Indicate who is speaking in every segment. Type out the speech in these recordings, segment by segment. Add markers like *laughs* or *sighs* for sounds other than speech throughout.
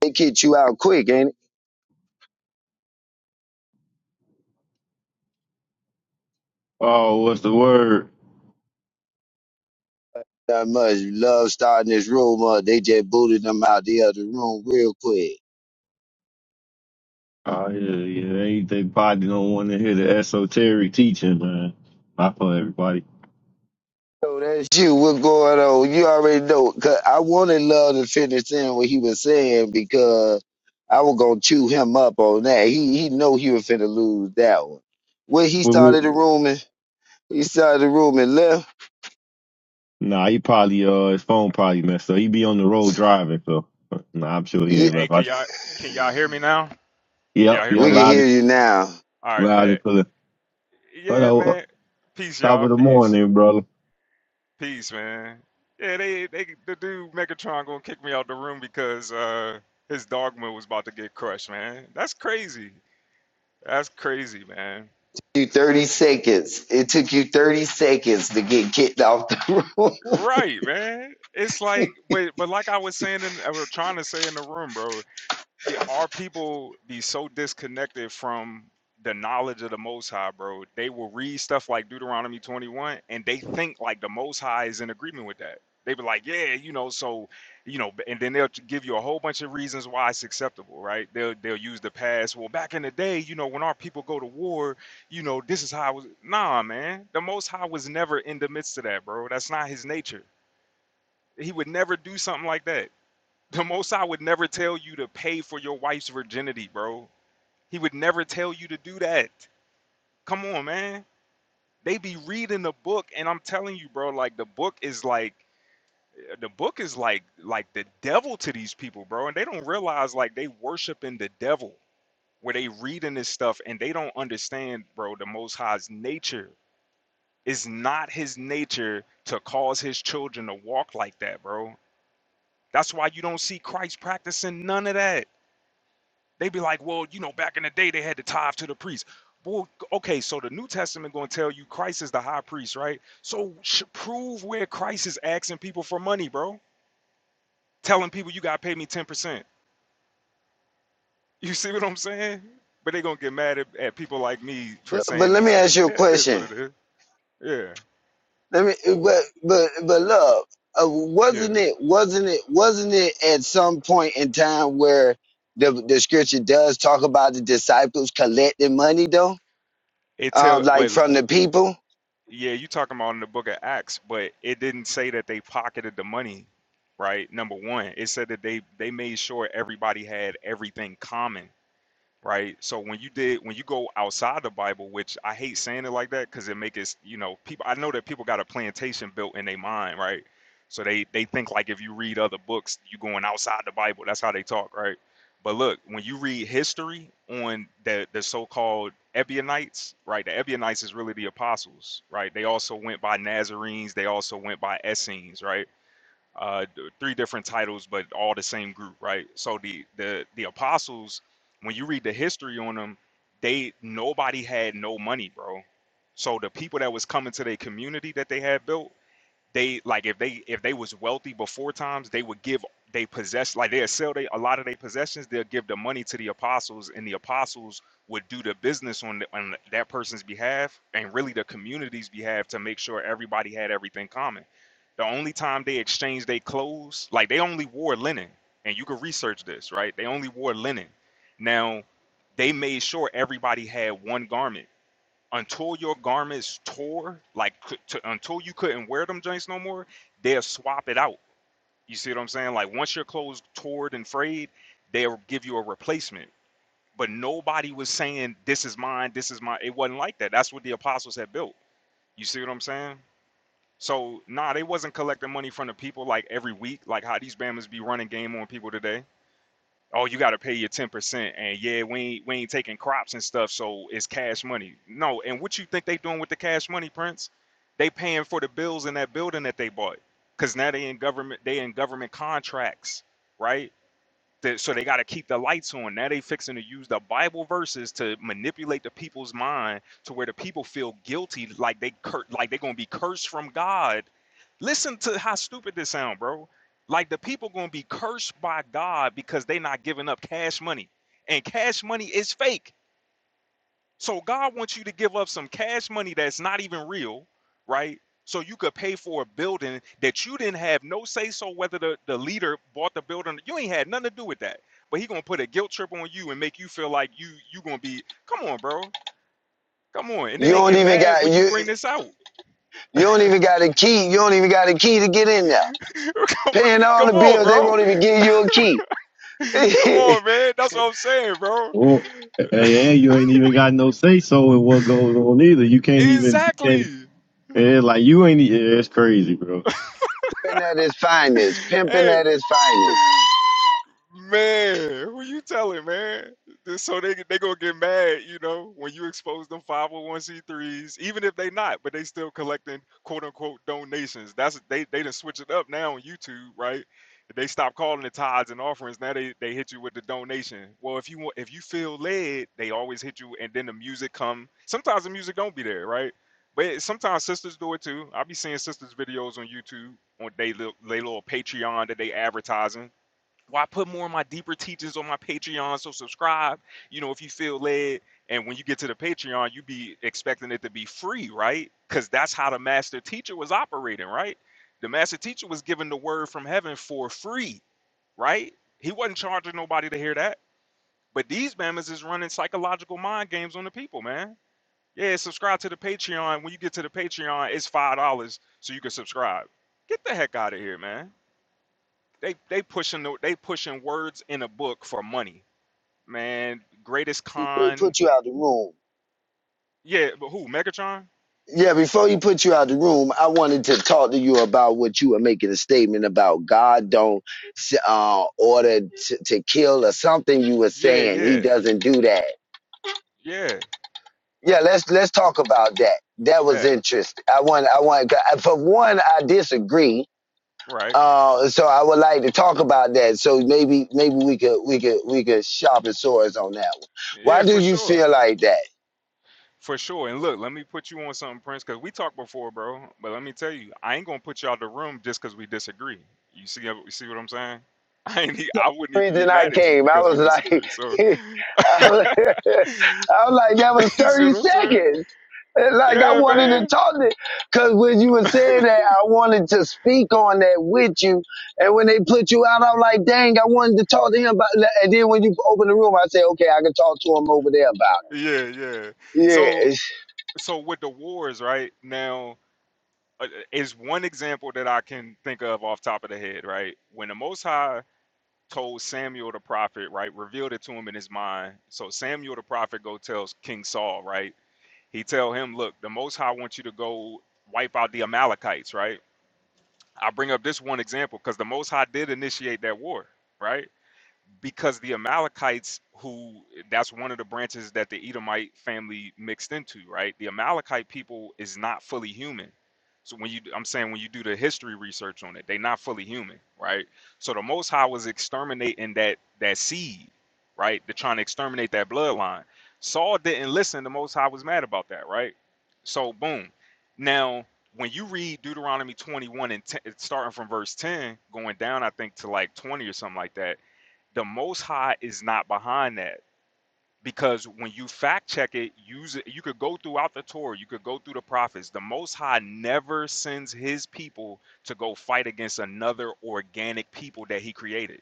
Speaker 1: They kicked you out quick, ain't
Speaker 2: Oh, what's the word?
Speaker 1: it? Not much. Love starting this room up. They just booted them out the other room real quick.
Speaker 2: Oh yeah, yeah. Ain't they body don't want to hear the esoteric teaching, man. Not for everybody.
Speaker 1: So that's you. What's going on? You already know. 'Cause I wanted Love to finish in what he was saying because I was gonna chew him up on that. He he know he was finna lose that one. When he
Speaker 2: We- we-
Speaker 1: started the room and he started the room and left.
Speaker 2: Nah, he probably uh his phone probably messed up. He be on the road driving, so nah, I'm sure he
Speaker 1: Ye-
Speaker 2: ain't
Speaker 3: Hey,
Speaker 2: left.
Speaker 3: can
Speaker 2: I,
Speaker 3: y'all can y'all hear me now? Can y'all
Speaker 2: yep,
Speaker 3: hear me
Speaker 2: yeah,
Speaker 1: We
Speaker 3: now?
Speaker 1: can
Speaker 2: loud,
Speaker 1: hear
Speaker 2: and-
Speaker 1: you now.
Speaker 3: All right,
Speaker 2: loud
Speaker 3: bet.
Speaker 2: and clear. But
Speaker 3: Yeah,
Speaker 2: uh,
Speaker 3: man. Peace,
Speaker 2: top
Speaker 3: y'all.
Speaker 2: of the
Speaker 3: Peace.
Speaker 2: morning, brother.
Speaker 3: Peace, man. Yeah, they they the dude Megatron gonna kick me out the room because uh his dogma was about to get crushed, man. That's crazy. That's crazy, man.
Speaker 1: You thirty seconds. It took you thirty seconds to get kicked off the room. *laughs*
Speaker 3: Right, man. It's like, but but like I was saying in, or trying to say in the room, bro. Yeah, our people be so disconnected from the knowledge of the Most High, bro. They will read stuff like Deuteronomy 21 and they think like the Most High is in agreement with that. They be like, yeah, you know, so, you know, and then they'll give you a whole bunch of reasons why it's acceptable, right? They'll they'll use the past. Well, back in the day, you know, when our people go to war, you know, this is how I was. Nah, man, the Most High was never in the midst of that, bro. That's not his nature. He would never do something like that. The Most High would never tell you to pay for your wife's virginity, bro. He would never tell you to do that. Come on, man. They be reading the book, and I'm telling you, bro, like the book is like the book is like like the devil to these people, bro. And they don't realize like they worshiping the devil where they reading this stuff and they don't understand, bro, the most high's nature. It's not his nature to cause his children to walk like that, bro. That's why you don't see Christ practicing none of that. They'd be like, well, you know, back in the day they had to tithe to the priest. Well, okay, so the New Testament going to tell you Christ is the high priest, right? So sh- prove where Christ is asking people for money, bro. Telling people you got to pay me 10%. You see what I'm saying? But they going to get mad at, at people like me for
Speaker 1: But but
Speaker 3: saying
Speaker 1: let
Speaker 3: these
Speaker 1: me ask
Speaker 3: things.
Speaker 1: you a
Speaker 3: Yeah, it is what
Speaker 1: question.
Speaker 3: it is. Yeah,
Speaker 1: Let me but but but love. Uh,
Speaker 3: yeah.
Speaker 1: wasn't it wasn't it wasn't it at some point in time where the the scripture does talk about the disciples collecting money though,
Speaker 3: It
Speaker 1: uh,
Speaker 3: tell,
Speaker 1: like
Speaker 3: but
Speaker 1: from the people.
Speaker 3: yeah, you talking about in the book of Acts, but it didn't say that they pocketed the money, right? Number one, it said that they they made sure everybody had everything common right? So when you did when you go outside the Bible, which I hate saying it like that because it make it you know people. I know that people got a plantation built in their mind, right? So they they think like if you read other books, you going outside the Bible. That's how they talk, right? But look, when you read history on the the so-called Ebionites, right? The Ebionites is really the apostles, right? They also went by Nazarenes. They also went by Essenes, right? uh, d- three different titles, but all the same group, right? So the the the apostles, when you read the history on them, they nobody had no money, bro. So the people that was coming to their community that they had built, they like if they if they was wealthy before times they would give they possess like they'll sell they a lot of their possessions they'll give the money to the apostles and the apostles would do the business on, the, on that person's behalf and really the community's behalf to make sure everybody had everything common the only time they exchanged their clothes like they only wore linen and you can research this right they only wore linen now they made sure everybody had one garment until your garments tore, like c- to, until you couldn't wear them joints no more, they'll swap it out. You see what I'm saying? Like once your clothes torn and frayed, they'll give you a replacement. But nobody was saying this is mine, this is mine. It wasn't like that. That's what the apostles had built. You see what I'm saying? So nah, they wasn't collecting money from the people like every week, like how these bammers be running game on people today oh, you got to pay your ten percent, and yeah, we ain't, we ain't taking crops and stuff, so it's cash money. No, and what you think they doing with the cash money, Prince? They paying for the bills in that building that they bought, cause now they in government, they in government contracts, right? They- so they got to keep the lights on. Now they fixing to use the Bible verses to manipulate the people's mind to where the people feel guilty, like they cur- like they're gonna be cursed from God. Listen to how stupid this sound, bro. Like the people gonna be cursed by God because they not giving up cash money, and cash money is fake. So God wants you to give up some cash money that's not even real, right? So you could pay for a building that you didn't have no say so whether the, the leader bought the building. You ain't had nothing to do with that. But he gonna put a guilt trip on you and make you feel like you you gonna be come on, bro. Come on. And then
Speaker 1: You
Speaker 3: they
Speaker 1: don't
Speaker 3: get
Speaker 1: even
Speaker 3: mad
Speaker 1: got
Speaker 3: when you
Speaker 1: you
Speaker 3: bring this out.
Speaker 1: you don't even got a key. You don't even got a key to get in there.
Speaker 3: *laughs* come,
Speaker 1: Paying all
Speaker 3: come
Speaker 1: the
Speaker 3: on,
Speaker 1: bills, they
Speaker 3: bro.
Speaker 1: won't even give you a key. *laughs*
Speaker 3: Come on,
Speaker 1: Pimping
Speaker 3: man. That's what I'm saying, bro.
Speaker 2: Oh, hey, and you ain't even got no say so in what goes on either. You can't even, and,
Speaker 3: Exactly.
Speaker 2: and like you ain't. e- Yeah, it's crazy, bro.
Speaker 1: at his
Speaker 3: *laughs*
Speaker 1: finest, pimping
Speaker 3: hey,
Speaker 1: at his finest.
Speaker 3: Man, who you telling, man? Just So they they gonna get mad, you know, when you expose them 501c3s, even if they not, but they still collecting quote unquote donations. That's they they done switch it up now on YouTube, right? They stop calling it tithes and offerings. Now they, they hit you with the donation. Well, if you want, if you feel led, they always hit you, and then the music come. Sometimes the music don't be there, right? But it- sometimes sisters do it too. I be seeing sisters videos on YouTube on they little, they little Patreon that they advertising why put more of my deeper teachings on my Patreon? So subscribe, you know, if you feel led. And when you get to the Patreon, you be expecting it to be free, right? Because that's how the master teacher was operating, right? The master teacher was given the word from heaven for free, right? He wasn't charging nobody to hear that. But these mammons is running psychological mind games on the people, man. Yeah, subscribe to the Patreon. When you get to the Patreon, it's five dollars so you can subscribe. Get the heck out of here, man they they pushing the, they pushing words in a book for money, man. Greatest
Speaker 1: They
Speaker 3: con,
Speaker 1: put you out the room
Speaker 3: yeah, but who? Megatron?
Speaker 1: Yeah, before he put you out of the room, I wanted to talk to you about what you were making a statement about. God don't uh, order to, to kill or something you were
Speaker 3: Yeah,
Speaker 1: saying. He
Speaker 3: yeah,
Speaker 1: doesn't do that.
Speaker 3: yeah.
Speaker 1: Yeah, let's let's talk about that. That was
Speaker 3: Bet
Speaker 1: interesting. I want I want for one I disagree.
Speaker 3: right?
Speaker 1: Uh, so I would like to talk about that. So maybe maybe we could we could we could sharpen swords on that one.
Speaker 3: Yeah,
Speaker 1: Why do
Speaker 3: for
Speaker 1: you
Speaker 3: sure,
Speaker 1: feel like that?
Speaker 3: for sure. And look, let me put you on something, Prince, because we talked before, bro. But let me tell you, I ain't gonna put you out the room just because we disagree. You see, you see what I'm saying? *laughs* I ain't, e- I wouldn't even be
Speaker 1: reason I
Speaker 3: mad at you
Speaker 1: came. I
Speaker 3: because we
Speaker 1: was like, *laughs*
Speaker 3: disagree. So,
Speaker 1: I was *laughs*
Speaker 3: *laughs* you
Speaker 1: I was like, that was
Speaker 3: see what
Speaker 1: 30
Speaker 3: I'm saying?
Speaker 1: seconds. And Like I
Speaker 3: Yeah,
Speaker 1: wanted to
Speaker 3: man.
Speaker 1: talk to, cause when you were saying that, I wanted to speak on that with you. And when they put you out, I'm like, dang, I wanted to talk to him about. that. And then when you open the room, I say, okay, I can talk to him over there about
Speaker 3: Yeah, yeah.
Speaker 1: it.
Speaker 3: So
Speaker 1: Yeah,
Speaker 3: so with the wars right now uh, uh, is one example that I can think of off top of the head, right? When the Most High told Samuel the prophet, right, revealed it to him in his mind. So Samuel the prophet go tells King Saul, right? He tell him, look, the Most High wants you to go wipe out the Amalekites, right? I bring up this one example because the Most High did initiate that war, right? because the Amalekites, who that's one of the branches that the Edomite family mixed into, right? The Amalekite people is not fully human. So when you, I'm saying when you do the history research on it, they not fully human, right? So the Most High was exterminating that that seed, right? They're trying to exterminate that bloodline. Saul didn't listen. The Most High was mad about that, right? So boom. Now when you read Deuteronomy 21 and 10, starting from verse 10, going down, I think to like 20 or something like that the Most High is not behind that because when you fact check it, use it. You could go throughout the Torah, you could go through the prophets. The Most High never sends His people to go fight against another organic people that He created.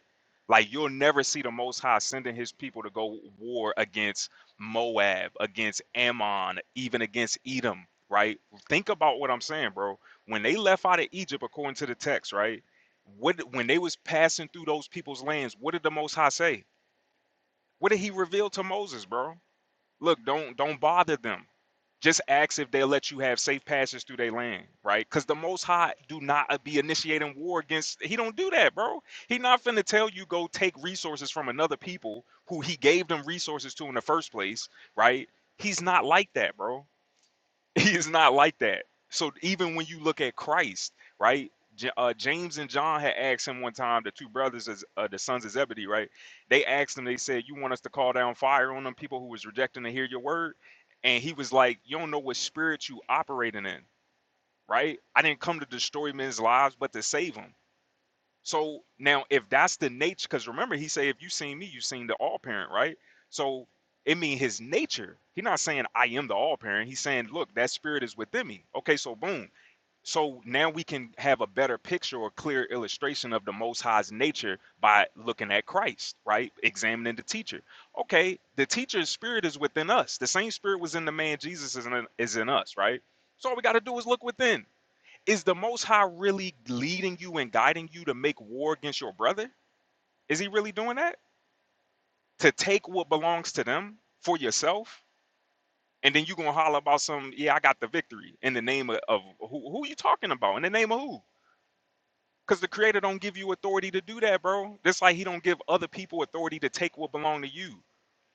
Speaker 3: Like you'll never see the Most High sending His people to go war against Moab, against Ammon, even against Edom. Right? Think about what I'm saying, bro. When they left out of Egypt, according to the text, right? What when they was passing through those people's lands, what did the Most High say? What did He reveal to Moses, bro? look don't don't bother them just ask if they'll let you have safe passage through their land right because the most high do not uh, be initiating war against he don't do that bro he not finna tell you go take resources from another people who he gave them resources to in the first place right he's not like that bro he is not like that. So even when you look at Christ, right? J- Uh, James and John had asked him one time, the two brothers, is, uh, the sons of Zebedee, right? They asked him, they said, "You want us to call down fire on them people who was rejecting to hear your word?" And he was like, "You don't know what spirit you operating in, right? I didn't come to destroy men's lives, but to save them." So now, if that's the nature, because remember, he said, if you seen me, you seen the all parent, right? So it mean his nature. He not saying I am the all parent. He's saying, look, that spirit is within me. Okay, so boom. So now we can have a better picture or clear illustration of the Most High's nature by looking at Christ, right? Examining the teacher. Okay, the teacher's spirit is within us. The same spirit was in the man Jesus is in, is in us, right? So all we got to do is look within. Is the Most High really leading you and guiding you to make war against your brother? Is he really doing that? To take what belongs to them for yourself? And then you gonna holler about some, yeah, I got the victory in the name of, of who who you talking about? In the name of who? Because the creator don't give you authority to do that, bro. Just like he don't give other people authority to take what belong to you.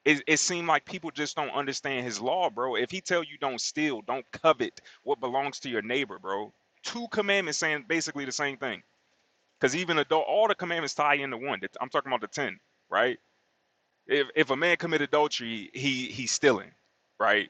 Speaker 3: It, it seemed like people just don't understand his law, bro. If he tell you don't steal, don't covet what belongs to your neighbor, bro. Two commandments saying basically the same thing. Because even adult, all the commandments tie into one. The- I'm talking about the ten, right? If if a man commit adultery, he he's stealing, right?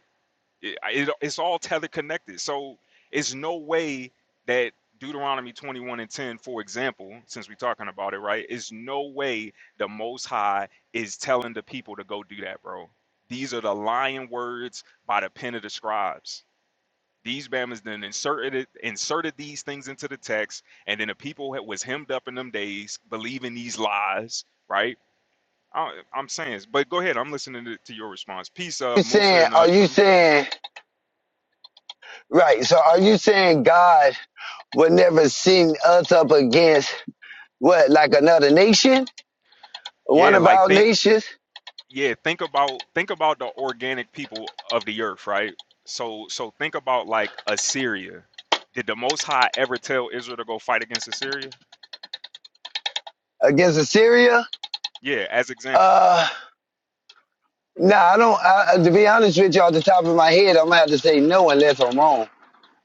Speaker 3: It, it- it's all teleconnected. So it's no way that Deuteronomy 21 and 10, for example, since we're talking about it, right? It's no way the Most High is telling the people to go do that, bro. These are the lying words by the pen of the scribes these Bama's then inserted it, inserted these things into the text, and then the people that was hemmed up in them days believing these lies, right? I, I'm saying, but go ahead. I'm listening to, to your response. Peace, uh,
Speaker 1: you
Speaker 3: Musa
Speaker 1: saying?
Speaker 3: and uh,
Speaker 1: Are you
Speaker 3: Truth.
Speaker 1: saying right? So are you saying God would never send us up against what, like another nation, one
Speaker 3: Yeah,
Speaker 1: of
Speaker 3: like
Speaker 1: our
Speaker 3: think,
Speaker 1: nations?
Speaker 3: yeah, think about think about the organic people of the earth, right? So so think about like Assyria. Did the Most High ever tell Israel to go fight against Assyria?
Speaker 1: against Assyria.
Speaker 3: Yeah, as example.
Speaker 1: Uh, nah, I don't. I, to be honest with you, off the top of my head, I'm gonna have to say no unless I'm wrong.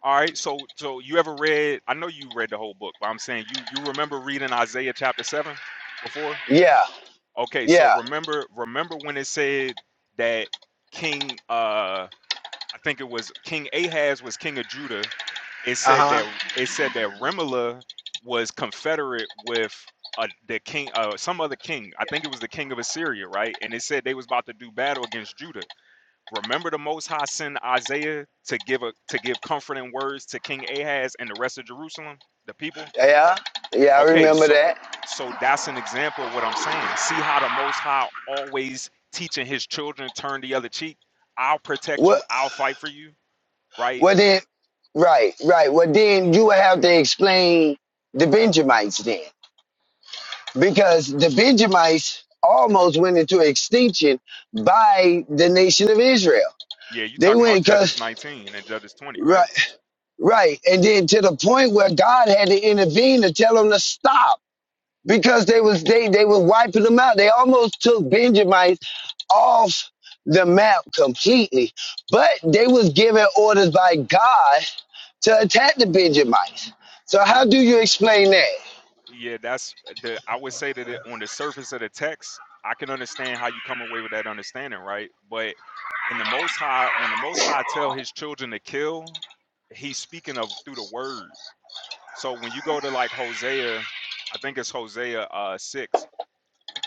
Speaker 3: All right, so so you ever read? I know you read the whole book, but I'm saying you you remember reading Isaiah chapter seven before?
Speaker 1: Yeah,
Speaker 3: Okay, so
Speaker 1: yeah,
Speaker 3: remember remember when it said that King uh I think it was King Ahaz was king of Judah. It said
Speaker 1: uh
Speaker 3: that
Speaker 1: huh,
Speaker 3: it said that Remelah was confederate with uh, the king uh some other king. I think it was the king of Assyria, right? And it said they was about to do battle against Judah. Remember the Most High sent Isaiah to give a to give comforting words to King Ahaz and the rest of Jerusalem, the people.
Speaker 1: yeah, yeah. I
Speaker 3: Okay,
Speaker 1: remember
Speaker 3: so
Speaker 1: that.
Speaker 3: so that's an example of what I'm saying. See how the Most High always teaching his children turn the other cheek. I'll protect
Speaker 1: What?
Speaker 3: you. I'll fight for you. Right?
Speaker 1: Well then? Right, right. Well, then you would have to explain the Benjamites then, because the Benjamites almost went into extinction by the nation of Israel.
Speaker 3: Yeah, you
Speaker 1: They
Speaker 3: talking about
Speaker 1: went
Speaker 3: Judges
Speaker 1: because
Speaker 3: 19 and Judges 20, right?
Speaker 1: right, right, and then to the point where God had to intervene to tell them to stop because they was they they were wiping them out. They almost took Benjamites off the map completely, but they was given orders by God to attack the Benjamites. So
Speaker 3: And
Speaker 1: how do you explain that?
Speaker 3: Yeah, that's the. I would say that it, on the surface of the text, I can understand how you come away with that understanding, right? But when the Most High, when the Most High tell His children to kill, He's speaking of through the word. So when you go to like Hosea, I think it's Hosea uh six.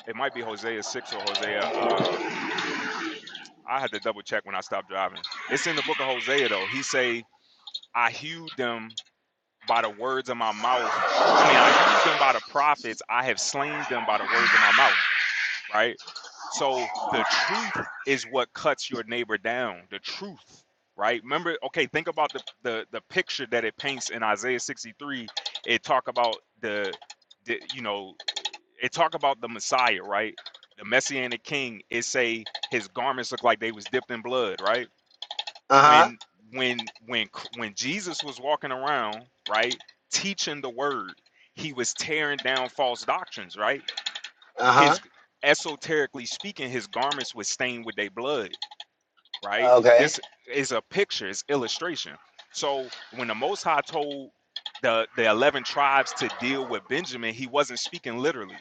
Speaker 3: It might be Hosea six or Hosea. Uh, I had to double check when I stopped driving. It's in the book of Hosea though. He say, "I hewed them by the words of my mouth. I mean, I hewed them by the prophets. I have slain them by the words of my mouth. Right. So the truth is what cuts your neighbor down. The truth. Right. Remember. Okay. Think about the the the picture that it paints in Isaiah 63. It talk about the, the you know, it talk about the Messiah. Right. The messianic king. It say his garments look like they was dipped in blood. Right
Speaker 1: Uh huh.
Speaker 3: when when when when Jesus was walking around, right, teaching the word, he was tearing down false doctrines, right?
Speaker 1: Uh
Speaker 3: His
Speaker 1: huh.
Speaker 3: esoterically speaking, his garments was stained with their blood, right?
Speaker 1: Okay.
Speaker 3: This is a picture, it's illustration. So when the Most High told the the eleven tribes to deal with Benjamin, he wasn't speaking literally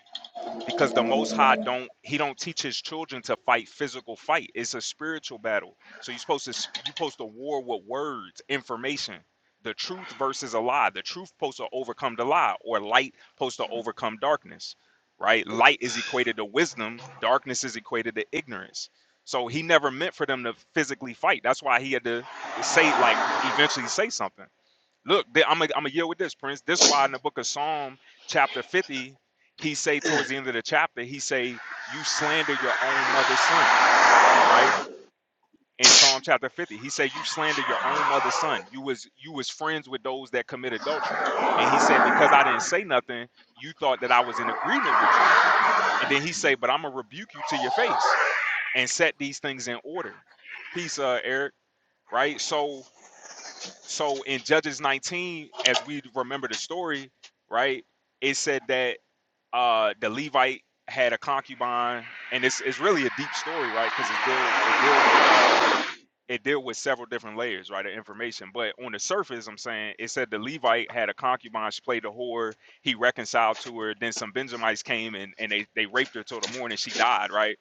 Speaker 3: because the most high don't he don't teach his children to fight physical fight it's a spiritual battle so you're supposed to sp- you're supposed to war with words information the truth versus a lie the truth supposed to overcome the lie or light supposed to overcome darkness right light is equated to wisdom darkness is equated to ignorance so he never meant for them to physically fight that's why he had to to say like eventually say something Look, they, I'm gonna yield with this, Prince. This why in the book of Psalm, chapter 50, he say towards the end of the chapter, he say, You slander your own mother's son, right? In Psalm chapter 50, he say, You slander your own mother's son. You was you was friends with those that commit adultery. And he said, Because I didn't say nothing, you thought that I was in agreement with you. And then he say, But I'm gonna rebuke you to your face and set these things in order. Peace, uh, Eric, right? So So in Judges 19, as we remember the story, right? It said that uh the Levite had a concubine, and it's it's really a deep story, right? Because it deal it deal with uh it dealt with several different layers, right, of information. But on the surface, I'm saying it said the Levite had a concubine, she played the whore, he reconciled to her, then some Benjamites came and, and they, they raped her till the morning she died, right?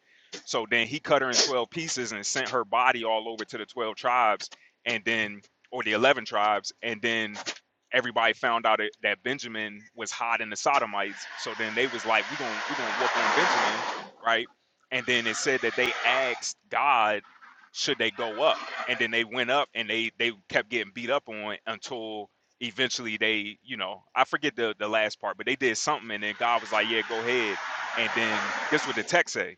Speaker 3: So then he cut her in 12 pieces and sent her body all over to the 12 tribes and then, or the 11 tribes, and then everybody found out that that Benjamin was hiding the Sodomites. So then they was like, we gonna, we gonna whoop on Benjamin, right? And then it said that they asked God should they go up? And then they went up and they they kept getting beat up on until eventually they, you know, I forget the the last part, but they did something and then God was like, "Yeah, go ahead." And then this is what the text say.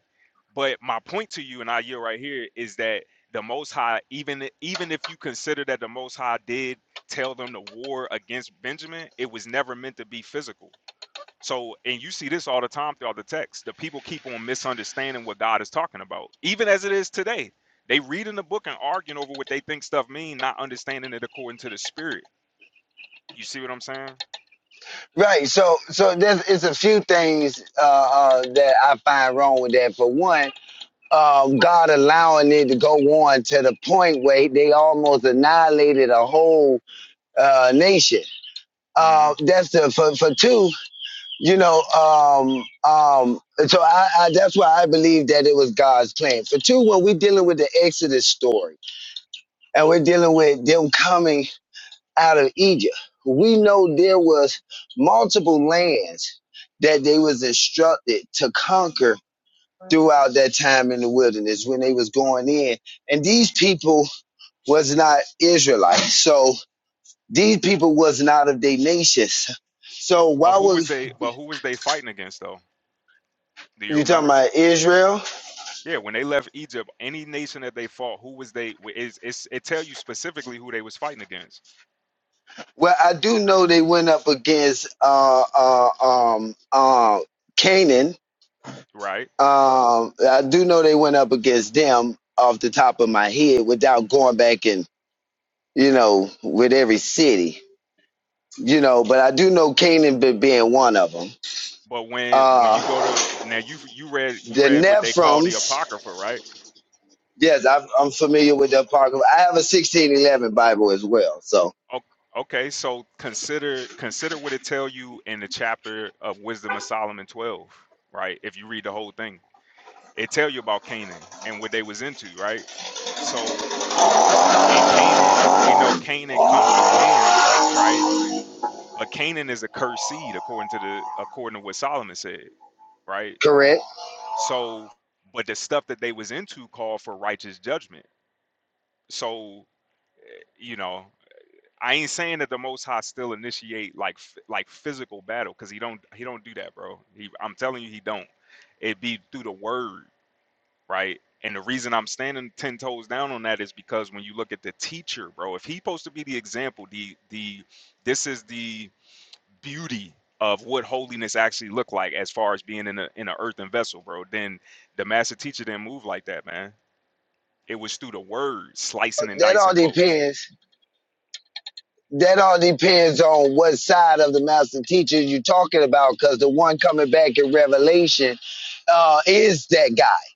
Speaker 3: But my point to you and I yield right here is that the Most High, even even if you consider that the Most High did tell them to war against Benjamin, it was never meant to be physical. So, and you see this all the time throughout the text. The people keep on misunderstanding what God is talking about, even as it is today. They reading the book and arguing over what they think stuff mean, not understanding it according to the spirit. You see what I'm saying?
Speaker 1: Right. So so there's it's a few things uh, uh, that I find wrong with that. For one. Um, God allowing it to go on to the point where they almost annihilated a whole uh, nation
Speaker 3: hmm
Speaker 1: uh, that's the for for two. You know, um, um, so I, I that's why I believe that it was God's plan. For two, when we're dealing with the Exodus story and we're dealing with them coming out of Egypt, we know there was multiple lands that they was instructed to conquer throughout that time in the wilderness when they was going in, and these people was not Israelites, so these people was not of their nations. So
Speaker 3: But
Speaker 1: why
Speaker 3: who
Speaker 1: would
Speaker 3: was they? But who was they fighting against though? Do you
Speaker 1: You talking
Speaker 3: remember?
Speaker 1: about Israel?
Speaker 3: Yeah, when they left Egypt, any nation that they fought, who was they? wh- It's, it's, it tell you specifically who they was fighting against,
Speaker 1: Well, I do know they went up against uh, uh, um, uh, Canaan.
Speaker 3: right?
Speaker 1: Um, I do know they went up against them off the top of my head without going back and you know with every city, you know. But I do know Canaan be- being one of them.
Speaker 3: But when when you go
Speaker 1: Uh,
Speaker 3: to now you you read you
Speaker 1: the
Speaker 3: read what they call the
Speaker 1: Nephraims,
Speaker 3: apocrypha, right?
Speaker 1: yes, I'm, I'm familiar with the Apocrypha. I have a 1611 Bible as well, so
Speaker 3: O- Okay, so consider consider what it tell you in the chapter of Wisdom of Solomon 12, right? If you read the whole thing. It tell you about Canaan and what they was into, right? So and Canaan, we know Canaan come from Ham, right? But Canaan is a cursed seed according to the according to what Solomon said, right?
Speaker 1: correct.
Speaker 3: So but the stuff that they was into called for righteous judgment. So, you know, I ain't saying that the Most High still initiate like f- like physical battle because he don't he don't do that, bro. He, I'm telling you, he don't. It be through the word, right? And the reason I'm standing ten toes down on that is because when you look at the teacher, bro, if he's supposed to be the example, the the this is the beauty of what holiness actually look like as far as being in a in an earthen vessel, bro. Then the master teacher didn't move like that, man. It was through the word, slicing and
Speaker 1: That
Speaker 3: dicing
Speaker 1: all
Speaker 3: folks.
Speaker 1: depends. that all depends on what side of the master teacher you're talking about because the one coming back in revelation uh, is that guy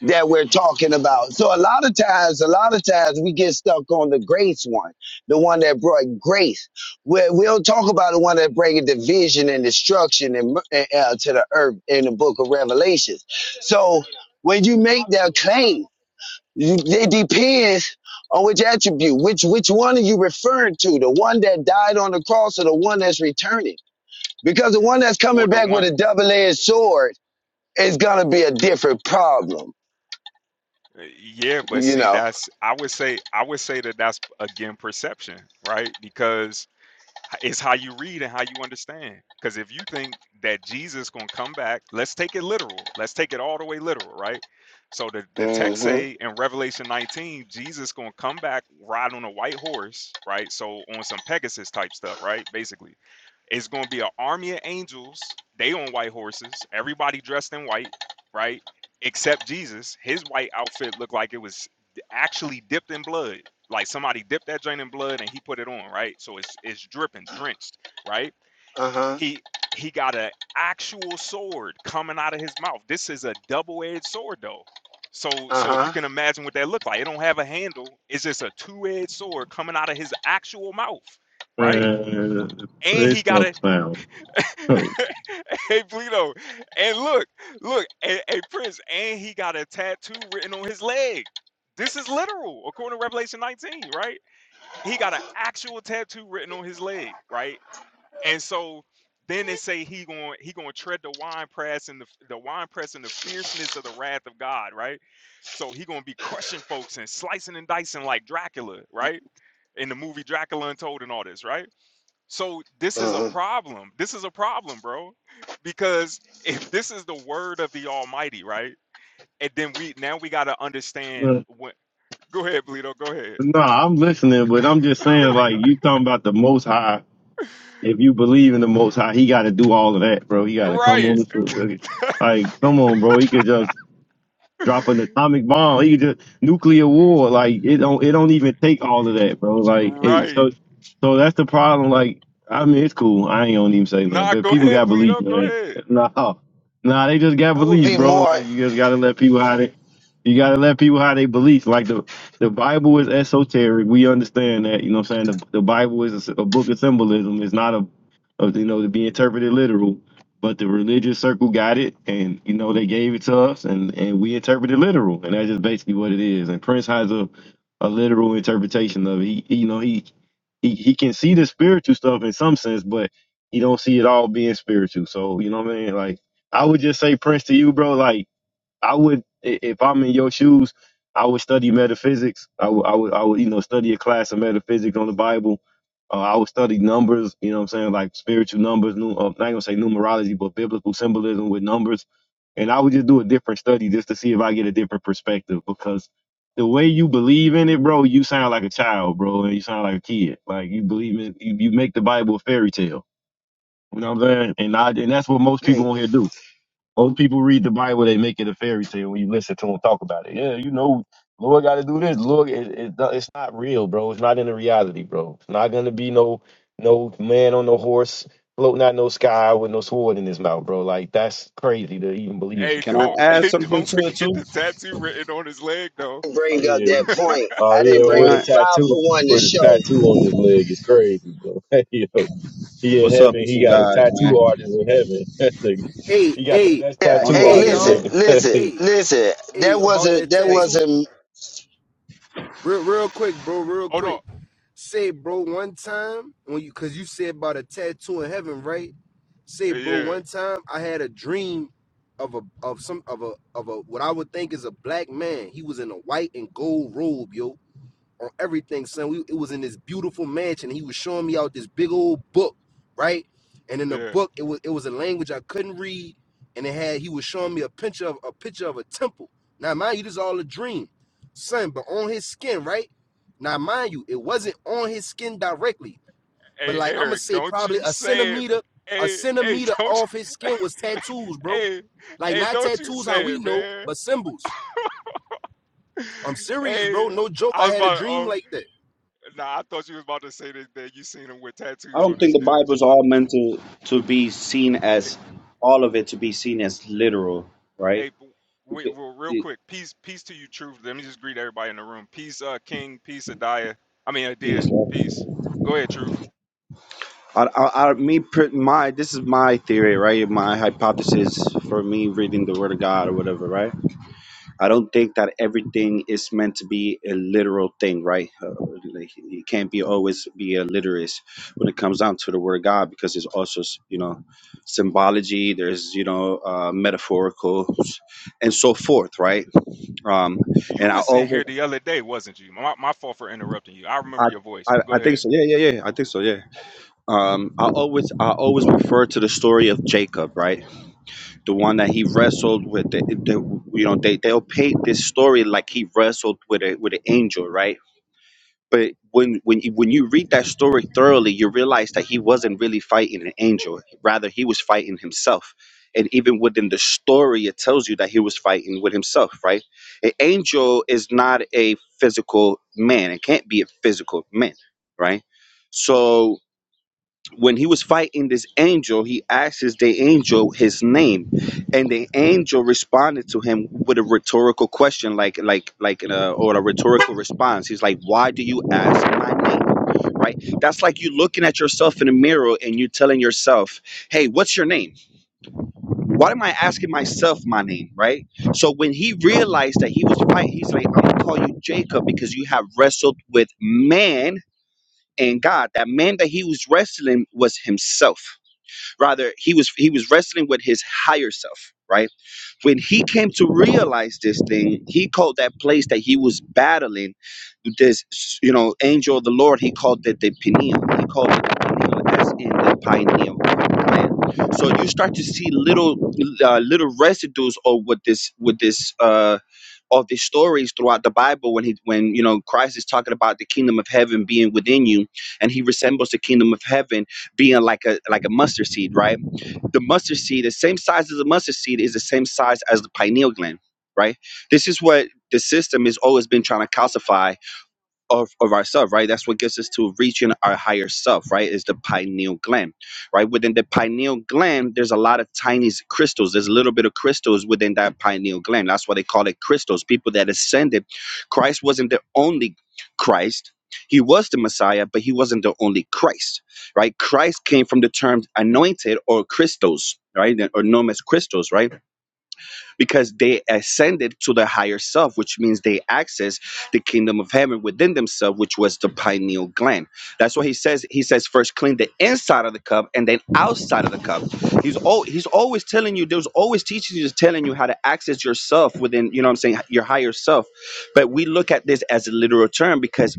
Speaker 3: It-
Speaker 1: that we're
Speaker 3: it-
Speaker 1: talking about so a lot of times a lot of times we get stuck on the grace one the one that brought grace we we'll talk about the one that bringing division and destruction and, uh, to the earth in the book of revelations so when you make that claim you, it depends on which attribute, which which one are you referring to? The one that died on the cross or the one that's returning? Because the one that's
Speaker 3: well,
Speaker 1: coming
Speaker 3: the
Speaker 1: back
Speaker 3: one
Speaker 1: with a double-edged sword is gonna be a different problem,
Speaker 3: Uh, Yeah, but
Speaker 1: you
Speaker 3: see,
Speaker 1: know.
Speaker 3: that's I would say I would say that that's again perception, right? Because h- it's how you read and how you understand. Because if you think that Jesus gonna come back, let's take it literal. Let's take it all the way literal, right? So the, the text
Speaker 1: hmm
Speaker 3: say in Revelation 19, Jesus gonna come back ride on a white horse, right? So on some Pegasus type stuff, right? Basically. It's going to be an army of angels. They on white horses. Everybody dressed in white, right? Except Jesus. His white outfit looked like it was actually dipped in blood. Like somebody dipped that joint in blood and he put it on, right? So it's it's dripping, drenched, right?
Speaker 1: Uh-huh.
Speaker 3: He he got an actual sword coming out of his mouth. This is a double-edged sword though. So so if you
Speaker 1: Uh-huh.
Speaker 3: can imagine what that looked like, it don't have a handle. It's just a two-edged sword coming out of his actual mouth, right?
Speaker 2: Man,
Speaker 3: And
Speaker 2: this
Speaker 3: he got a
Speaker 2: stuff sound.
Speaker 3: *laughs* Hey Bleedo, and look, look, hey, hey Prince, and he got a tattoo written on his leg. This is literal, according to Revelation 19, right? He got an actual tattoo written on his leg, right? And so then they say he going he going to tread the wine press and the the wine press and the fierceness of the wrath of God, right? So he going to be crushing folks and slicing and dicing like Dracula, right? In the movie Dracula Untold and all this, right? So this is a
Speaker 1: Uh-huh.
Speaker 3: problem. This is a problem, bro. Because if this is the word of the Almighty, right? And then we now we got to understand
Speaker 2: *laughs*
Speaker 3: what. Go ahead, Bleedo. Go ahead.
Speaker 2: No, I'm listening, but I'm just saying, like, you talking about the Most High. If you believe in the Most High, he got to do all of that, bro. He got to come
Speaker 3: Right,
Speaker 2: on. the- Like, come on, bro. He could just drop an atomic bomb. He could just nuclear war. Like, it don't. It don't even take all of that, bro. Like, it,
Speaker 3: right.
Speaker 2: so, so that's the problem. Like, I mean, it's cool. I ain't gonna even say nothing,
Speaker 3: Nah,
Speaker 2: but
Speaker 3: go
Speaker 2: people
Speaker 3: ahead,
Speaker 2: got beliefs,
Speaker 3: Bleedo. Go
Speaker 2: man. *laughs*
Speaker 3: ahead.
Speaker 2: Nah, nah, they just got
Speaker 1: That would
Speaker 2: beliefs,
Speaker 1: be
Speaker 2: bro.
Speaker 1: more
Speaker 2: Like, you just gotta let people have it. You gotta let people how they believe. Like the the Bible is esoteric. We understand that. You know what I'm saying? The, the Bible is a a book of symbolism. It's not a, a you know to be interpreted literal. But the religious circle got it, and you know they gave it to us, and and we interpreted literal, and that's just basically what it is. And Prince has a a literal interpretation of it. He, he you know he he he can see the spiritual stuff in some sense, but he don't see it all being spiritual. So you know what I mean? Like I would just say Prince to you, bro. Like I would, i- if I'm in your shoes, I would study metaphysics. I would, I would, I would, you know, study a class of metaphysics on the Bible. Uh, I would study numbers. You know, what I'm saying like spiritual numbers. Nu- uh, not gonna say numerology, but biblical symbolism with numbers. And I would just do a different study just to see if I get a different perspective because the way you believe in it, bro, you sound like a child, bro, and you sound like a kid. Like you believe in, you, you make the Bible a fairy tale. You know what I'm saying? And I, and that's what most
Speaker 1: okay.
Speaker 2: people on here do. Most people read the Bible, they make it a fairy tale when you listen to them talk about it. Yeah, you know, Lord got to do this. Lord, it, it, no, it's not real, bro. It's not in the reality, bro. It's not gonna be no no man on no horse floating out no sky with no sword in his mouth, bro. Like that's crazy to even believe
Speaker 3: Hey,
Speaker 4: Can I
Speaker 2: something.
Speaker 3: don't, *laughs*
Speaker 4: add
Speaker 3: hey,
Speaker 4: something
Speaker 3: don't
Speaker 4: to it
Speaker 3: forget
Speaker 4: too?
Speaker 3: the tattoo written on his leg, though.
Speaker 1: I didn't
Speaker 2: Oh
Speaker 1: Bring up
Speaker 2: yeah,
Speaker 1: that point.
Speaker 2: oh
Speaker 1: I
Speaker 2: yeah,
Speaker 1: didn't bring
Speaker 4: All
Speaker 2: with a
Speaker 4: right.
Speaker 1: five for
Speaker 2: tattoo,
Speaker 1: one to
Speaker 2: with a
Speaker 1: show.
Speaker 2: tattoo on his leg is crazy, bro. *laughs* Yo, he in
Speaker 4: What's up
Speaker 2: heaven,
Speaker 4: with
Speaker 2: he
Speaker 4: you
Speaker 2: got a
Speaker 4: guys, man?
Speaker 2: tattoo artist in heaven. *laughs* That's a-
Speaker 5: Hey,
Speaker 2: he got the
Speaker 5: hey,
Speaker 2: best
Speaker 4: I
Speaker 1: Yeah,
Speaker 4: only
Speaker 2: tattoo
Speaker 1: hey,
Speaker 4: got
Speaker 5: hey,
Speaker 4: a few
Speaker 1: listen,
Speaker 5: y'all.
Speaker 2: artist,
Speaker 4: minutes.
Speaker 1: listen,
Speaker 2: nigga.
Speaker 5: Hey,
Speaker 1: listen.
Speaker 5: hey,
Speaker 1: That
Speaker 5: about
Speaker 1: wasn't
Speaker 5: that
Speaker 1: that
Speaker 4: Wait,
Speaker 5: tattoo.
Speaker 1: wasn't
Speaker 5: Real, real quick, bro. Real
Speaker 3: Hold on.
Speaker 5: quick. Say, bro, one time when you, cause you said about a tattoo in heaven, right? Say, bro,
Speaker 3: Yeah,
Speaker 5: one time I had a dream of a of some of a of a what I would think is a black man. He was in a white and gold robe, yo on everything, son. We, it was in this beautiful mansion. He was showing me out this big old book, right? And in the
Speaker 3: yeah.
Speaker 5: book, it was it was a language I couldn't read, and it had he was showing me a picture of a picture of a temple. Now, mind you, this is all a dream, son. But on his skin, right? Now, mind you, it wasn't on his skin directly, but
Speaker 3: Hey,
Speaker 5: like I'm gonna
Speaker 3: Eric,
Speaker 5: say,
Speaker 3: don't
Speaker 5: probably
Speaker 3: you
Speaker 5: a
Speaker 3: say it.
Speaker 5: centimeter, a
Speaker 3: Hey, hey,
Speaker 5: centimeter
Speaker 3: *laughs* don't,
Speaker 5: off his skin was tattoos, bro.
Speaker 3: hey,
Speaker 5: Like
Speaker 3: hey,
Speaker 5: not
Speaker 3: don't you
Speaker 5: tattoos how
Speaker 3: say
Speaker 5: we
Speaker 3: it,
Speaker 5: know,
Speaker 3: man.
Speaker 5: but symbols. I'm
Speaker 3: *laughs*
Speaker 5: serious,
Speaker 3: Hey,
Speaker 5: bro. No joke.
Speaker 3: I
Speaker 5: I
Speaker 3: was
Speaker 5: had a
Speaker 3: about to.
Speaker 5: dream
Speaker 3: Oh,
Speaker 5: like that.
Speaker 3: Nah, I thought you was about to say that, that you seen him with
Speaker 4: I
Speaker 3: tattoos
Speaker 4: don't
Speaker 3: on his
Speaker 4: think the
Speaker 3: skin.
Speaker 4: Bible's all meant to to be seen
Speaker 3: Hey,
Speaker 4: as all of it to be seen as literal, right?
Speaker 3: hey w-
Speaker 4: You
Speaker 3: wait, well, real
Speaker 4: it-
Speaker 3: quick, peace, peace to you, truth. Let me just greet everybody in the room. Peace, uh, King. Peace, Adia. I mean, Adia.
Speaker 4: Peace.
Speaker 3: Peace. Go ahead, truth.
Speaker 4: I, I, I, me, per- my this is my theory, right? My hypothesis for me reading the Word of God or whatever, right? I don't think that everything is meant to be a literal thing, right? Uh, like it can't be always be a literist when it comes down to the word God, because there's also you know symbology, there's you know uh, metaphorical, and so forth, right? Um,
Speaker 3: You
Speaker 4: and I
Speaker 3: was in
Speaker 4: always
Speaker 3: here the other day, wasn't you? My, my fault for interrupting you. I
Speaker 4: I,
Speaker 3: remember your voice,
Speaker 4: I
Speaker 3: but go
Speaker 4: I think
Speaker 3: ahead.
Speaker 4: so, yeah, yeah, yeah, I think so, yeah. Um, I always I always refer to the story of Jacob, right? The one that he wrestled with, the, the you know they they'll paint this story like he wrestled with a with an angel, right? But when when you, when you read that story thoroughly, you realize that he wasn't really fighting an angel. Rather, he was fighting himself. And even within the story, it tells you that he was fighting with himself, right? An angel is not a physical man. It can't be a physical man, right? So when he was fighting this angel, he asks the angel his name, and the angel responded to him with a rhetorical question, like like like uh, or a rhetorical response. He's like, "Why do you ask my name?" Right? That's like you looking at yourself in the mirror and you telling yourself, "Hey, what's your name? Why am I asking myself my name?" Right? So when he realized that he was fighting, he's like, "I'm gonna call you Jacob because you have wrestled with man." And God, that man that he was wrestling was himself Rather, he was he was wrestling with his higher self, right? When he came to realize this thing, he called that place that he was battling this, you know, angel of the Lord. He called it the pineal. He called it the pineal, as in the pineal gland. So you start to see little uh, little residues of what this with this. Uh, of the stories throughout the Bible when he when you know Christ is talking about the kingdom of heaven being within you and he resembles the kingdom of heaven being like a like a mustard seed, right? The mustard seed, the same size as a mustard seed, is the same size as the pineal gland, right? This is what the system has always been trying to calcify of, of ourselves, right? That's what gets us to reaching our higher self, right? Is the pineal gland, right? Within the pineal gland, there's a lot of tiny s- crystals. There's a little bit of crystals within that pineal gland. That's why they call it crystals. People that ascended, Christ wasn't the only Christ. He was the Messiah, but he wasn't the only Christ, right? Christ came from the term anointed or crystals, right? Or known as crystals, right? because they ascended to the higher self, which means they access the kingdom of heaven within themselves, which was the pineal gland. That's what he says. He says first clean the inside of the cup and then outside of the cup. He's all he's always telling you, there's always teaching you, just telling you how to access yourself within, you know what I'm saying, your higher self. But we look at this as a literal term because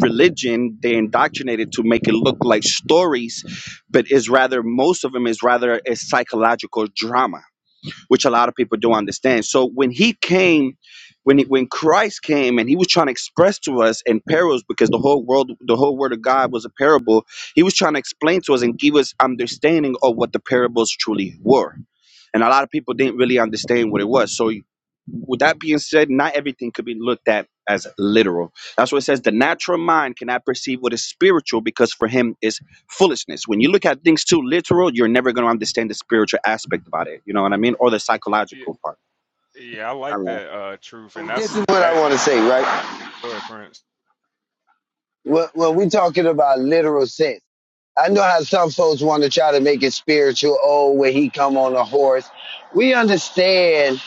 Speaker 4: religion they indoctrinated to make it look like stories but is rather most of them is rather a psychological drama which a lot of people don't understand. So when he came, when he, when Christ came and he was trying to express to us in parables, because the whole world, the whole word of God was a parable, he was trying to explain to us and give us understanding of what the parables truly were. And a lot of people didn't really understand what it was. So with that being said, not everything could be looked at as literal. That's what it says. The natural mind cannot perceive what is spiritual because for him is foolishness. When you look at things too literal, you're never going to understand the spiritual aspect about it. You know what I mean? Or the
Speaker 3: Yeah,
Speaker 4: psychological part.
Speaker 3: yeah I
Speaker 4: I
Speaker 3: like
Speaker 4: don't know.
Speaker 3: that, uh, truth, and
Speaker 1: this
Speaker 3: that's
Speaker 1: is what I
Speaker 3: that.
Speaker 1: wanna say, right?
Speaker 3: Go ahead, Prince.
Speaker 1: Well, well, we talking about literal sense. I know how some folks want to try to make it spiritual. Oh, when he come on a horse, we understand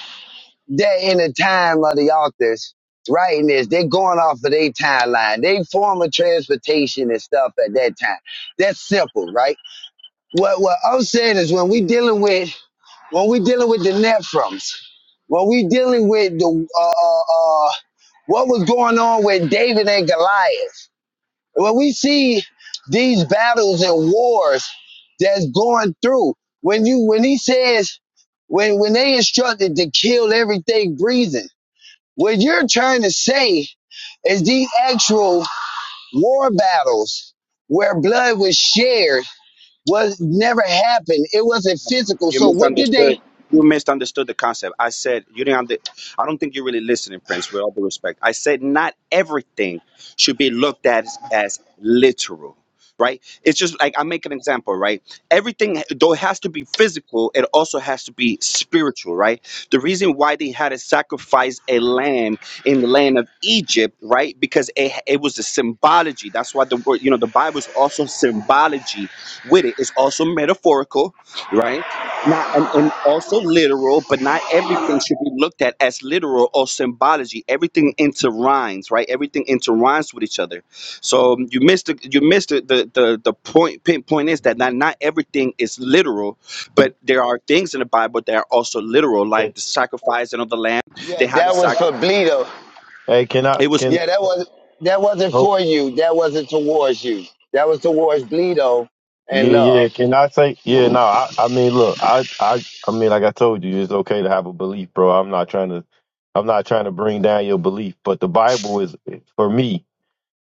Speaker 1: that in the time of the authors writing this, they're going off of their timeline, they form of transportation and stuff at that time. That's simple, right? What what I'm saying is when we dealing with when we dealing with the Nephrons, when we dealing with the uh, uh, uh, what was going on with David and Goliath when we see these battles and wars that's going through, when you when he says when when they instructed to kill everything breathing, what you're trying to say is these actual war battles where blood was shared was never happened. It wasn't physical.
Speaker 4: You
Speaker 1: So what did they?
Speaker 4: misunderstood. You misunderstood the concept. I said you didn't. Under, I don't think you're really listening, Prince. With all due respect, I said not everything should be looked at as, as literal. Right? It's just like I make an example. Right? Everything though it has to be physical, it also has to be spiritual. Right? The reason why they had to sacrifice a lamb in the land of Egypt, right? Because it it was a symbology. That's why the word you know the Bible is also symbology with it. It's also metaphorical, right? not and, and also literal, but not everything should be looked at as literal or symbology. Everything into rhymes, right? Everything into rhymes with each other. So um, you missed the, you missed the, the the the point. Pinpoint is that not not everything is literal, but there are things in the Bible that are also literal,
Speaker 2: *laughs*
Speaker 4: like the sacrificing of the lamb. They
Speaker 1: Yeah,
Speaker 4: had a
Speaker 1: that was for
Speaker 4: sacrifice.
Speaker 1: Bleedo.
Speaker 2: Hey, can I
Speaker 4: It was
Speaker 2: can
Speaker 1: Yeah, that was that wasn't
Speaker 2: oh
Speaker 1: for you. That wasn't towards you. That was towards Bleedo and
Speaker 2: yeah
Speaker 1: love.
Speaker 2: yeah can I say yeah no I I mean look I I I mean like I told you it's okay to have a belief bro I'm not trying to I'm not trying to bring down your belief but the Bible is for me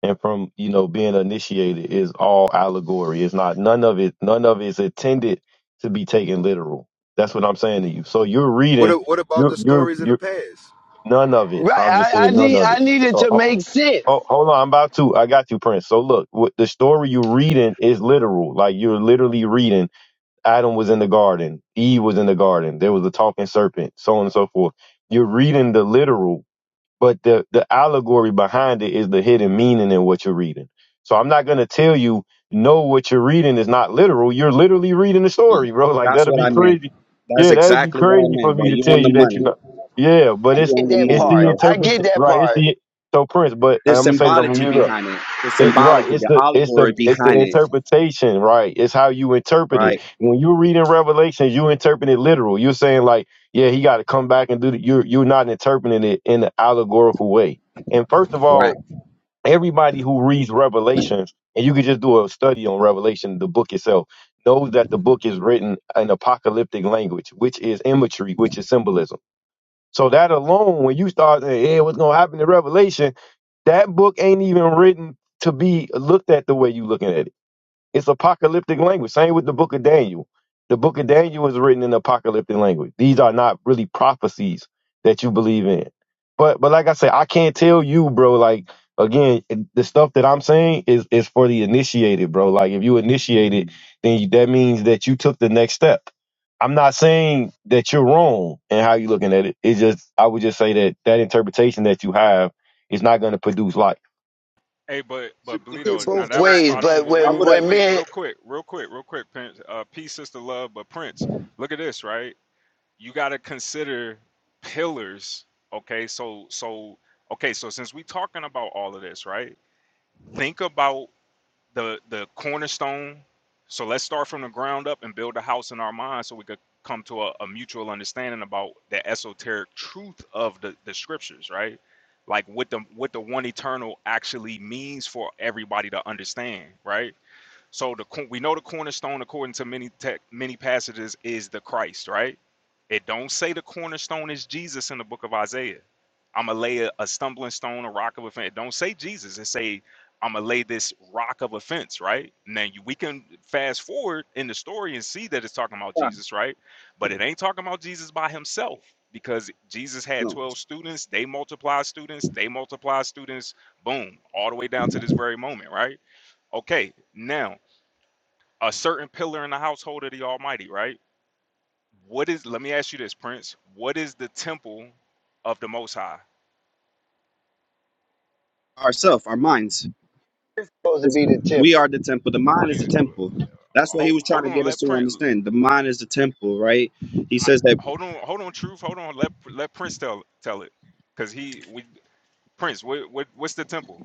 Speaker 2: and from you know being initiated is all allegory it's not none of it none of it is intended to be taken literal that's what I'm saying to you so you're
Speaker 5: What
Speaker 2: reading
Speaker 5: a- what about
Speaker 2: you're
Speaker 5: the
Speaker 2: you're
Speaker 5: stories of the
Speaker 2: you're
Speaker 5: past?
Speaker 2: none of it
Speaker 1: Right.
Speaker 2: I'm just
Speaker 1: I, I
Speaker 2: saying none
Speaker 1: need
Speaker 2: of
Speaker 1: I needed to
Speaker 2: it
Speaker 1: make sense.
Speaker 2: Oh, hold on, I'm about to. I got you, Prince. So look, what the story you're reading is literal. Like you're literally reading. Adam was in the garden. Eve was in the garden. There was a talking serpent, so on and so forth. You're reading the literal but the the allegory behind it is the hidden meaning in what you're reading. So I'm not gonna tell you no, what you're reading is not literal. You're literally reading the story, bro. *laughs* Like
Speaker 4: that's
Speaker 2: that'd
Speaker 4: what
Speaker 2: be
Speaker 4: I meant.
Speaker 2: crazy.
Speaker 4: That's
Speaker 2: Yeah, that'd be
Speaker 4: exactly what I
Speaker 2: crazy for
Speaker 4: meant, bro.
Speaker 2: me to
Speaker 4: You
Speaker 2: tell
Speaker 4: on the
Speaker 2: you that you
Speaker 4: money.
Speaker 2: know. Yeah, but
Speaker 4: You
Speaker 2: it's
Speaker 1: I get
Speaker 4: on the
Speaker 1: that
Speaker 2: it's
Speaker 4: money,
Speaker 1: part.
Speaker 2: the
Speaker 4: bro.
Speaker 1: I
Speaker 2: interpret
Speaker 1: get that
Speaker 2: right. It's
Speaker 1: part.
Speaker 2: the so Prince. But
Speaker 4: There's
Speaker 2: I'm gonna say that I'm gonna
Speaker 4: symbology
Speaker 2: mute up.
Speaker 4: behind it. The
Speaker 2: It, you're right.
Speaker 4: symbology,
Speaker 2: It's
Speaker 4: the
Speaker 2: the it's the
Speaker 4: allegory
Speaker 2: it's the
Speaker 4: behind it.
Speaker 2: interpretation, right? It's how you interpret it.
Speaker 4: Right.
Speaker 2: When you are reading Revelation, you interpret it literal. You're saying like, yeah, he got to come back and do the, you're you're not interpreting it in an allegorical way. And first of
Speaker 4: Right.
Speaker 2: all, everybody who reads Revelations, and you could just do a study on Revelation, the book itself, knows that the book is written in apocalyptic language, which is imagery, which is symbolism. So that alone, when you start saying, "Hey, what's gonna happen in Revelation?" That book ain't even written to be looked at the way you looking at it. It's apocalyptic language. Same with the book of Daniel. The book of Daniel is written in apocalyptic language. These are not really prophecies that you believe in. But but like I said, I can't tell you, bro. Like again, it- the stuff that I'm saying is is for the initiated, bro. Like if you initiated, then you, that means that you took the next step. I'm not saying that you're wrong in how you're looking at it. It's just I would just say that that interpretation that you have is not going to produce life.
Speaker 3: Hey, but
Speaker 4: It's, it's,
Speaker 3: but
Speaker 4: it's-
Speaker 1: It
Speaker 3: Bleedo,
Speaker 4: just-
Speaker 3: now
Speaker 1: both
Speaker 4: and
Speaker 3: that was
Speaker 1: ways,
Speaker 3: spot on.
Speaker 1: but
Speaker 3: Well,
Speaker 4: I,
Speaker 3: wait,
Speaker 4: I
Speaker 1: when
Speaker 3: wait,
Speaker 4: would have
Speaker 3: wait,
Speaker 1: when
Speaker 3: wait,
Speaker 1: men
Speaker 3: real quick, real quick, real quick, Prince. Uh, peace, sister, love, but Prince. Look at this, right? you got to consider pillars okay so so okay so since we are talking about all of this right think about the the cornerstone so let's start from the ground up and build a house in our mind so we could come to a, a mutual understanding about the esoteric truth of the, the scriptures right like what the what the one eternal actually means for everybody to understand right so the we know the cornerstone, according to many tech many passages, is the Christ, right? It don't say the cornerstone is Jesus in the book of Isaiah. I'ma lay a, a stumbling stone, a rock of offense. It don't say Jesus. It say I'ma lay this rock of offense, right? Now you, we can fast forward in the story and see that it's talking about Jesus, right? But it ain't talking about Jesus by himself because Jesus had
Speaker 4: No, it's
Speaker 3: 12 students. They multiply students. They multiply students. Boom, all the way down to this very moment, right? Okay, now a certain pillar in the household of the Almighty, right? What is? Let me ask you this, Prince. What is the temple of the Most High?
Speaker 4: ourself, our minds.
Speaker 1: supposed to
Speaker 4: It's,
Speaker 1: be the
Speaker 4: we
Speaker 1: temple.
Speaker 4: are the temple. The mind is
Speaker 3: You
Speaker 4: the temple. That's what he
Speaker 3: hold,
Speaker 4: was trying
Speaker 3: hold
Speaker 4: to
Speaker 3: on.
Speaker 4: get us
Speaker 3: Let
Speaker 4: to
Speaker 3: Prince.
Speaker 4: understand. The mind is the temple, right? He
Speaker 3: I,
Speaker 4: says that
Speaker 3: hold on. Hold on. Truth. Hold on. Let let Prince tell tell it, because he we Prince. What, what what's the temple?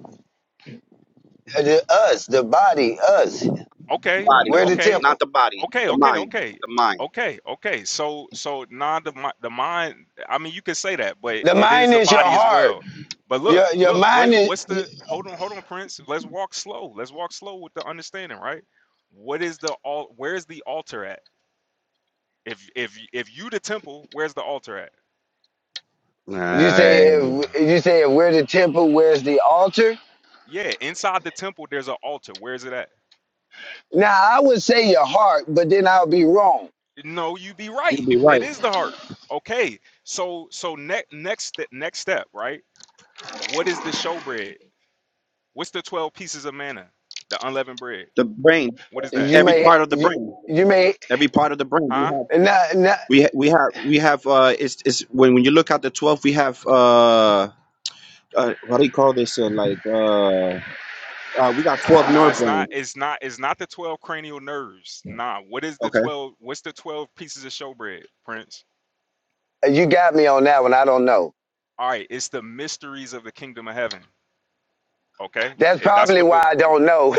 Speaker 1: uh, The, us, the body, us.
Speaker 3: Okay. n-
Speaker 4: body,
Speaker 1: We're
Speaker 4: but
Speaker 1: the
Speaker 3: Okay.
Speaker 4: not
Speaker 1: temple.
Speaker 4: the body,
Speaker 3: Okay,
Speaker 4: the
Speaker 3: okay,
Speaker 4: mind,
Speaker 3: okay,
Speaker 4: the mind.
Speaker 3: okay, okay. So, so now the mi- the mind. I mean, you can say that, but
Speaker 1: The
Speaker 3: it is
Speaker 1: mind
Speaker 3: the
Speaker 1: is your
Speaker 3: body as
Speaker 1: heart.
Speaker 3: well. But look,
Speaker 1: Your your
Speaker 3: look,
Speaker 1: mind
Speaker 3: what
Speaker 1: is
Speaker 3: what's
Speaker 1: you,
Speaker 3: the? Hold on, hold on, Prince. Let's walk slow. Let's walk slow with the understanding, right? What is the all? Where's the altar at? If if if you the temple, where's the altar at?
Speaker 1: you say
Speaker 4: Right.
Speaker 1: if you say if we're the temple, where's the altar?
Speaker 3: Yeah, inside the temple, there's an altar. Where's it at?
Speaker 1: Now I would say your heart, but then I'll be wrong.
Speaker 3: No, you be
Speaker 4: You'd
Speaker 3: right.
Speaker 4: be
Speaker 3: It
Speaker 4: right.
Speaker 3: is the heart. Okay, so so next next st- next step, right? What is the showbread? What's the 12 pieces of manna? The unleavened bread.
Speaker 4: The brain,
Speaker 3: What is that?
Speaker 1: You
Speaker 4: every
Speaker 1: may
Speaker 4: part of the
Speaker 1: you,
Speaker 4: brain,
Speaker 1: you may
Speaker 4: every part of the brain. We
Speaker 3: Huh?
Speaker 4: have,
Speaker 1: not, not
Speaker 4: we ha- we have, we have. Uh, it's it's when when you look at the twelve, we have uh, uh what do you call this? Uh, like uh, uh, we got twelve
Speaker 3: Nah,
Speaker 4: nerve
Speaker 3: it's
Speaker 4: brains.
Speaker 3: not it's not it's not the 12 cranial nerves. Nah, what is the
Speaker 4: Okay.
Speaker 3: 12 what's the 12 pieces of showbread, Prince?
Speaker 1: you got me on that one. I don't know.
Speaker 3: All right, it's the mysteries of the kingdom of heaven. Okay?
Speaker 1: That's
Speaker 3: It- that's
Speaker 1: probably
Speaker 3: what the
Speaker 1: why I don't know.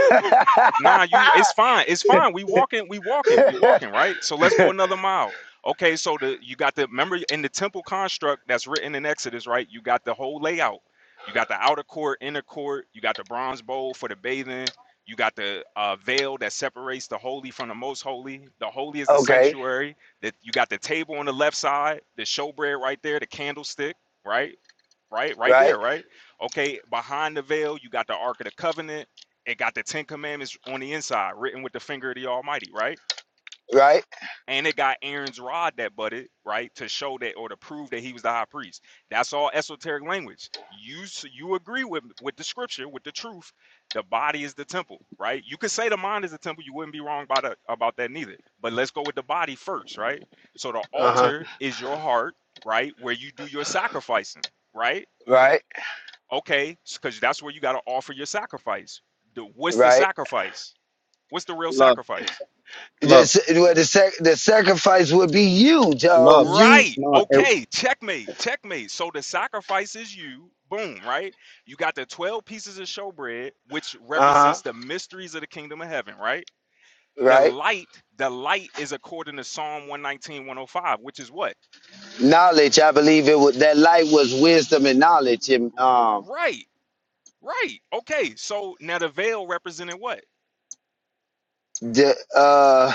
Speaker 3: nah you it's fine it's fine we walking we walking we walking right so let's
Speaker 1: *laughs*
Speaker 3: go another mile okay so the you got the remember in the temple construct that's written in exodus right you got the whole layout you got the outer court inner court you got the bronze bowl for the bathing you got the uh, veil that separates the holy from the most holy the holy is the
Speaker 1: okay,
Speaker 3: sanctuary that you got the table on the left side the showbread right there the candlestick right right? Right
Speaker 1: right,
Speaker 3: there, right? Okay, behind the veil, you got the Ark of the Covenant. It got the Ten Commandments on the inside, written with the finger of the Almighty, right?
Speaker 1: right,
Speaker 3: And it got Aaron's rod that budded, right, to show that or to prove that he was the high priest. That's all esoteric language. You you agree with with the scripture, with the truth. The body is the temple, right? You could say the mind is the temple. You wouldn't be wrong about that, about that neither. But let's go with the body first, right? So the
Speaker 1: uh huh,
Speaker 3: altar is your heart, right, where you do your sacrificing, right?
Speaker 1: right,
Speaker 3: Okay, because that's where you got to offer your sacrifice. The, what's the
Speaker 1: right.
Speaker 3: sacrifice? What's the real
Speaker 4: Love,
Speaker 3: sacrifice?
Speaker 1: The,
Speaker 4: love,
Speaker 1: well, the, sac- the sacrifice would be huge. Um,
Speaker 4: love.
Speaker 1: you,
Speaker 3: Right.
Speaker 4: No, it,
Speaker 3: Okay. Checkmate. Checkmate. So the sacrifice is you. Boom. Right. You got the 12 pieces of showbread, which
Speaker 1: uh huh,
Speaker 3: represents the mysteries of the kingdom of heaven. Right. The
Speaker 1: right.
Speaker 3: light, the light is according to Psalm 119, 105, which is what?
Speaker 1: Knowledge, I believe it would. That light was wisdom and knowledge, and
Speaker 3: R-
Speaker 1: um,
Speaker 3: right. Right. Okay. So now the veil represented what?
Speaker 1: the uh,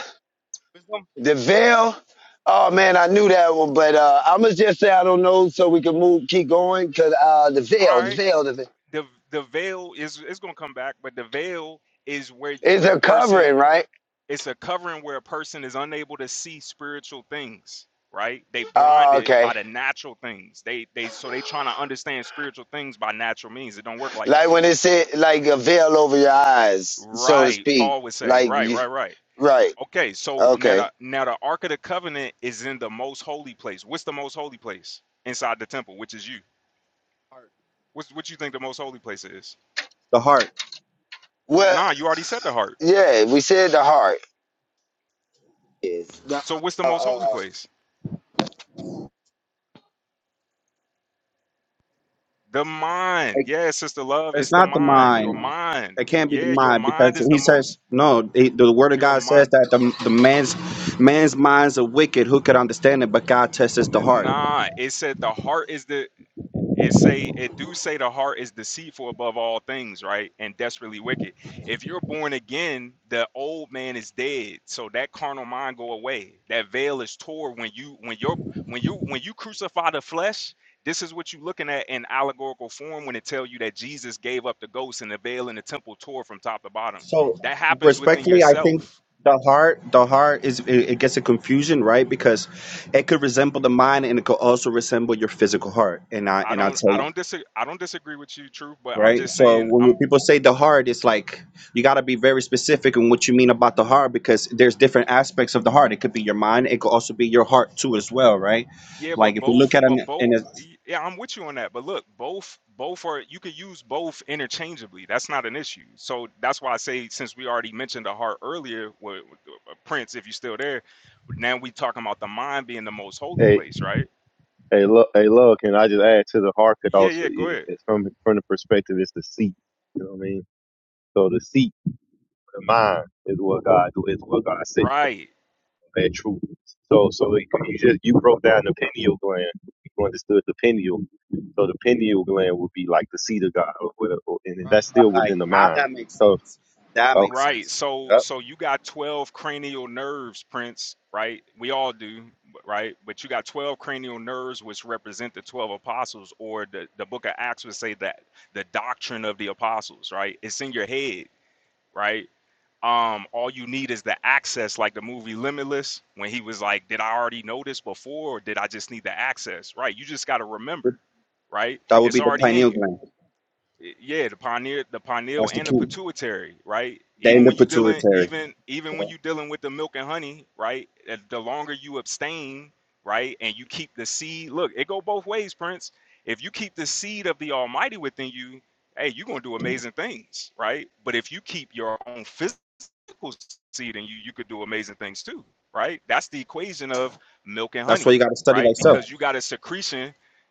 Speaker 1: the veil. Oh man, I knew that one, but uh, I'm gonna just say I don't know, so we can move, keep going, cause uh, the
Speaker 3: All
Speaker 1: veil, the
Speaker 3: right.
Speaker 1: veil, the veil
Speaker 3: the the veil is it's gonna come back, but the veil is where
Speaker 1: is
Speaker 3: where a
Speaker 1: a
Speaker 3: person
Speaker 1: covering, right?
Speaker 3: it's a covering where a person is unable to see spiritual things, right? They
Speaker 1: Oh,
Speaker 3: blinded by
Speaker 1: okay.
Speaker 3: the natural things. They they so they trying to understand spiritual things by natural means. It don't work like
Speaker 1: Like
Speaker 3: that.
Speaker 1: when it said like a veil over your eyes, so to
Speaker 3: Right,
Speaker 1: speak.
Speaker 3: Paul would say.
Speaker 1: Like
Speaker 3: Right,
Speaker 1: you,
Speaker 3: right, right.
Speaker 1: right.
Speaker 3: Okay, so now
Speaker 1: Okay.
Speaker 3: the now the Ark of the Covenant is in the most holy place. What's the most holy place inside the temple, which is you? What's what you think the most holy place is?
Speaker 4: the heart.
Speaker 1: Well,
Speaker 3: Nah, you already said the heart.
Speaker 1: yeah, we said the heart is the
Speaker 3: So what's the
Speaker 1: uh,
Speaker 3: most holy
Speaker 1: uh
Speaker 3: place? The mind.
Speaker 4: Like,
Speaker 3: Yeah, sister love,
Speaker 4: it's
Speaker 3: it's the
Speaker 4: not the
Speaker 3: mind. Your
Speaker 4: mind.
Speaker 3: mind.
Speaker 4: It can't be the
Speaker 3: Yeah, your
Speaker 4: mind
Speaker 3: mind
Speaker 4: because
Speaker 3: is
Speaker 4: he
Speaker 3: the
Speaker 4: says
Speaker 3: most
Speaker 4: no. The, the word of
Speaker 3: your
Speaker 4: God
Speaker 3: mind.
Speaker 4: says that the, the man's man's minds are wicked. Who could understand it? But God tests the heart.
Speaker 3: Nah, it said the heart is the it say it do say the heart is deceitful above all things right and desperately wicked if you're born again the old man is dead so that carnal mind go away that veil is torn when you when you're when you when you crucify the flesh this is what you're looking at in allegorical form when it tell you that jesus gave up the ghost and the veil in the temple tore from top to bottom
Speaker 4: So
Speaker 3: that happens within
Speaker 4: respectfully, I think
Speaker 3: yourself
Speaker 4: the heart, the heart is it, it gets a confusion, right? Because it could resemble the mind and it could also resemble your physical heart. And I
Speaker 3: i
Speaker 4: and I
Speaker 3: don't
Speaker 4: tell you.
Speaker 3: i don't disagree i don't disagree with you truth but i'm
Speaker 4: right?
Speaker 3: just
Speaker 4: So
Speaker 3: saying
Speaker 4: when
Speaker 3: I'm.
Speaker 4: we, people say the heart, it's like you got to be very specific in what you mean about the heart because there's different aspects of the heart. It could be your mind. It could also be your heart too, as well, right?
Speaker 3: Yeah,
Speaker 4: Like
Speaker 3: but
Speaker 4: if we look
Speaker 3: both,
Speaker 4: at
Speaker 3: but
Speaker 4: an
Speaker 3: both.
Speaker 4: in a
Speaker 3: Yeah, I'm with you on that. But look, both, both are. You could use both interchangeably. That's not an issue. So that's why I say, since we already mentioned the heart earlier, with, with uh, Prince, if you're still there, now we talking about the mind being the most holy place, right?
Speaker 2: Hey, look, hey, look, and I just add to the Harkut
Speaker 3: Yeah,
Speaker 2: also,
Speaker 3: yeah. Go
Speaker 2: it,
Speaker 3: ahead.
Speaker 2: it's from from the perspective, it's the seat. You know what I mean? So the seat, the mind, is what God is what God said.
Speaker 3: Right.
Speaker 2: That truth. So, so you you just you broke down the pineal gland. You understood the pineal. So the pineal gland would be like the seat of God, or whatever, and that's still
Speaker 4: like
Speaker 2: within the
Speaker 4: now
Speaker 2: mind.
Speaker 4: that makes
Speaker 2: So.
Speaker 4: sense. That makes
Speaker 3: Right.
Speaker 4: sense.
Speaker 3: So
Speaker 4: Yep.
Speaker 3: so you got 12 cranial nerves, Prince, right? We all do, b- right? But you got 12 cranial nerves which represent the 12 apostles or the the book of Acts would say that the doctrine of the apostles, right? It's in your head, right? Um all you need is the access like the movie Limitless when he was like, did I already know this before or did I just need the access? Right? You just got to remember, right?
Speaker 4: That would
Speaker 3: It's
Speaker 4: be the
Speaker 3: already in
Speaker 4: pineal
Speaker 3: you
Speaker 4: gland.
Speaker 3: yeah, the pineal, the pineal,
Speaker 4: That's the
Speaker 3: and the
Speaker 4: key.
Speaker 3: pituitary, right?
Speaker 4: Then
Speaker 3: Even
Speaker 4: the
Speaker 3: when you dealing,
Speaker 4: pituitary.
Speaker 3: even even when
Speaker 4: Yeah.
Speaker 3: you dealing with the milk and honey, right? uh, The longer you abstain, right, and you keep the seed. Look, it go both ways, Prince. If you keep the seed of the Almighty within you, hey, you're gonna do amazing things, right? But if you keep your own physical seed in you, you could do amazing things too, right? That's the equation of milk and
Speaker 4: That's why
Speaker 3: honey,
Speaker 4: you got to study
Speaker 3: right?
Speaker 4: thyself.
Speaker 3: Because you got a secretion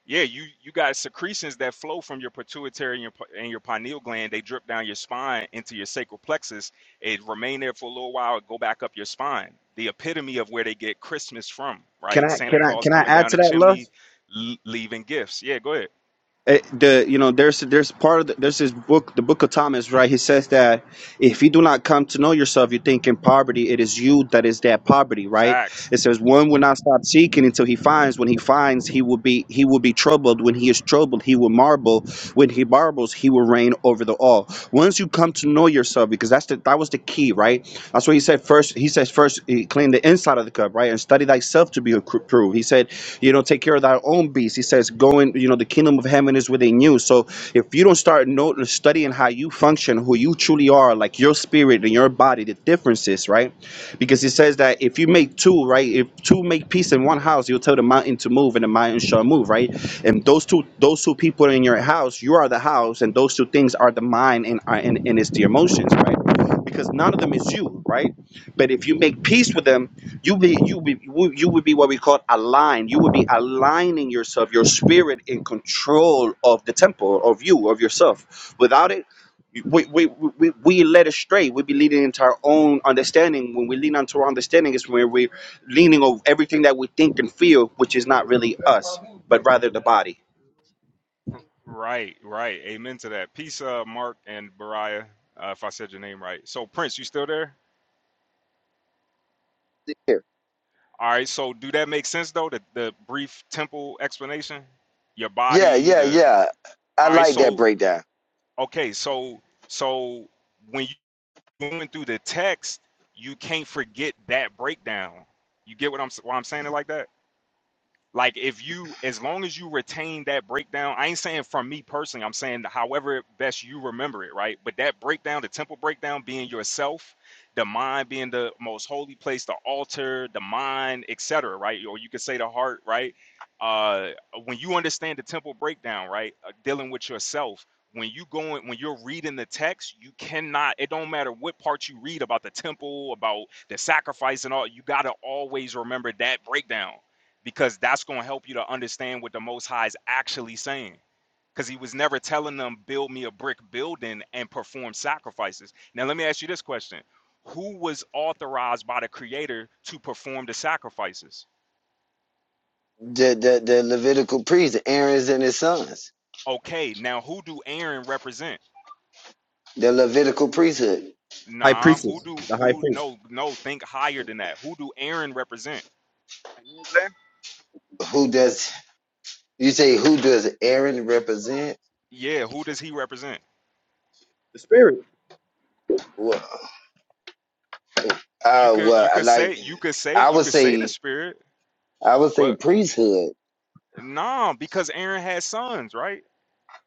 Speaker 3: yeah, you you got secretions that flow from your pituitary and your, p- and your pineal gland. They drip down your spine into your sacral plexus. It remain there for a little while. It go back up your spine. The epitome of where they get Christmas from,
Speaker 4: Can
Speaker 3: right?
Speaker 4: I
Speaker 3: Santa
Speaker 4: can I
Speaker 3: Claus
Speaker 4: can I
Speaker 3: coming
Speaker 4: add
Speaker 3: down
Speaker 4: to
Speaker 3: the
Speaker 4: that, love?
Speaker 3: chimney, l- leaving gifts. Yeah, go ahead.
Speaker 4: Eh, the you know there's there's part of the, there's this book the book of thomas right he says that if you do not come to know yourself you think in poverty it is you that is that poverty right
Speaker 3: Facts.
Speaker 4: it says, "One will not stop seeking until he finds. When he finds, he will be he will be troubled. When he is troubled, he will marvel. When he marvels, he will reign over the all." Once you come to know yourself, because that's the that was the key, right? That's what he said first. He says first, eh, clean the inside of the cup, right, and study thyself to be approved. He said, you know, take care of thy own beast. He says, go in, you know, the kingdom of heaven is within you. So if you don't start know studying how you function, who you truly are, like your spirit and your body, the differences, right? Because it says that if you make two, right, if two make peace in one house, you'll tell the mountain to move and the mountain shall move, right? And those two, those two people in your house, you are the house, and those two things are the mind and are- and, and it's the emotions, right? Because none of them is you, right? But if you make peace with them, you be you be you would be what we call aligned. You would be aligning yourself, your spirit in control of the temple of you of yourself. Without it we, we, we, we led astray. We be leading into our own understanding. When we lean onto our understanding, is where we're leaning over everything that we think and feel, which is not really us, but rather the body.
Speaker 3: Right, right. Amen to that. Peace, uh, Mark and Bariah, uh, if I said your name right. So, Prince, you still there?
Speaker 1: here.
Speaker 3: All right. So, do that make sense though? The the brief temple explanation, your
Speaker 1: Yeah,
Speaker 3: body,
Speaker 1: yeah,
Speaker 3: the
Speaker 1: yeah. I
Speaker 3: all right.
Speaker 1: like that
Speaker 3: So
Speaker 1: breakdown.
Speaker 3: Okay, so so when you're going through the text, you can't forget that breakdown. You get what I'm s- why I'm saying it like that? Like if you, as long as you retain that breakdown, I ain't saying from me personally. I'm saying however best you remember it, right? But that breakdown, the temple breakdown, being yourself, the mind being the most holy place, the altar, the mind, etc., right? Or you could say the heart, right? Uh, when you understand the temple breakdown, right, uh, dealing with yourself, when you going, when you're reading the text, you cannot. It don't matter what part you read about the temple, about the sacrifice, and all. You gotta always remember that breakdown because that's going to help you to understand what the Most High is actually saying. Because he was never telling them, build me a brick building and perform sacrifices. Now, let me ask you this question Who was authorized by the Creator to perform the sacrifices?
Speaker 1: The the the Levitical priest, Aaron's and his sons.
Speaker 3: Okay, now who do Aaron represent?
Speaker 1: The Levitical priesthood.
Speaker 4: High
Speaker 3: Nah, who
Speaker 4: priestess,
Speaker 3: do,
Speaker 4: the high
Speaker 3: who,
Speaker 4: priest.
Speaker 3: no, no, think higher than that. Who do Aaron represent?
Speaker 1: Who does you say who does Aaron represent?
Speaker 3: Yeah, who does he represent?
Speaker 4: The spirit.
Speaker 1: Well,
Speaker 3: You
Speaker 1: uh
Speaker 3: could,
Speaker 1: well
Speaker 3: you
Speaker 1: I
Speaker 3: could say,
Speaker 1: like
Speaker 3: you could say,
Speaker 1: I
Speaker 3: you
Speaker 1: would
Speaker 3: could say the
Speaker 1: say
Speaker 3: spirit,
Speaker 1: I would say
Speaker 3: but
Speaker 1: priesthood.
Speaker 3: nah, because Aaron had sons, right?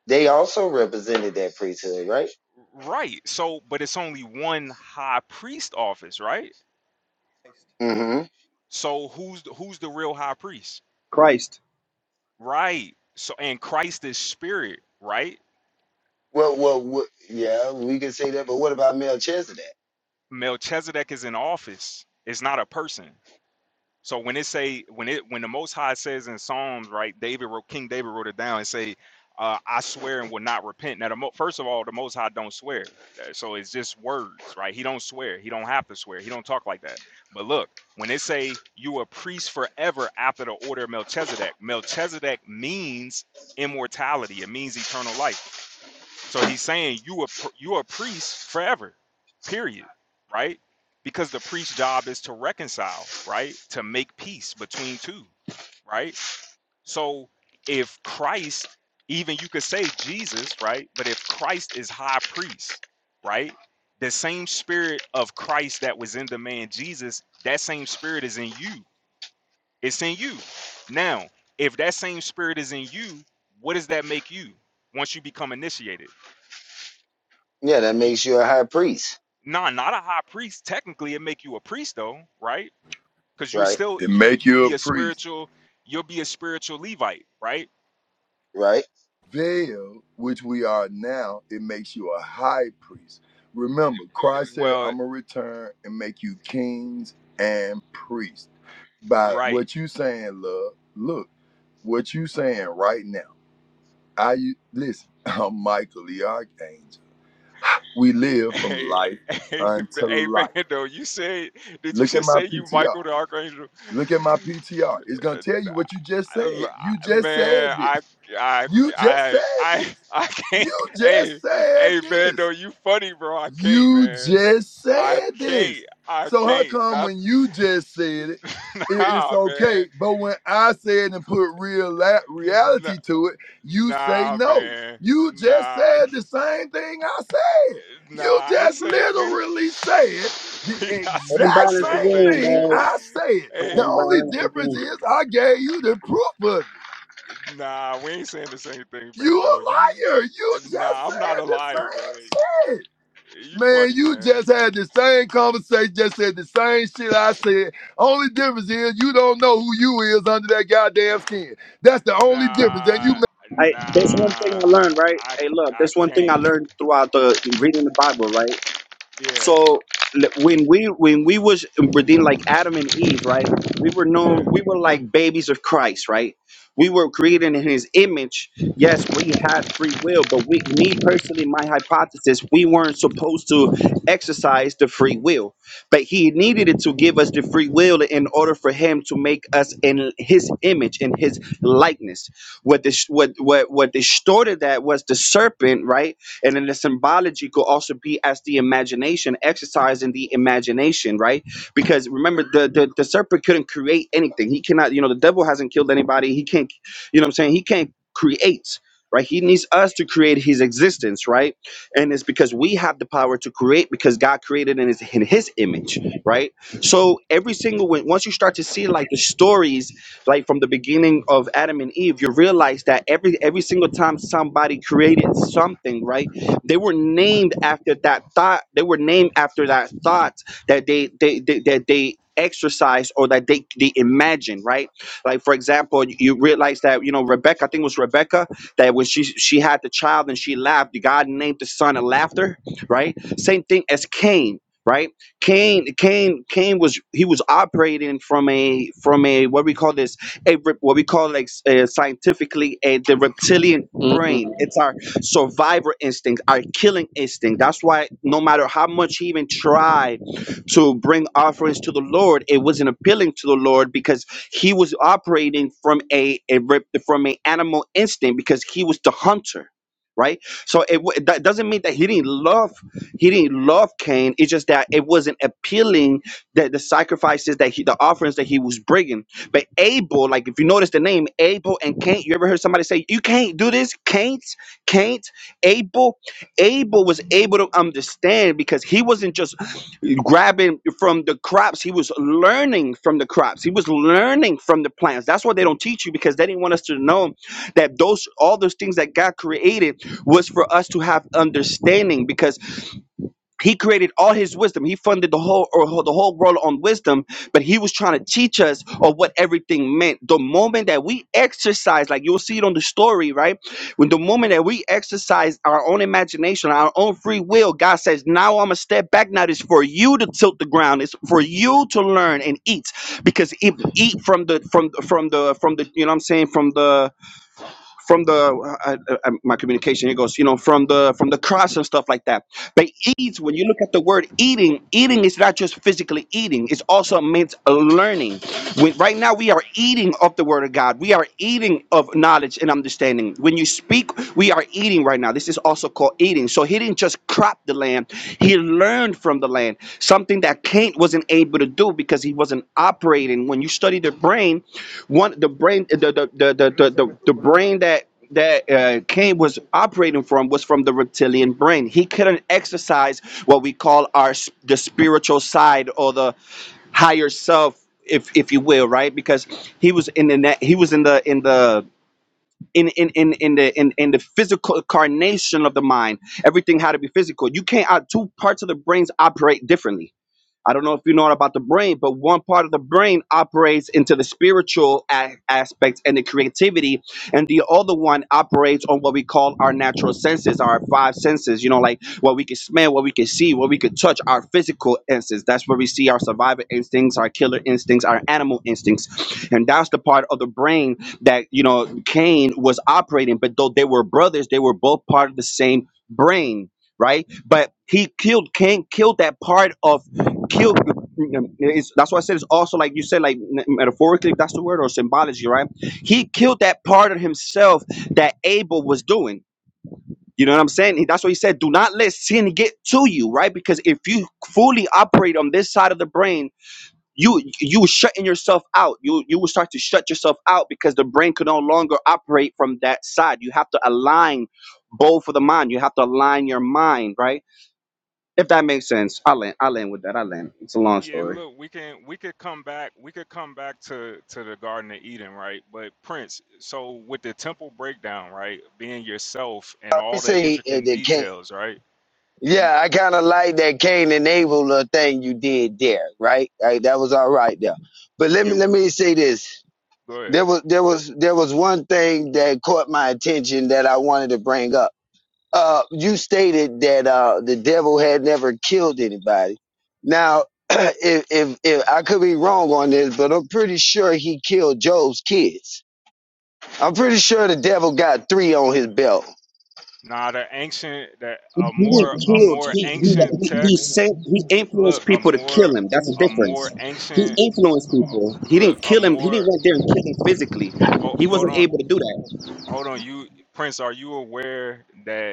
Speaker 1: They also represented that priesthood, right?
Speaker 3: Right. So, but it's only one high priest office, right?
Speaker 1: hmm
Speaker 3: So who's the, who's the real high priest?
Speaker 4: Christ.
Speaker 3: Right. So and Christ is spirit, right?
Speaker 1: Well, well, wha- yeah, we could say that, but what about Melchizedek?
Speaker 3: Melchizedek is an office. It's not a person. So when it say when it when the Most High says in Psalms, right, David wrote King David wrote it down and say, uh, "I swear and will not repent." Now, the mo- first of all, the Most High don't swear, Uh, so it's just words, right? He don't swear. He don't have to swear. He don't talk like that. But look, when it say you a priest forever after the order of Melchizedek, Melchizedek means immortality. It means eternal life. So he's saying you a you a priest forever, period, right? Because the priest's job is to reconcile, right? To make peace between two, right? So if Christ, even you could say Jesus, right? But if Christ is high priest, right? The same spirit of Christ that was in the man Jesus, that same spirit is in you. It's in you. Now, if that same spirit is in you, what does that make you once you become initiated?
Speaker 1: Yeah, that
Speaker 3: you.
Speaker 1: makes you a high priest,
Speaker 3: nah, not a high priest. Technically, it make you a priest though, right? Because you
Speaker 1: right?
Speaker 3: still
Speaker 6: It
Speaker 3: you
Speaker 6: make
Speaker 3: you
Speaker 6: you
Speaker 3: be
Speaker 6: a
Speaker 3: a
Speaker 6: priest.
Speaker 3: spiritual, you'll be a spiritual Levite, right?
Speaker 1: Right.
Speaker 6: Veil, which we are now, it makes you a high priest. Remember, Christ said, I'm
Speaker 3: Well,
Speaker 6: gonna return and make you kings and priests. By
Speaker 3: right.
Speaker 6: what you saying, love, look, what you saying right now. I u- listen, *laughs* I'm Michael the Archangel. We
Speaker 3: *laughs*
Speaker 6: live from life
Speaker 3: Hey, hey,
Speaker 6: unto
Speaker 3: hey,
Speaker 6: life.
Speaker 3: Vando, you say? did you
Speaker 6: Look at
Speaker 3: just
Speaker 6: my
Speaker 3: say you
Speaker 6: PTR.
Speaker 3: Michael the Archangel?
Speaker 6: Look at my PTR. It's gonna
Speaker 3: I-
Speaker 6: tell you what you just
Speaker 3: l-
Speaker 6: said. You
Speaker 3: I-
Speaker 6: just
Speaker 3: Man,
Speaker 6: said this.
Speaker 3: I, I,
Speaker 6: You just said
Speaker 3: I,
Speaker 6: this.
Speaker 3: I, I can't.
Speaker 6: You just
Speaker 3: Hey,
Speaker 6: said
Speaker 3: hey,
Speaker 6: this.
Speaker 3: Vando, you funny, bro. I can't,
Speaker 6: You
Speaker 3: man.
Speaker 6: just
Speaker 3: I
Speaker 6: said
Speaker 3: can't.
Speaker 6: this.
Speaker 3: I
Speaker 6: So how
Speaker 3: can't.
Speaker 6: come
Speaker 3: Not,
Speaker 6: when you just said it,
Speaker 3: *laughs*
Speaker 6: it- it's
Speaker 3: ah, man.
Speaker 6: okay, but when I said and put real la-
Speaker 3: Nah,
Speaker 6: reality to it, you say
Speaker 3: Nah,
Speaker 6: no.
Speaker 3: man.
Speaker 6: You just
Speaker 3: Nah, I
Speaker 6: said the
Speaker 3: can't-
Speaker 6: same thing I said.
Speaker 3: nah.
Speaker 6: You
Speaker 3: I ain't
Speaker 6: just
Speaker 3: saying we
Speaker 6: literally said the
Speaker 3: we *laughs* not saying
Speaker 4: Hold
Speaker 3: the
Speaker 6: exact
Speaker 3: same
Speaker 6: same
Speaker 3: thing,
Speaker 6: thing
Speaker 3: man.
Speaker 4: on,
Speaker 6: I said. The
Speaker 3: Hey,
Speaker 6: only difference
Speaker 4: dog.
Speaker 6: is I gave you the proof of it.
Speaker 3: nah, we ain't saying the same thing, man.
Speaker 6: You
Speaker 3: Though you,
Speaker 6: a liar. You just
Speaker 3: nah, I'm not a
Speaker 6: said the
Speaker 3: liar, man.
Speaker 6: same shit.
Speaker 3: You
Speaker 6: Man,
Speaker 3: funny,
Speaker 6: you
Speaker 3: man.
Speaker 6: just had the same conversation, just said the same shit I said. Only difference is you don't know who you is under that goddamn skin. That's the only difference. And you
Speaker 3: Nah,
Speaker 4: I, that's one thing
Speaker 3: nah.
Speaker 4: I learned, right?
Speaker 3: I
Speaker 4: Hey, look,
Speaker 3: I
Speaker 4: that's one thing I
Speaker 3: can't.
Speaker 4: learned throughout the reading the Bible, right?
Speaker 3: Yeah,
Speaker 4: So l- when we when we was within like Adam and Eve, right? We were known
Speaker 3: yeah.
Speaker 4: we were like babies of Christ, right? We were created in his image. Yes, we had free will, but we me personally, my hypothesis, we weren't supposed to exercise the free will. But he needed it to give us the free will in order for him to make us in his image, in his likeness. What this what what what distorted that was the serpent, right? And then the symbology could also be as the imagination, exercising the imagination, right? Because remember, the, the the serpent couldn't create anything. He cannot, you know, the devil hasn't killed anybody. He can't, you know what I'm saying? He can't create. Right, he needs us to create his existence, right? And it's because we have the power to create because God created in his, in his image, right? So every single one, once you start to see like the stories like from the beginning of Adam and Eve, you realize that every every single time somebody created something, right? They were named after that thought. They were named after that thought that they they, they that they exercised or that they they imagined, right? Like for example, you you realize that you know Rebecca, I think it was Rebecca, that when she she had the child and she laughed, God named the son of laughter, right? Same thing as Cain. Right, Cain, Cain, Cain was he was operating from a from a what we call this a rep- what we call like s- uh, scientifically a the reptilian brain.
Speaker 7: Mm.
Speaker 4: It's our survivor instinct, our killing instinct. That's why no matter how much he even tried to bring offerings to the Lord, it wasn't appealing to the Lord because he was operating from a, a rep- from an animal instinct because he was the hunter. Right, so it wa- that doesn't mean that he didn't love, he didn't love Cain. It's just that it wasn't appealing that the sacrifices that he, the offerings that he was bringing. But Abel, like if you notice the name Abel and Cain, you ever heard somebody say, "You can't do this, Cain?" Cain, Abel, Abel was able to understand because he wasn't just grabbing from the crops, he was learning from the crops. He was learning from the plants. That's what they don't teach you because they didn't want us to know that those all those things that God created was for us to have understanding because he created all his wisdom. He funded the whole or the whole world on wisdom, but he was trying to teach us of what everything meant. The moment that we exercise, like you'll see it on the story, right? When the moment that we exercise our own imagination, our own free will, God says, "Now I'm gonna step back. Now it's for you to tilt the ground. It's for you to learn and eat, because if eat from the from from the from the you know what I'm saying from the from the uh, uh, uh, my communication it goes you know from the from the cross and stuff like that but eats when you look at the word eating eating is not just physically eating it's also means learning when, right now we are eating of the word of god we are eating of knowledge and understanding when you speak we are eating right now this is also called eating so he didn't just cropped the land. He learned from the land, something that Cain wasn't able to do because he wasn't operating. When you study the brain, one the brain the the the the the, the, the brain that that uh, Cain was operating from was from the reptilian brain. He couldn't exercise what we call our s- the spiritual side or the higher self, if if you will, right? Because he was in the na- he was in the in the in in in in the in, in the physical incarnation of the mind everything had to be physical you can't out two parts of the brains operate differently I don't know if you know about the brain, but one part of the brain operates into the spiritual a- aspects and the creativity, and the other one operates on what we call our natural senses, our five senses. You know, like what we can smell, what we can see, what we can touch, our physical senses. That's where we see our survival instincts, our killer instincts, our animal instincts, and that's the part of the brain that you know Cain was operating. But though they were brothers, they were both part of the same brain right? But he killed Cain, killed that part of kill it's, that's why i said it's also like you said like metaphorically if that's the word or symbology right he killed that part of himself that abel was doing you know what i'm saying He- that's why he said do not let sin get to you right because if you fully operate on this side of the brain you you were shutting yourself out you you will start to shut yourself out because the brain could no longer operate from that side you have to align both of the mind you have to align your mind right if that makes sense i land i land with that i land it's a long
Speaker 3: Yeah,
Speaker 4: story
Speaker 3: look, we can we could come back we could come back to to the Garden of Eden, right? But Prince, so with the temple breakdown, right, being yourself and
Speaker 1: They
Speaker 3: all the
Speaker 1: say uh,
Speaker 3: intricate
Speaker 1: that Cain.
Speaker 3: details, right? You
Speaker 1: Yeah, I kind of like that Cain and Abel uh, thing you did there, right? Right, that was all right there. But let
Speaker 3: yeah,
Speaker 1: me let me say this.
Speaker 3: go ahead.
Speaker 1: There was there was there was one thing that caught my attention that I wanted to bring up. uh, you stated that uh, the devil had never killed anybody. Now, *clears throat* if, if if I could be wrong on this, but I'm pretty sure he killed Job's kids. I'm pretty sure the devil got three on his belt.
Speaker 3: Nah, the ancient that
Speaker 4: He,
Speaker 3: a more
Speaker 4: didn't
Speaker 3: a
Speaker 4: kill.
Speaker 3: more
Speaker 4: He he
Speaker 3: ancient
Speaker 4: he he
Speaker 3: text.
Speaker 4: sent. He
Speaker 3: Look,
Speaker 4: influenced
Speaker 3: a
Speaker 4: people to
Speaker 3: more
Speaker 4: kill him. That's the
Speaker 3: a more
Speaker 4: difference. He
Speaker 3: ancient
Speaker 4: influenced
Speaker 3: uh,
Speaker 4: people. He
Speaker 3: look
Speaker 4: didn't
Speaker 3: a
Speaker 4: kill him. He didn't
Speaker 3: more.
Speaker 4: went there and kill him physically.
Speaker 3: Oh,
Speaker 4: He
Speaker 3: hold
Speaker 4: wasn't
Speaker 3: on,
Speaker 4: able to do that.
Speaker 3: hold on. You Prince, are you aware that?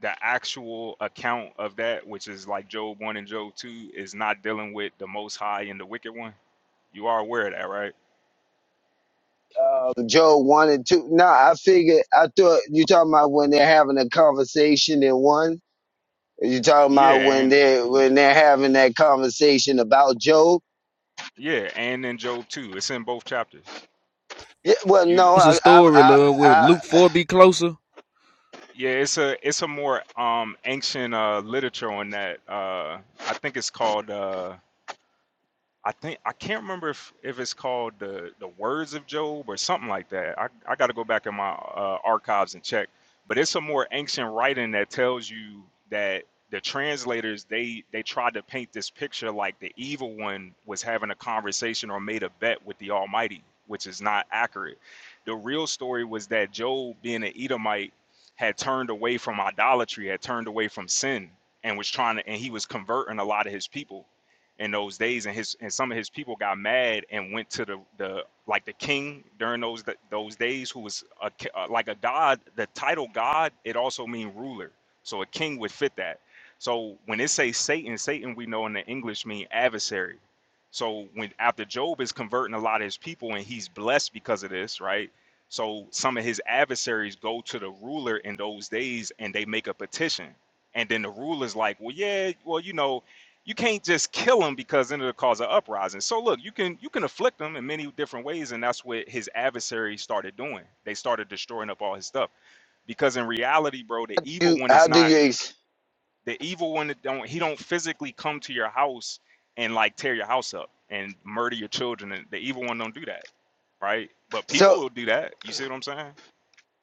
Speaker 3: the actual account of that, which is like Job 1 and Job 2, is not dealing with the Most High and the Wicked One? You are aware of that, right?
Speaker 1: Uh, Job one and two. No, I figured. I thought you talking about when they're having a conversation in one. You talking
Speaker 3: Yeah,
Speaker 1: about when
Speaker 3: and
Speaker 1: they when they're having that conversation about Job?
Speaker 3: yeah, and in Job 2, it's in both chapters.
Speaker 1: Yeah, well,
Speaker 3: You
Speaker 1: no,
Speaker 8: What's the
Speaker 1: I, I,
Speaker 8: story,
Speaker 1: I,
Speaker 8: love? With
Speaker 1: I
Speaker 8: Luke Four be closer?
Speaker 3: yeah, it's a it's a more um ancient uh literature on that. Uh I think it's called uh I think I can't remember if, if it's called the the Words of Job or something like that. I, I got to go back in my uh, archives and check. But it's a more ancient writing that tells you that the translators they they tried to paint this picture like the evil one was having a conversation or made a bet with the Almighty, which is not accurate. The real story was that Job, being an Edomite, had turned away from idolatry, had turned away from sin, and was trying to and he was converting a lot of his people in those days and his and some of his people got mad and went to the the like the king during those those days who was a, ki- uh, like a god the title god it also mean ruler so a king would fit that so when it says satan satan we know in the english mean adversary so when after job is converting a lot of his people and he's blessed because of this right so some of his adversaries go to the ruler in those days and they make a petition and then the ruler's like well yeah well you know you can't just kill them because then it'll cause an uprising. So look, you can you can afflict them in many different ways, and that's what his adversaries started doing. They started destroying up all his stuff because in reality, bro, the evil
Speaker 1: you,
Speaker 3: one is
Speaker 1: how do
Speaker 3: not
Speaker 1: you? ex-
Speaker 3: the evil one. That don't he don't physically come to your house and like tear your house up and murder your children. And the evil one don't do that, right? But
Speaker 1: So
Speaker 3: people will do that. You see what I'm saying?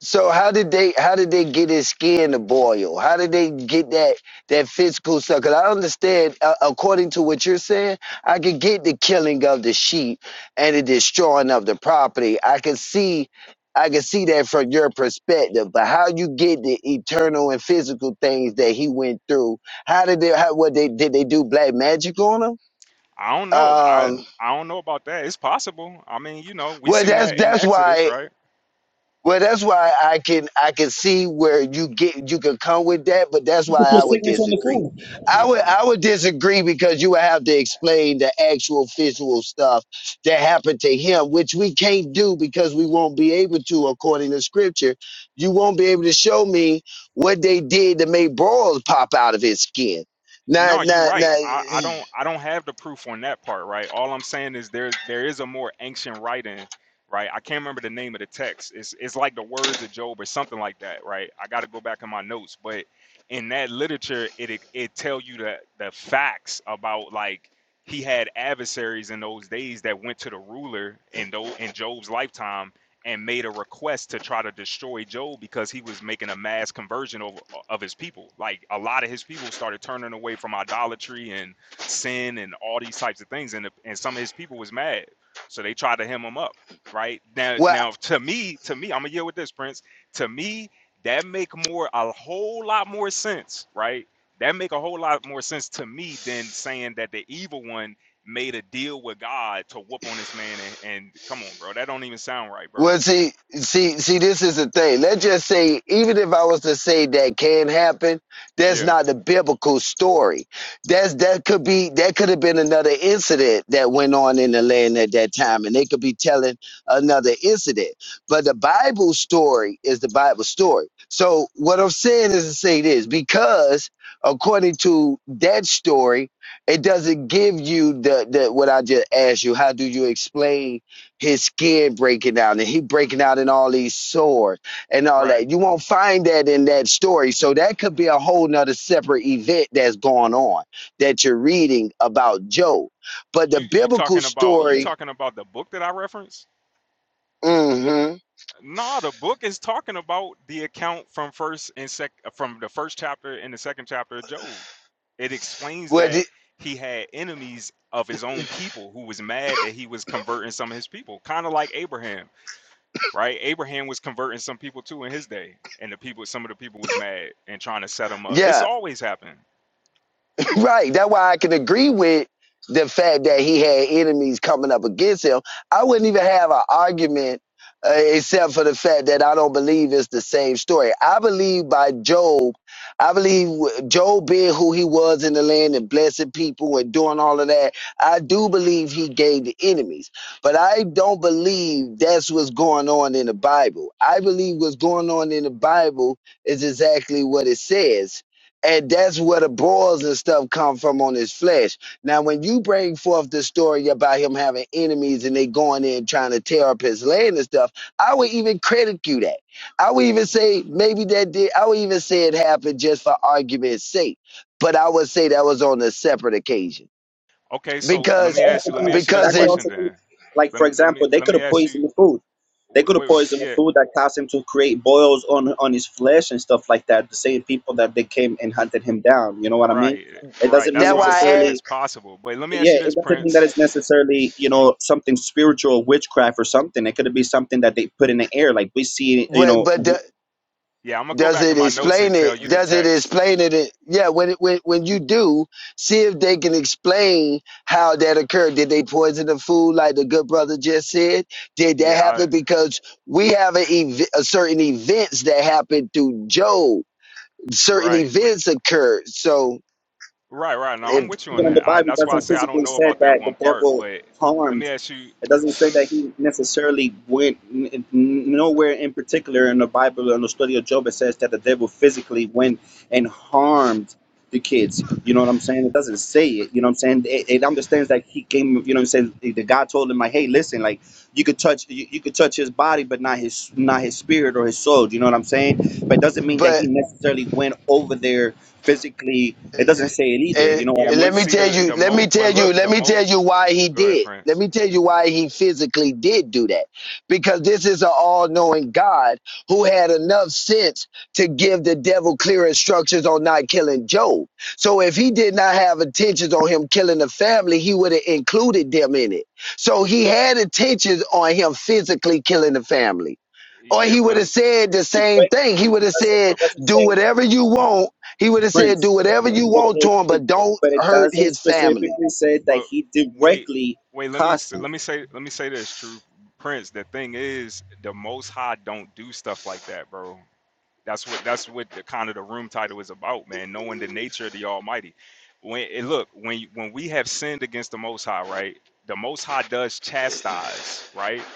Speaker 1: So how did they how did they get his skin to boil? How did they get that that physical stuff? Because I understand, uh, according to what you're saying, I could get the killing of the sheep and the destroying of the property. I can see, I can see that from your perspective. But how you get the eternal and physical things that he went through? How did they? How what they did they do black magic on him?
Speaker 3: I don't know. I
Speaker 1: Um,
Speaker 3: I don't know about that. It's possible. I mean, you know, we
Speaker 1: well,
Speaker 3: seen
Speaker 1: that's
Speaker 3: that in
Speaker 1: that's
Speaker 3: Exodus,
Speaker 1: why.
Speaker 3: right?
Speaker 1: Well, that's why I can I can see where you get you can come with that, but that's why I would disagree.
Speaker 4: Food
Speaker 1: I would I would disagree because you would have to explain the actual physical stuff that happened to him, which we can't do because we won't be able to according to scripture. You won't be able to show me what they did to make balls pop out of his skin. Now,
Speaker 3: No, you're
Speaker 1: now,
Speaker 3: right.
Speaker 1: now.
Speaker 3: I, I don't I don't have the proof on that part, right? All I'm saying is there there is a more ancient writing, right? I can't remember the name of the text. It's it's like the words of Job or something like that, right? I got to go back in my notes, but in that literature, it it, it tell you the the facts about like he had adversaries in those days that went to the ruler in though in Job's lifetime and made a request to try to destroy Job because he was making a mass conversion of, of his people. Like a lot of his people started turning away from idolatry and sin and all these types of things, and the, and some of his people was mad, so they tried to hem him up. Right now,
Speaker 1: well,
Speaker 3: now to me, to me, I'm gonna deal with this, Prince. To me, that make more a whole lot more sense. Right, that make a whole lot more sense to me than saying that the evil one made a deal with God to whoop on this man and, and come on, bro. That don't even sound right,
Speaker 1: Well,
Speaker 3: bro.
Speaker 1: see, see, see, this is the thing. Let's just say, even if I was to say that can happen, that's
Speaker 3: Yeah,
Speaker 1: not the biblical story. That's that could be that could have been another incident that went on in the land at that time, and they could be telling another incident. But the Bible story is the Bible story. So what I'm saying is to say this because according to that story, it doesn't give you the, the what I just asked you. How do you explain? his skin breaking out and he breaking out in all these sores and all
Speaker 3: right.
Speaker 1: that. You won't find that in that story. So that could be a whole nother separate event that's going on that you're reading about Job. But the
Speaker 3: You you
Speaker 1: biblical
Speaker 3: talking about you
Speaker 1: story,
Speaker 3: talking about the book that I referenced?
Speaker 1: mm-hmm.
Speaker 3: Nah, the book is talking about the account from first and sec from the first chapter and the second chapter of Job. It explains
Speaker 1: Well,
Speaker 3: that
Speaker 1: the-
Speaker 3: he had enemies of his own people who was mad that he was converting some of his people, kind of like Abraham, right? Abraham was converting some people too in his day, and the people, some of the people was mad and trying to set him up.
Speaker 1: yeah.
Speaker 3: This always happened
Speaker 1: *laughs* right. That's why I can agree with the fact that he had enemies coming up against him. I wouldn't even have an argument uh, except for the fact that I don't believe it's the same story. I believe by Job, I believe Job being who he was in the land and blessing people and doing all of that. I do believe he gave the enemies, but I don't believe that's what's going on in the Bible. I believe what's going on in the Bible is exactly what it says. And that's where the boils and stuff come from on his flesh. Now, when you bring forth the story about him having enemies and they going in trying to tear up his land and stuff, I would even credit you that. I would even say maybe that did. I would even say it happened just for argument's sake. But I would say that was on a separate occasion
Speaker 3: Okay, so let
Speaker 4: could
Speaker 3: me
Speaker 1: because
Speaker 3: ask
Speaker 4: also
Speaker 3: you. Let
Speaker 1: uh,
Speaker 3: me
Speaker 4: be-
Speaker 3: ask you this
Speaker 1: because
Speaker 4: that could
Speaker 1: in
Speaker 3: question
Speaker 4: also be
Speaker 3: then.
Speaker 4: like,
Speaker 3: Let
Speaker 4: for
Speaker 3: me let me
Speaker 4: example, they
Speaker 3: let
Speaker 4: could
Speaker 3: me
Speaker 4: have
Speaker 3: ask you.
Speaker 4: poisoned the food. They could have
Speaker 3: Wait,
Speaker 4: poisoned the
Speaker 3: yeah,
Speaker 4: food that caused him to create boils on on his flesh and stuff like that. The same people that they came and hunted him down. You know what I mean?
Speaker 3: right,
Speaker 4: It
Speaker 3: right.
Speaker 4: doesn't mean
Speaker 3: That's
Speaker 1: that
Speaker 3: what I'm
Speaker 1: why I
Speaker 3: saying
Speaker 4: necessarily.
Speaker 1: asked,
Speaker 3: is possible. But let me ask
Speaker 4: yeah,
Speaker 3: you
Speaker 4: it
Speaker 3: this,
Speaker 4: doesn't mean that
Speaker 3: Prince.
Speaker 4: it's necessarily, you know, something spiritual, witchcraft or something. It could be something that they put in the air. Like we see, you
Speaker 1: but
Speaker 4: know,
Speaker 1: but the,
Speaker 3: Yeah, I'm gonna go
Speaker 1: Does
Speaker 3: back
Speaker 1: it
Speaker 3: in my notes and
Speaker 1: explain
Speaker 3: tell
Speaker 1: it?
Speaker 3: you the
Speaker 1: Does it
Speaker 3: text.
Speaker 1: explain it? in- Yeah, when it, when when you do, see if they can explain how that occurred. Did they poison the food like the good brother just said? Did that
Speaker 3: Yeah, I,
Speaker 1: happen? Because we have a, ev- a certain events that happened through Job. Certain
Speaker 3: right. But
Speaker 1: events occurred. So
Speaker 3: right, right. No, I'm
Speaker 1: if
Speaker 3: with you on
Speaker 4: Even the
Speaker 3: that. I,
Speaker 4: Bible,
Speaker 3: that's why I
Speaker 4: doesn't
Speaker 3: say I don't
Speaker 4: physically
Speaker 3: know
Speaker 4: say
Speaker 3: about that
Speaker 4: that
Speaker 3: one
Speaker 4: the
Speaker 3: part.
Speaker 4: devil
Speaker 3: But let me
Speaker 4: harmed.
Speaker 3: ask you.
Speaker 4: It doesn't say
Speaker 3: lem-
Speaker 4: that he necessarily went n- n- nowhere in particular in the Bible or in the study of Job. It says that the devil physically went and harmed the kids. You know what I'm saying? It doesn't say
Speaker 3: but-
Speaker 4: it. You know what I'm saying? It, it understands that he came. You know what I'm saying? The God told him like, hey, listen, like you could touch you, you could touch his body, but not his not his spirit or his soul. You know what I'm saying? But it doesn't mean that
Speaker 1: but
Speaker 4: he necessarily went over there physically. It doesn't say it either.
Speaker 1: and,
Speaker 4: You know what
Speaker 3: Yeah,
Speaker 4: I
Speaker 1: and let
Speaker 3: but
Speaker 4: mean?
Speaker 1: me
Speaker 3: see
Speaker 1: tell
Speaker 3: the
Speaker 1: you,
Speaker 3: the
Speaker 1: let me
Speaker 3: mo. But
Speaker 1: tell you,
Speaker 3: look,
Speaker 1: let
Speaker 3: the
Speaker 1: me
Speaker 3: mo.
Speaker 1: tell you why he
Speaker 3: Go ahead,
Speaker 1: did. Let
Speaker 3: Prince.
Speaker 1: me tell you why he physically did do that. Because this is an all knowing God who had enough sense to give the devil clear instructions on not killing Job. So if he did not have intentions on him killing the family, he would have included them in it. So
Speaker 3: Ye-
Speaker 1: he had intentions on him physically killing the family or
Speaker 3: Yeah,
Speaker 4: Not,
Speaker 1: he would
Speaker 3: but
Speaker 4: not,
Speaker 1: have
Speaker 4: not,
Speaker 1: said the
Speaker 4: not
Speaker 1: same
Speaker 4: directly.
Speaker 1: thing. He would have
Speaker 4: It doesn't.
Speaker 1: said,
Speaker 4: It
Speaker 3: but
Speaker 4: doesn't
Speaker 1: "Do
Speaker 4: say
Speaker 1: whatever you want." He would have said, "Do
Speaker 4: prince,
Speaker 1: whatever you
Speaker 4: but
Speaker 1: want to
Speaker 4: it,
Speaker 1: him,
Speaker 4: it
Speaker 1: but don't
Speaker 4: but it
Speaker 1: hurt
Speaker 4: doesn't
Speaker 1: his family."
Speaker 4: specifically say that
Speaker 3: But
Speaker 4: he
Speaker 3: wait,
Speaker 4: directly
Speaker 3: wait. Let me
Speaker 4: caused
Speaker 3: s-
Speaker 4: it.
Speaker 3: let me say let me say this, truth, Prince. The thing is, the Most High don't do stuff like that, bro. That's what that's what the kind of the room title is about, man. Knowing the nature of the Almighty. When it look when you- when we have sinned against the Most High, right? The Most High does chastise, right?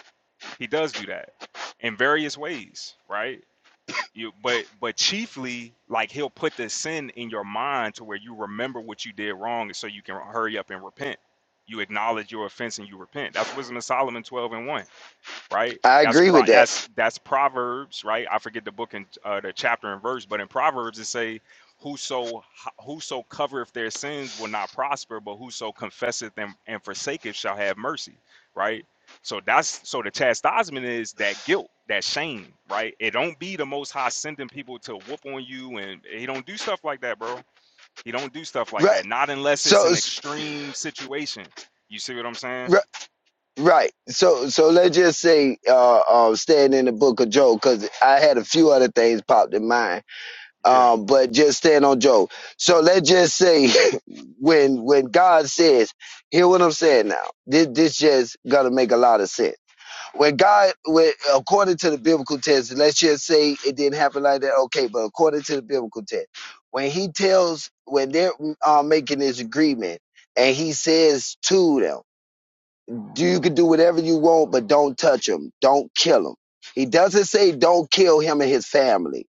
Speaker 3: He does do that in various ways, right? you but but chiefly like he'll put the sin in your mind to where you remember what you did wrong and so you can hurry up and repent you acknowledge your offense and you repent that's wisdom of solomon 12 and 1 right?
Speaker 1: I
Speaker 3: That's
Speaker 1: agree
Speaker 3: pro
Speaker 1: with that.
Speaker 3: that's that's Proverbs, right? I forget the book and uh, the chapter and verse, but in Proverbs it say, "Whoso whoso covereth their sins will not prosper, but whoso confesseth them and forsaketh shall have mercy," right? So that's so the chastisement is that guilt, that shame, right? It don't be the Most High sending people to whoop on you, and he don't do stuff like that, bro. He don't do stuff like that,
Speaker 1: Right.
Speaker 3: not unless it's
Speaker 1: So
Speaker 3: an
Speaker 1: s-
Speaker 3: extreme situation. You see what I'm saying?
Speaker 1: ri- right. So so let's just say, uh, uh staying in the book of Job, because I had a few other things popped in mind.
Speaker 3: Yeah.
Speaker 1: Um, but just staying on Job. So let's just say, *laughs* when when God says, hear what I'm saying now. This this just gonna make a lot of sense when God, when, according to the biblical text, let's just say it didn't happen like that, okay, but according to the biblical text, when he tells, when they're uh, making this agreement, and he says to them, you can do whatever you want, but don't touch him, don't kill him." He doesn't say don't kill him and his family.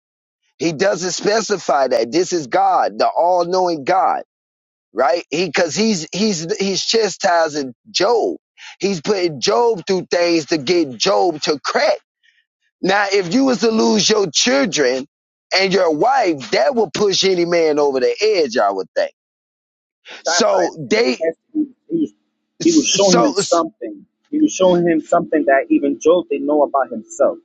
Speaker 1: He doesn't specify that this is God, the all-knowing God, right? He because he's he's he's chastising Job. He's putting Job through things to get Job to crack. Now, if you was to lose your children and your wife, that would push any man over the edge, I would think. So
Speaker 4: chastised him,
Speaker 1: they,
Speaker 4: tested him. He was, he was showing
Speaker 1: so,
Speaker 4: him something. He was showing him something that even Job didn't know about himself.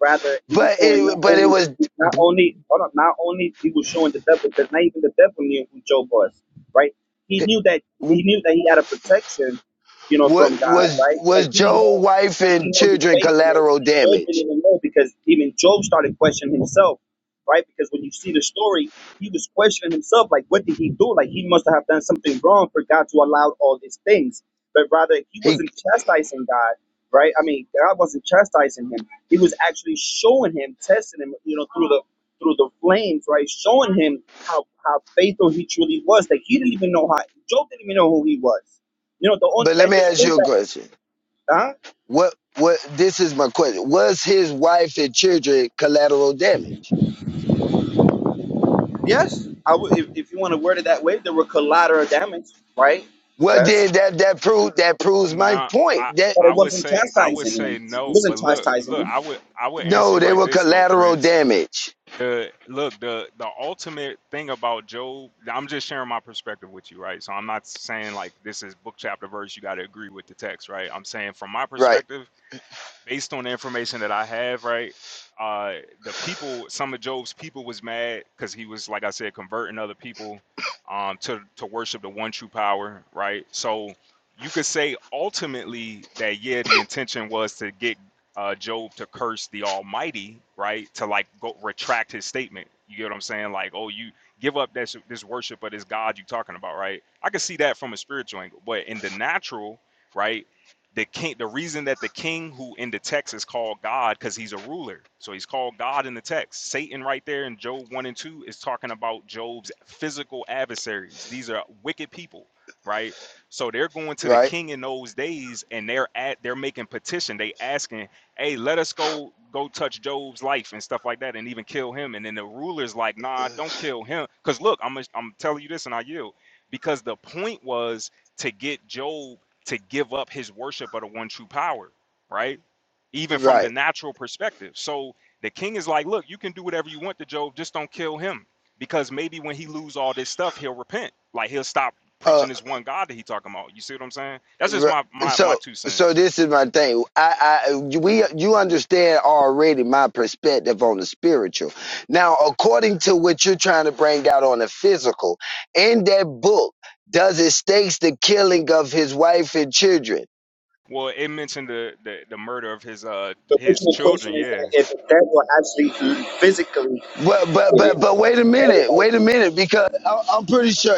Speaker 4: Rather, he was
Speaker 1: but
Speaker 4: showing
Speaker 1: it,
Speaker 4: not
Speaker 1: but it
Speaker 4: only
Speaker 1: was,
Speaker 4: not only hold on, not only he was showing the devil because not even the devil knew who Job was, right? He knew that he knew that he had a protection, you know,
Speaker 1: what
Speaker 4: from God,
Speaker 1: was
Speaker 4: right? But
Speaker 1: was
Speaker 4: he didn't
Speaker 1: Joe
Speaker 4: know
Speaker 1: wife
Speaker 4: he
Speaker 1: and
Speaker 4: didn't know his
Speaker 1: children
Speaker 4: faithfulness,
Speaker 1: collateral
Speaker 4: and Job didn't
Speaker 1: damage?
Speaker 4: even know because even Job started questioning himself, right? Because when you see the story, he was questioning himself, like, what did he do? Like, he must have done something wrong for God to allow all these things. But rather, he
Speaker 1: He,
Speaker 4: wasn't chastising God, right? I mean, God wasn't chastising him. He was actually showing him, testing him, you know, through the through the flames, right? Showing him how how faithful he truly was. That he didn't even know how Job didn't even know who he was. You know, the only,
Speaker 1: but let
Speaker 4: that
Speaker 1: me
Speaker 4: just
Speaker 1: ask
Speaker 4: proves
Speaker 1: you a
Speaker 4: that.
Speaker 1: question.
Speaker 4: Huh?
Speaker 1: What what this is my question. Was his wife and children collateral damage?
Speaker 4: Yes, I would. If, if you want to word it that way, there were collateral damage, right?
Speaker 1: Well,
Speaker 4: Yes.
Speaker 1: then that that proved that proves my
Speaker 3: Nah, I
Speaker 1: point. That
Speaker 4: But it
Speaker 3: I would
Speaker 4: wasn't
Speaker 3: say I would
Speaker 4: chastising him.
Speaker 3: say
Speaker 4: It
Speaker 3: no,
Speaker 4: wasn't
Speaker 3: but look,
Speaker 4: chastising
Speaker 3: look,
Speaker 4: him.
Speaker 3: I would I would answer
Speaker 1: no,
Speaker 3: you
Speaker 1: they
Speaker 3: like
Speaker 1: were
Speaker 3: this though,
Speaker 1: collateral
Speaker 3: Prince.
Speaker 1: damage.
Speaker 3: The look, the the ultimate thing about Job, I'm just sharing my perspective with you, right? So I'm not saying like this is book chapter verse, you got to agree with the text, right? I'm saying from my
Speaker 1: Right.
Speaker 3: perspective, based on the information that I have, right? Uh, the people, some of Job's people, was mad because he was, like I said, converting other people um, to to worship the one true power, right? So you could say ultimately that yeah, the intention was to get uh, Job to curse the Almighty, right? To like go retract his statement. You get what I'm saying? Like, oh, you give up this this worship of this God you're talking about, right? I could see that from a spiritual angle, but in the natural, right? the king the reason that the king who in the text is called god because he's a ruler so he's called god in the text satan right there in job 1 and 2 is talking about job's physical adversaries these are wicked people right so they're going to the
Speaker 1: right,
Speaker 3: king in those days and they're at they're making petition they asking hey let us go go touch job's life and stuff like that and even kill him and then the ruler's like nah don't kill him because look i'm i am i am telling you this and i yield because the point was to get job to give up his worship of the one true power, right? Even from the
Speaker 1: right.
Speaker 3: natural perspective. So the king is like, look, you can do whatever you want to Job, just don't kill him. Because maybe when he lose all this stuff, he'll repent. Like he'll stop
Speaker 1: Uh,
Speaker 3: preaching this one God that he talking about. You see what I'm saying? That's just
Speaker 1: r
Speaker 3: my my, my
Speaker 1: so,
Speaker 3: two
Speaker 1: so
Speaker 3: cents.
Speaker 1: this is my thing. I, I, we, you understand already my perspective on the spiritual. Now, according to what you're trying to bring out on the physical, in that book, does it states the killing of his wife and children?
Speaker 3: Well, it mentioned the, the the murder of his uh
Speaker 4: The
Speaker 3: his
Speaker 4: original question
Speaker 3: children,
Speaker 4: is that
Speaker 3: yeah.
Speaker 4: if the devil actually physically
Speaker 1: But, but,
Speaker 4: did it,
Speaker 1: but, but wait a minute,
Speaker 4: everybody
Speaker 1: wait a
Speaker 4: did it.
Speaker 1: minute, because I, I'm pretty sure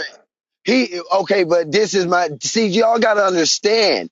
Speaker 1: He okay, but this is my see. Y'all gotta understand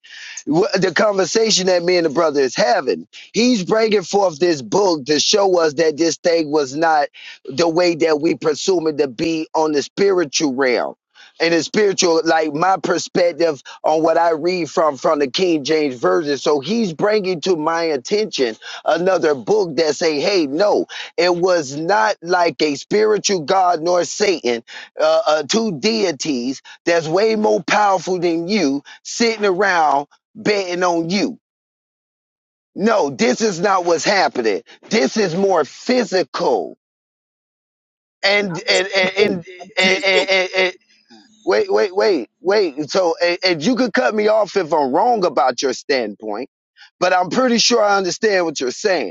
Speaker 1: the conversation that me and the brother is having. He's bringing forth this book to show us that this thing was not the way that we presume it to be on the spiritual realm. And the spiritual, like my perspective on what I read from from the King James version. So he's bringing to my attention another book that say, "Hey, no, it was not like a spiritual God nor Satan." uh, uh, two deities that's way more powerful than you sitting around betting on you. No, this is not what's happening. This is more physical.
Speaker 4: I
Speaker 1: And
Speaker 4: was
Speaker 1: and and and,
Speaker 4: both. I would say
Speaker 1: and,
Speaker 4: it's
Speaker 1: and,
Speaker 4: both.
Speaker 1: and- and- wait, wait, wait, wait. So and, and you could cut me off if I'm wrong about your standpoint, but I'm pretty sure I understand what you're saying.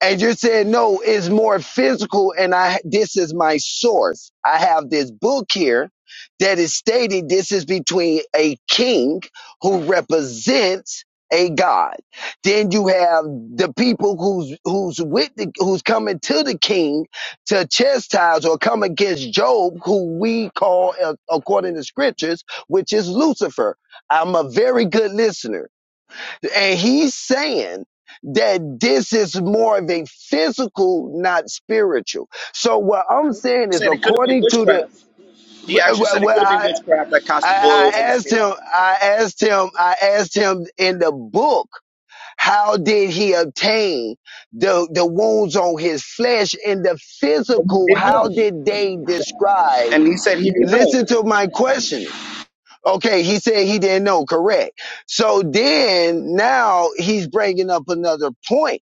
Speaker 1: And you're saying, no, it's more physical. And I, this is my source. I have this book here that is stating this is between a king who represents a god. Then you have the people who's, who's with the, who's coming to the king to chastise or come against Job, who we call, uh, according to scriptures, which is Lucifer. I'm a very good listener. And he's saying that this is more of a physical, not spiritual. So what I'm saying
Speaker 4: He
Speaker 1: is
Speaker 4: Said it could have been
Speaker 1: according to the,
Speaker 4: witchcraft. He
Speaker 1: well,
Speaker 4: actually
Speaker 1: well,
Speaker 4: said it
Speaker 1: well,
Speaker 4: could have been
Speaker 1: I,
Speaker 4: witchcraft that cast the
Speaker 1: I,
Speaker 4: boils
Speaker 1: I
Speaker 4: on his
Speaker 1: asked
Speaker 4: skin.
Speaker 1: him, I asked him, I asked him in the book, how did he obtain the, the wounds on his flesh in the
Speaker 4: And
Speaker 1: physical?
Speaker 4: he didn't
Speaker 1: How
Speaker 4: know.
Speaker 1: did they describe?
Speaker 4: And he said he didn't
Speaker 1: Listen
Speaker 4: know.
Speaker 1: to my questioning Okay, he said he didn't know. Correct. So then now he's bringing up another point.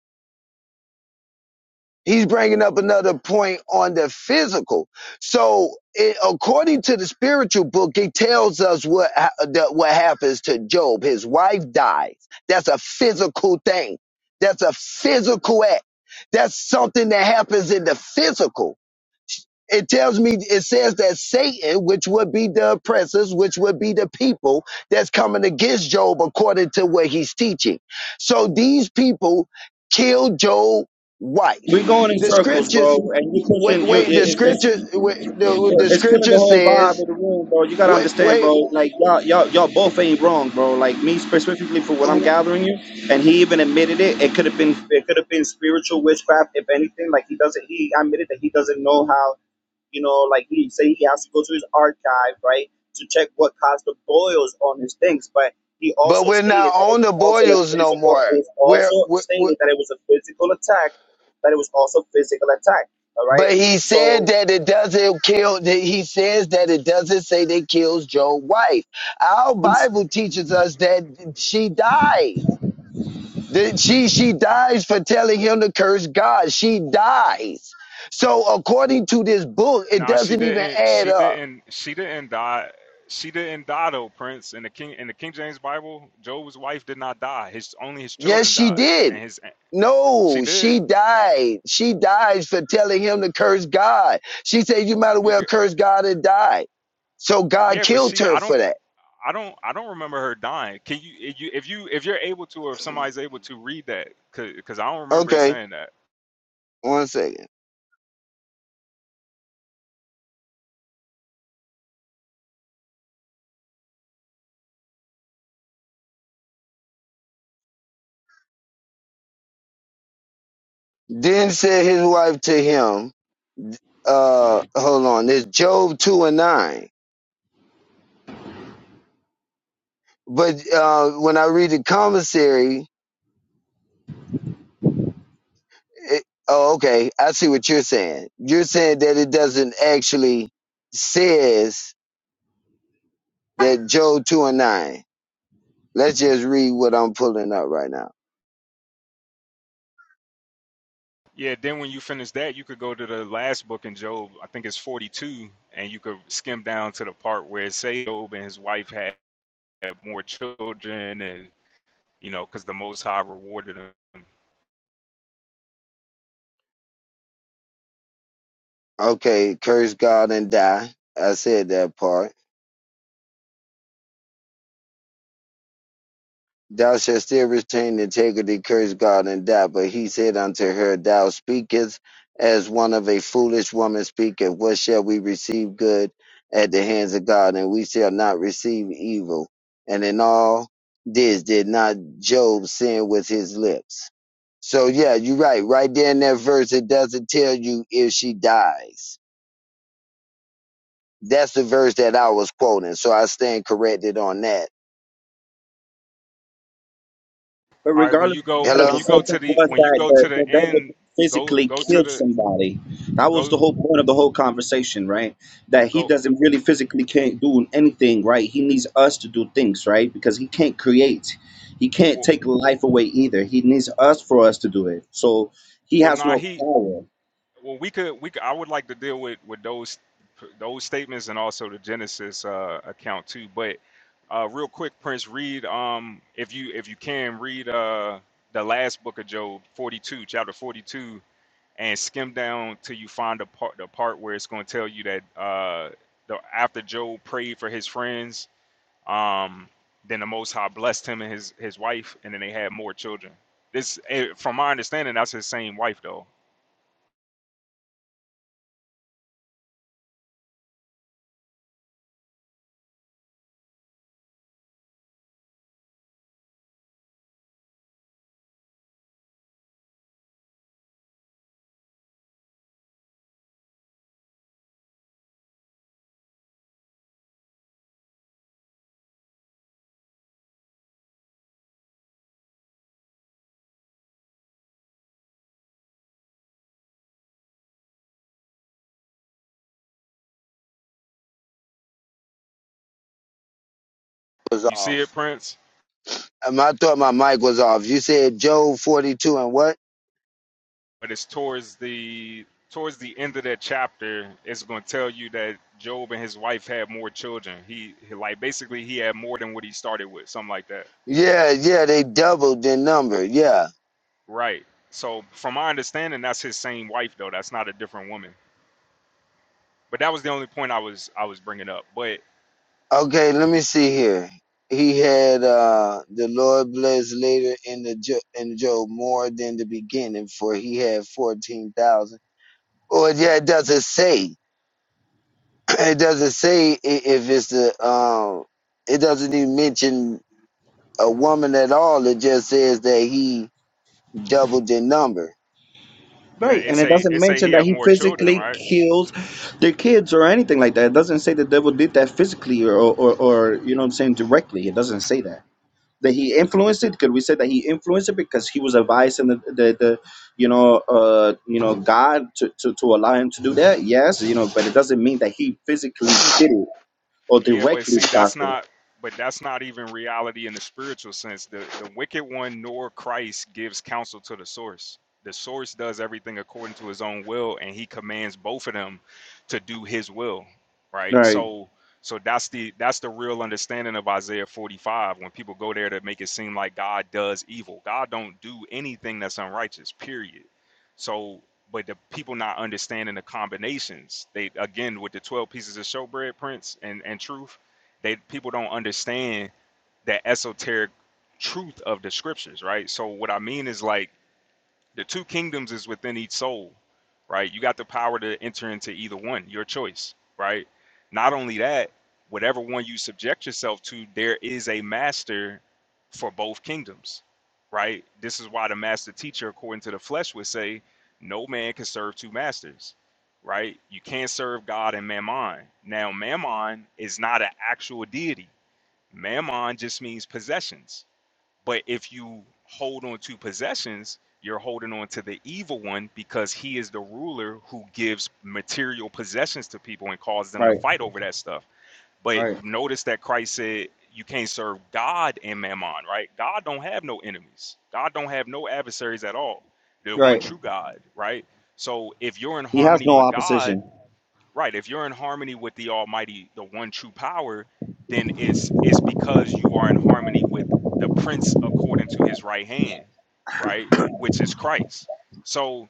Speaker 1: He's bringing up another point on the physical. So it, according to the spiritual book, it tells us what ha- that what happens to Job. His wife dies. That's a physical thing. That's a physical act. That's something that happens in the physical it tells me it says that satan which would be the oppressors which would be the people that's coming against job according to what he's teaching so these people killed job's wife
Speaker 4: We're going in
Speaker 1: the
Speaker 4: circles,
Speaker 1: scriptures
Speaker 4: bro. And you
Speaker 1: wait
Speaker 4: pushing you. It,
Speaker 1: wait the
Speaker 4: it, it's
Speaker 1: scripture wait, the, the
Speaker 4: It's killing the
Speaker 1: scripture
Speaker 4: whole vibe
Speaker 1: says
Speaker 4: of the room, bro. You gotta
Speaker 1: wait
Speaker 4: understand,
Speaker 1: wait
Speaker 4: bro. Like y'all, y'all, y'all both ain't wrong, bro. Like me specifically for what I'm gathering you, and he even admitted it. It could have been, it could have been spiritual witchcraft, if anything. Like he doesn't, he admitted that he doesn't know how, you know, like he say he has to go to his archive, right, to check what caused the boils on his things. But he
Speaker 1: but
Speaker 4: also
Speaker 1: we're not
Speaker 4: stated that it
Speaker 1: on
Speaker 4: was
Speaker 1: the
Speaker 4: also a
Speaker 1: boils no
Speaker 4: physical.
Speaker 1: more
Speaker 4: It's
Speaker 1: we're,
Speaker 4: also
Speaker 1: we're
Speaker 4: stated that it was a physical attack. That it was also physical attack. All right.
Speaker 1: But he said
Speaker 4: So
Speaker 1: that it doesn't kill, that he says that it doesn't say that kills Joe's wife. Our Bible teaches us that she dies. That she, she dies for telling him to curse God. She dies. So according to this book, it
Speaker 3: Nah, she
Speaker 1: doesn't even
Speaker 3: didn't.
Speaker 1: add
Speaker 3: She
Speaker 1: up.
Speaker 3: didn't. She didn't die. She didn't die though, Prince. In the King in the King James Bible, Job's wife did not die. His only his
Speaker 1: Yes,
Speaker 3: children
Speaker 1: she
Speaker 3: died,
Speaker 1: did.
Speaker 3: and his she
Speaker 1: No,
Speaker 3: did.
Speaker 1: she died. She died for telling him to curse God. She said, you might as
Speaker 3: You
Speaker 1: well
Speaker 3: get
Speaker 1: curse God and die. So God
Speaker 3: yeah, but
Speaker 1: killed
Speaker 3: she
Speaker 1: her
Speaker 3: I
Speaker 1: for
Speaker 3: don't
Speaker 1: that.
Speaker 3: I don't I don't remember her dying. Can you if you if you if you're able to or if somebody's able to read that because I don't remember it
Speaker 1: Okay.
Speaker 3: saying that.
Speaker 1: One second. Then said his wife to him, uh, hold on, it's Job 2 and 9. But uh, when I read the commissary, it, oh, okay, I see what you're saying. You're saying that it doesn't actually says that Job 2 and 9. Let's just read what I'm pulling up right now.
Speaker 3: Yeah, then when you finish that, you could go to the last book in Job. I think it's 42, and you could skim down to the part where it say Job and his wife had more children and you know, because the Most High rewarded him.
Speaker 1: Okay, curse God and die. I said that part. Thou shalt still retain the integrity, curse God and die. But he said unto her, Thou speakest as one of a foolish woman speaketh. What shall we receive good at the hands of God? And we shall not receive evil. And in all this did not Job sin with his lips. So yeah, you're right. Right there in that verse, it doesn't tell you if she dies. That's the verse that I was quoting. So I stand corrected on that.
Speaker 4: But
Speaker 3: All right, when
Speaker 4: regardless
Speaker 3: you
Speaker 4: of
Speaker 3: go
Speaker 4: the matter,
Speaker 3: when
Speaker 4: the
Speaker 1: Hello?
Speaker 3: you go to
Speaker 4: subject
Speaker 3: the
Speaker 4: was
Speaker 3: when you
Speaker 4: that
Speaker 3: go to
Speaker 4: the, the
Speaker 3: the
Speaker 4: devil
Speaker 3: end, go
Speaker 4: physically
Speaker 3: go to
Speaker 4: killed
Speaker 3: the
Speaker 4: somebody. That was
Speaker 3: go
Speaker 4: the whole point of the whole conversation, right? That he
Speaker 3: go.
Speaker 4: doesn't really physically can't do anything, right? He needs us to do things, right? Because he can't create. He can't
Speaker 3: Well,
Speaker 4: take life away either. He needs us for us to do it. So he
Speaker 3: well,
Speaker 4: has
Speaker 3: nah,
Speaker 4: no
Speaker 3: he.
Speaker 4: power.
Speaker 3: Well, we could we could, I would like to deal with with those those statements and also the Genesis uh, account too. But uh, real quick, Prince, read um if you if you can read uh the last book of Job, forty two, chapter forty two and skim down till you find the part the part where it's going to tell you that uh the after Job prayed for his friends, um, then the Most High blessed him and his his wife, and then they had more children. This, eh, from my understanding, that's his same wife though.
Speaker 1: Was
Speaker 3: You see
Speaker 1: off.
Speaker 3: it, Prince,
Speaker 1: Um, I thought my mic was off. You said Job 42 and what?
Speaker 3: but it's towards the towards the end of that chapter. It's going to tell you that Job and his wife had more children. He, he like basically he had more than what he started with, something like that.
Speaker 1: Yeah, yeah, they doubled their number. Yeah.
Speaker 3: Right. So from my understanding, that's his same wife though. That's not a different woman. But that was the only point I was I was bringing up. But
Speaker 1: Okay, let me see here. He had uh, the Lord blessed later in the jo- in Job more than the beginning, for he had fourteen thousand. Or yeah, it doesn't say. *clears throat* It doesn't say i- if it's the. Um, it doesn't even mention a woman at all. It just says that he doubled the number.
Speaker 4: Right,
Speaker 3: the- it
Speaker 4: and it
Speaker 3: say
Speaker 4: doesn't
Speaker 3: it say
Speaker 4: mention
Speaker 3: he
Speaker 4: that
Speaker 3: have
Speaker 4: he
Speaker 3: more children,
Speaker 4: physically
Speaker 3: right?
Speaker 4: killed their kids or anything like that. It doesn't say the devil did that physically or, or, or you know what I'm saying, directly. It doesn't say that. that he influenced it? Could we say that he influenced it because he was advised in the, the, the you know uh you know God to, to to allow him to do that? Yes, you know, but it doesn't mean that he physically did it or
Speaker 3: Yeah, but
Speaker 4: directly
Speaker 3: see, that's
Speaker 4: caused it.
Speaker 3: not. But that's not even reality in the spiritual sense. The the wicked one nor Christ gives counsel to the source. The source does everything according to his own will, and he commands both of them to do his will, right?
Speaker 4: Right,
Speaker 3: So so that's the that's the real understanding of Isaiah 45. When people go there to make it seem like God does evil, God don't do anything that's unrighteous. Period So, but the people not understanding the combinations. They again with the twelve pieces of showbread Prince and and truth, they people don't understand that esoteric truth of the scriptures, right? So what I mean is like the two kingdoms is within each soul, right? You got the power to enter into either one, your choice, right? Not only that, whatever one you subject yourself to, there is a master for both kingdoms, right? This is why the master teacher, according to the flesh, would say, No man can serve two masters, right? You can't serve God and mammon. Now, mammon is not an actual deity, mammon just means possessions but if you hold on to possessions, you're holding on to the evil one because he is the ruler who gives material possessions to people and causes them to
Speaker 4: right,
Speaker 3: fight over that stuff. But
Speaker 4: right,
Speaker 3: notice that Christ said you can't serve God and mammon, right? God don't have no enemies. God don't have no adversaries at all. The one
Speaker 4: right.
Speaker 3: true God, right? So if you're in
Speaker 4: He has
Speaker 3: harmony
Speaker 4: no
Speaker 3: with God,
Speaker 4: opposition.
Speaker 3: Right. If you're in harmony with the Almighty, the one true power, then it's it's because you are in harmony with the prince according to his right hand, right? Which is Christ. So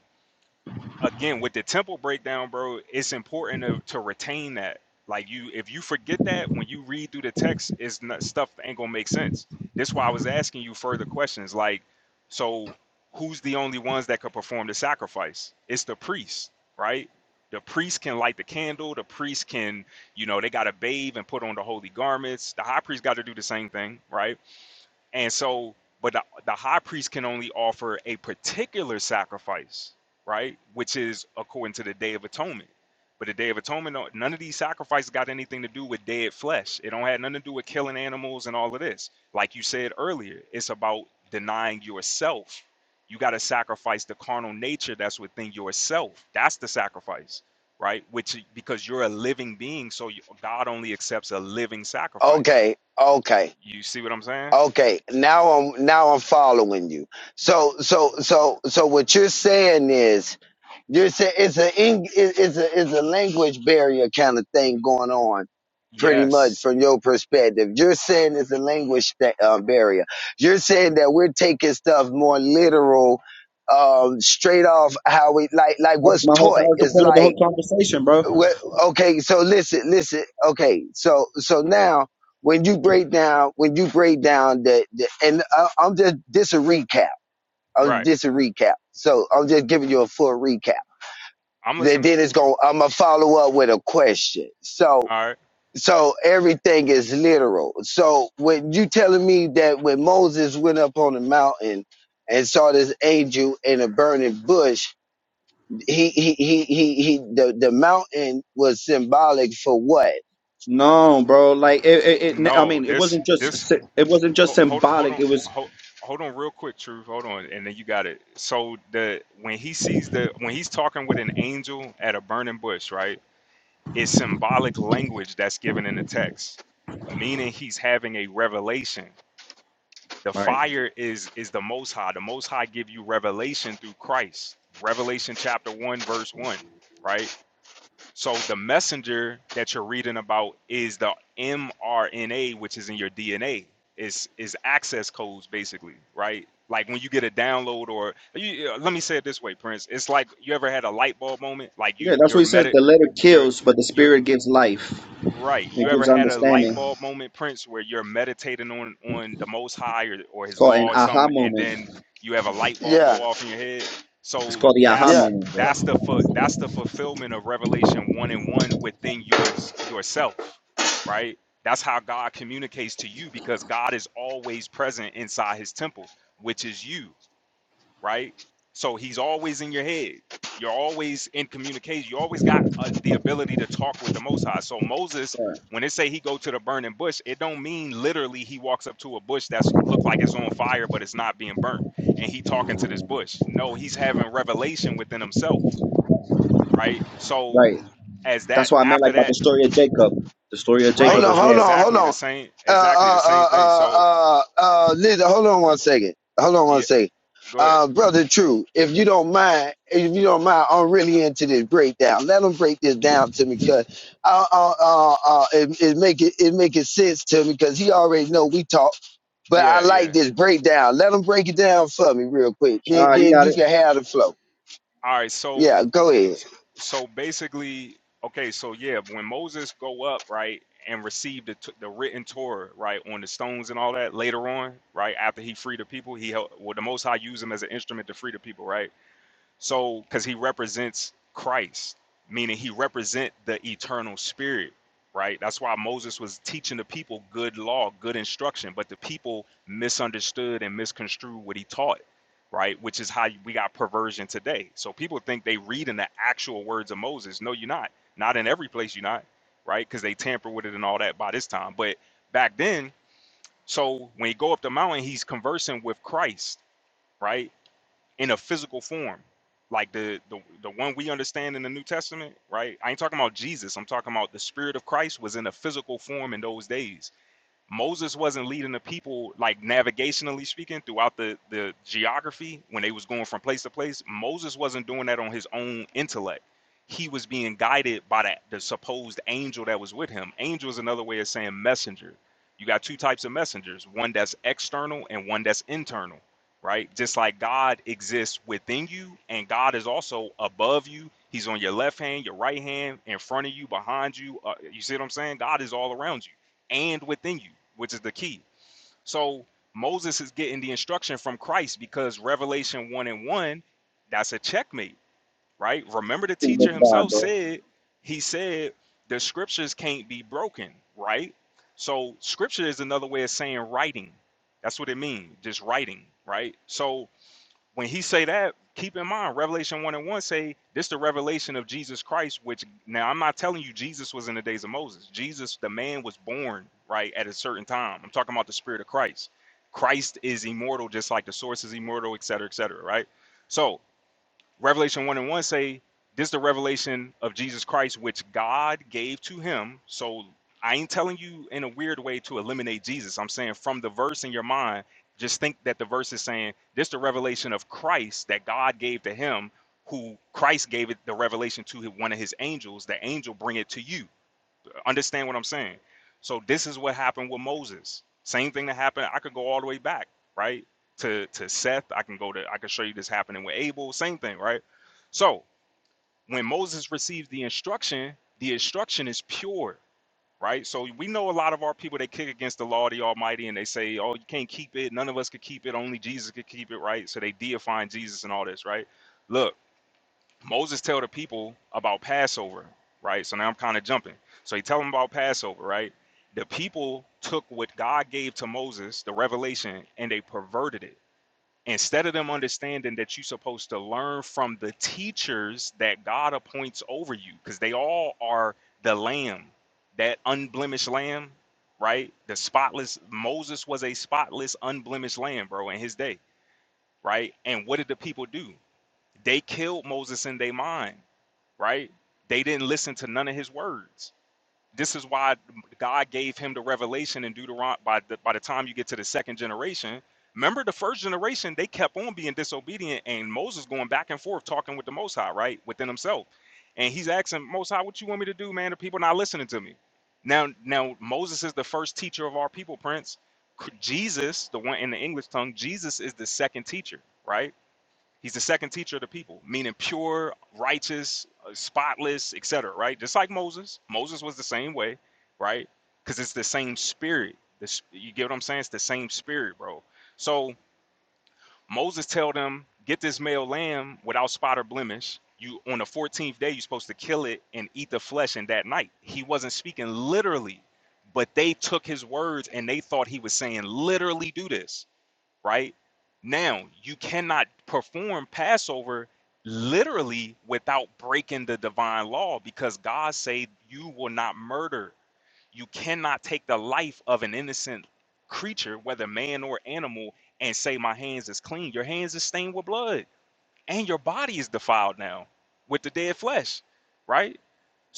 Speaker 3: again with the tempo breakdown, bro, it's important to, to retain that. Like you, if you forget that when you read through the text, it's not, stuff that ain't gonna make sense. That's why I was asking you further questions. Like, so who's the only ones that could perform the sacrifice? It's the priest, right? The priest can light the candle. The priest can, you know, they gotta bathe and put on the holy garments. The high priest got to do the same thing, right? And so, but the, the high priest can only offer a particular sacrifice, right? Which is according to the Day of Atonement. But the Day of Atonement, do none of these sacrifices got anything to do with dead flesh. It don't have nothing to do with killing animals and all of this. Like you said earlier, it's about denying yourself. You got to sacrifice the carnal nature that's within yourself. That's the sacrifice, right? Which because you're a living being, so you, God only accepts a living sacrifice.
Speaker 1: Okay, okay.
Speaker 3: You see what I'm saying?
Speaker 1: Okay, now I'm now I'm following you. So so so so what you're saying is you're saying it's a Eng- it- it's a it's a language barrier kind of thing going on, pretty much
Speaker 3: Yes.
Speaker 1: from your perspective. You're saying it's a language sta uh, barrier. You're saying that we're taking stuff more literal, um, straight off how we like like
Speaker 4: That was
Speaker 1: what's
Speaker 4: my whole that
Speaker 1: taught.
Speaker 4: was the
Speaker 1: It's
Speaker 4: point of the
Speaker 1: like
Speaker 4: whole conversation, bro.
Speaker 1: well, okay, so listen, listen. Okay, so so now when you break down, when you break down the, the and I, I'm just this a recap. I'm
Speaker 3: Right.
Speaker 1: just a recap. So I'm just giving you a full recap.
Speaker 3: I'm
Speaker 1: Then
Speaker 3: listening.
Speaker 1: then it's going. to I'm gonna follow up with a question. So
Speaker 3: All right.
Speaker 1: so everything is literal. So when you telling me that when Moses went up on the mountain and saw this angel in a burning bush, he he he he, he the the mountain was symbolic for what?
Speaker 4: No, bro. Like it, it, it I
Speaker 3: No,
Speaker 4: mean, it
Speaker 3: this
Speaker 4: wasn't just
Speaker 3: this
Speaker 4: sy- it wasn't just
Speaker 3: hold hold, hold
Speaker 4: symbolic.
Speaker 3: on
Speaker 4: It was
Speaker 3: hold, hold on real quick, truth. Hold on, and then you got it. So the when he sees the when he's talking with an angel at a burning bush, right? It's symbolic language that's given in the text, meaning he's having a revelation. The fire is is the Most High. The Most High give you revelation through Christ. Revelation chapter one verse one, right? So the messenger that you're reading about is the mRNA, which is in your DNA. Is is access codes basically, right? Like when you get a download, or you, uh, let me say it this way, Prince. It's like you ever had a light bulb moment, like you
Speaker 4: yeah. That's
Speaker 3: your
Speaker 4: what he says.
Speaker 3: meta,
Speaker 4: The letter
Speaker 3: your
Speaker 4: kills, but the
Speaker 3: your
Speaker 4: spirit gives life.
Speaker 3: Right. You
Speaker 4: It
Speaker 3: ever
Speaker 4: gives
Speaker 3: had a light
Speaker 4: understanding.
Speaker 3: bulb moment, Prince, where you're meditating on on the Most High or, or
Speaker 4: It's
Speaker 3: His
Speaker 4: called
Speaker 3: law
Speaker 4: an
Speaker 3: or
Speaker 4: aha
Speaker 3: something, and
Speaker 4: moment.
Speaker 3: then you have a light bulb
Speaker 1: Yeah,
Speaker 3: go off in your head?
Speaker 4: It's
Speaker 3: So
Speaker 4: called the aha
Speaker 3: that's
Speaker 1: yeah.
Speaker 4: moment, bro.
Speaker 3: that's
Speaker 1: Oh,
Speaker 3: the fu- that's the fulfillment of Revelation one and one within your yourself, right? That's how God communicates to you because God is always present inside His temple, which is you right? So he's always in your head. You're always in communication. You always got uh, the ability to talk with the Most High. So Moses,
Speaker 4: Right.
Speaker 3: when they say he go to the burning bush, it don't mean literally he walks up to a bush that's look like it's on fire, but it's not being burnt, and he talking to this bush. No, he's having revelation within himself, right? So
Speaker 4: right.
Speaker 3: as
Speaker 4: That's
Speaker 3: that
Speaker 4: why I meant
Speaker 3: after
Speaker 4: like about the
Speaker 3: that,
Speaker 4: story of Jacob. The story of
Speaker 1: hold
Speaker 4: Jacob
Speaker 3: right?
Speaker 1: on,
Speaker 4: as
Speaker 1: hold
Speaker 4: well.
Speaker 1: on, hold
Speaker 3: Exactly the
Speaker 1: on.
Speaker 3: same.
Speaker 1: Uh,
Speaker 3: Exactly the
Speaker 1: uh,
Speaker 3: same
Speaker 1: uh,
Speaker 3: thing.
Speaker 1: uh,
Speaker 3: So
Speaker 1: uh, uh, Linda, hold on one second. Hold on one
Speaker 3: yeah,
Speaker 1: second.
Speaker 3: go ahead.
Speaker 1: Uh, brother True, if you don't mind, if you don't mind, I'm really into this breakdown. Let them break this down to me, cause uh, uh, uh, uh, it, it make it it make it sense to me, cause he already know we talk. But I
Speaker 3: Yeah,
Speaker 1: like
Speaker 3: yeah.
Speaker 1: this breakdown. Let them break it down for me real quick. Then
Speaker 4: Ah, you
Speaker 1: then
Speaker 4: got
Speaker 1: you
Speaker 4: it.
Speaker 1: can have the flow.
Speaker 3: All right, so
Speaker 1: Yeah, go ahead.
Speaker 3: so basically, okay, so yeah, when Moses go up, right, and receive the t- the written Torah, right, on the stones and all that later on, right, after he freed the people, he helped, well, the Most High used him as an instrument to free the people, right? So, because he represents Christ, meaning he represent the eternal spirit, right? That's why Moses was teaching the people good law, good instruction, but the people misunderstood and misconstrued what he taught, right? Which is how we got perversion today. So people think they read in the actual words of Moses. No, you're not. Not in every place, you're not, right? Because they tamper with it and all that by this time. But back then, so when he go up the mountain, he's conversing with Christ, right? in a physical form like the, the the one we understand in the new testament right i ain't talking about jesus i'm talking about the spirit of christ was in a physical form in those days Moses wasn't leading the people like navigationally speaking throughout the the geography when they was going from place to place. Moses wasn't doing that on his own intellect. He was being guided by that the supposed angel that was with him. Angel is another way of saying messenger. You got two types of messengers, one that's external and one that's internal, right? Just like God exists within you and God is also above you. He's on your left hand, your right hand, in front of you, behind you. Uh, you see what I'm saying? God is all around you and within you, which is the key. So Moses is getting the instruction from Christ because Revelation 1 and 1, that's a checkmate, right? Remember, the teacher
Speaker 4: That's God,
Speaker 3: himself
Speaker 4: bro.
Speaker 3: said, he said, the scriptures can't be broken, right? So, scripture is another way of saying writing. That's what it means, just writing, right? So, when he say that, keep in mind Revelation one and one say this the revelation of Jesus Christ. Which now I'm not telling you Jesus was in the days of Moses. Jesus, the man, was born right at a certain time. I'm talking about the Spirit of Christ. Christ is immortal, just like the source is immortal, et cetera, et cetera. Right. So Revelation 1 and 1 say, This is the revelation of Jesus Christ, which God gave to him. So I ain't telling you in a weird way to eliminate Jesus. I'm saying from the verse in your mind, just think that the verse is saying, This is the revelation of Christ that God gave to him, who Christ gave it the revelation to his- one of his angels. The angel bring it to you. Understand what I'm saying? So this is what happened with Moses. Same thing that happened. I could go all the way back, right? To to Seth. I can go to I can show you this happening with Abel. Same thing, right? So when Moses receives the instruction, the instruction is pure, right? So we know a lot of our people they kick against the law of the Almighty and they say, Oh, you can't keep it, none of us could keep it, only Jesus could keep it, right? So they deifying Jesus and all this, right? Look. Moses tell the people about Passover, right? So now I'm kind of jumping. So he tell them about Passover, right? The people took what God gave to Moses, the revelation, and they perverted it. Instead of them understanding that you're supposed to learn from the teachers that God appoints over you, because they all are the lamb, that unblemished lamb, right? The spotless, Moses was a spotless, unblemished lamb, bro, in his day, right? And what did the people do? They killed Moses in their mind right? They didn't listen to none of his words. This is why God gave him the revelation in Deuteron. By the, by the time you get to the second generation, remember the first generation, they kept on being disobedient, and Moses going back and forth talking with the Most High, right, within himself, and he's asking Most High, "What you want me to do, man? The people not listening to me." Now, now Moses is the first teacher of our people, Prince. C- Jesus, the one in the English tongue, Jesus is the second teacher, right? He's the second teacher of the people, meaning pure, righteous, uh, spotless, etc. Right? Just like Moses. Moses was the same way, right? Because it's the same spirit. This, you get what I'm saying? It's the same spirit, bro. So Moses tell them, get this male lamb without spot or blemish. You on the 14th day, you're supposed to kill it and eat the flesh. And that night, he wasn't speaking literally, but they took his words and they thought he was saying literally do this right? Now, you cannot perform Passover literally without breaking the divine law because God said you will not murder. You cannot take the life of an innocent creature, whether man or animal, and say my hands is clean. Your hands is stained with blood and your body is defiled now with the dead flesh, right?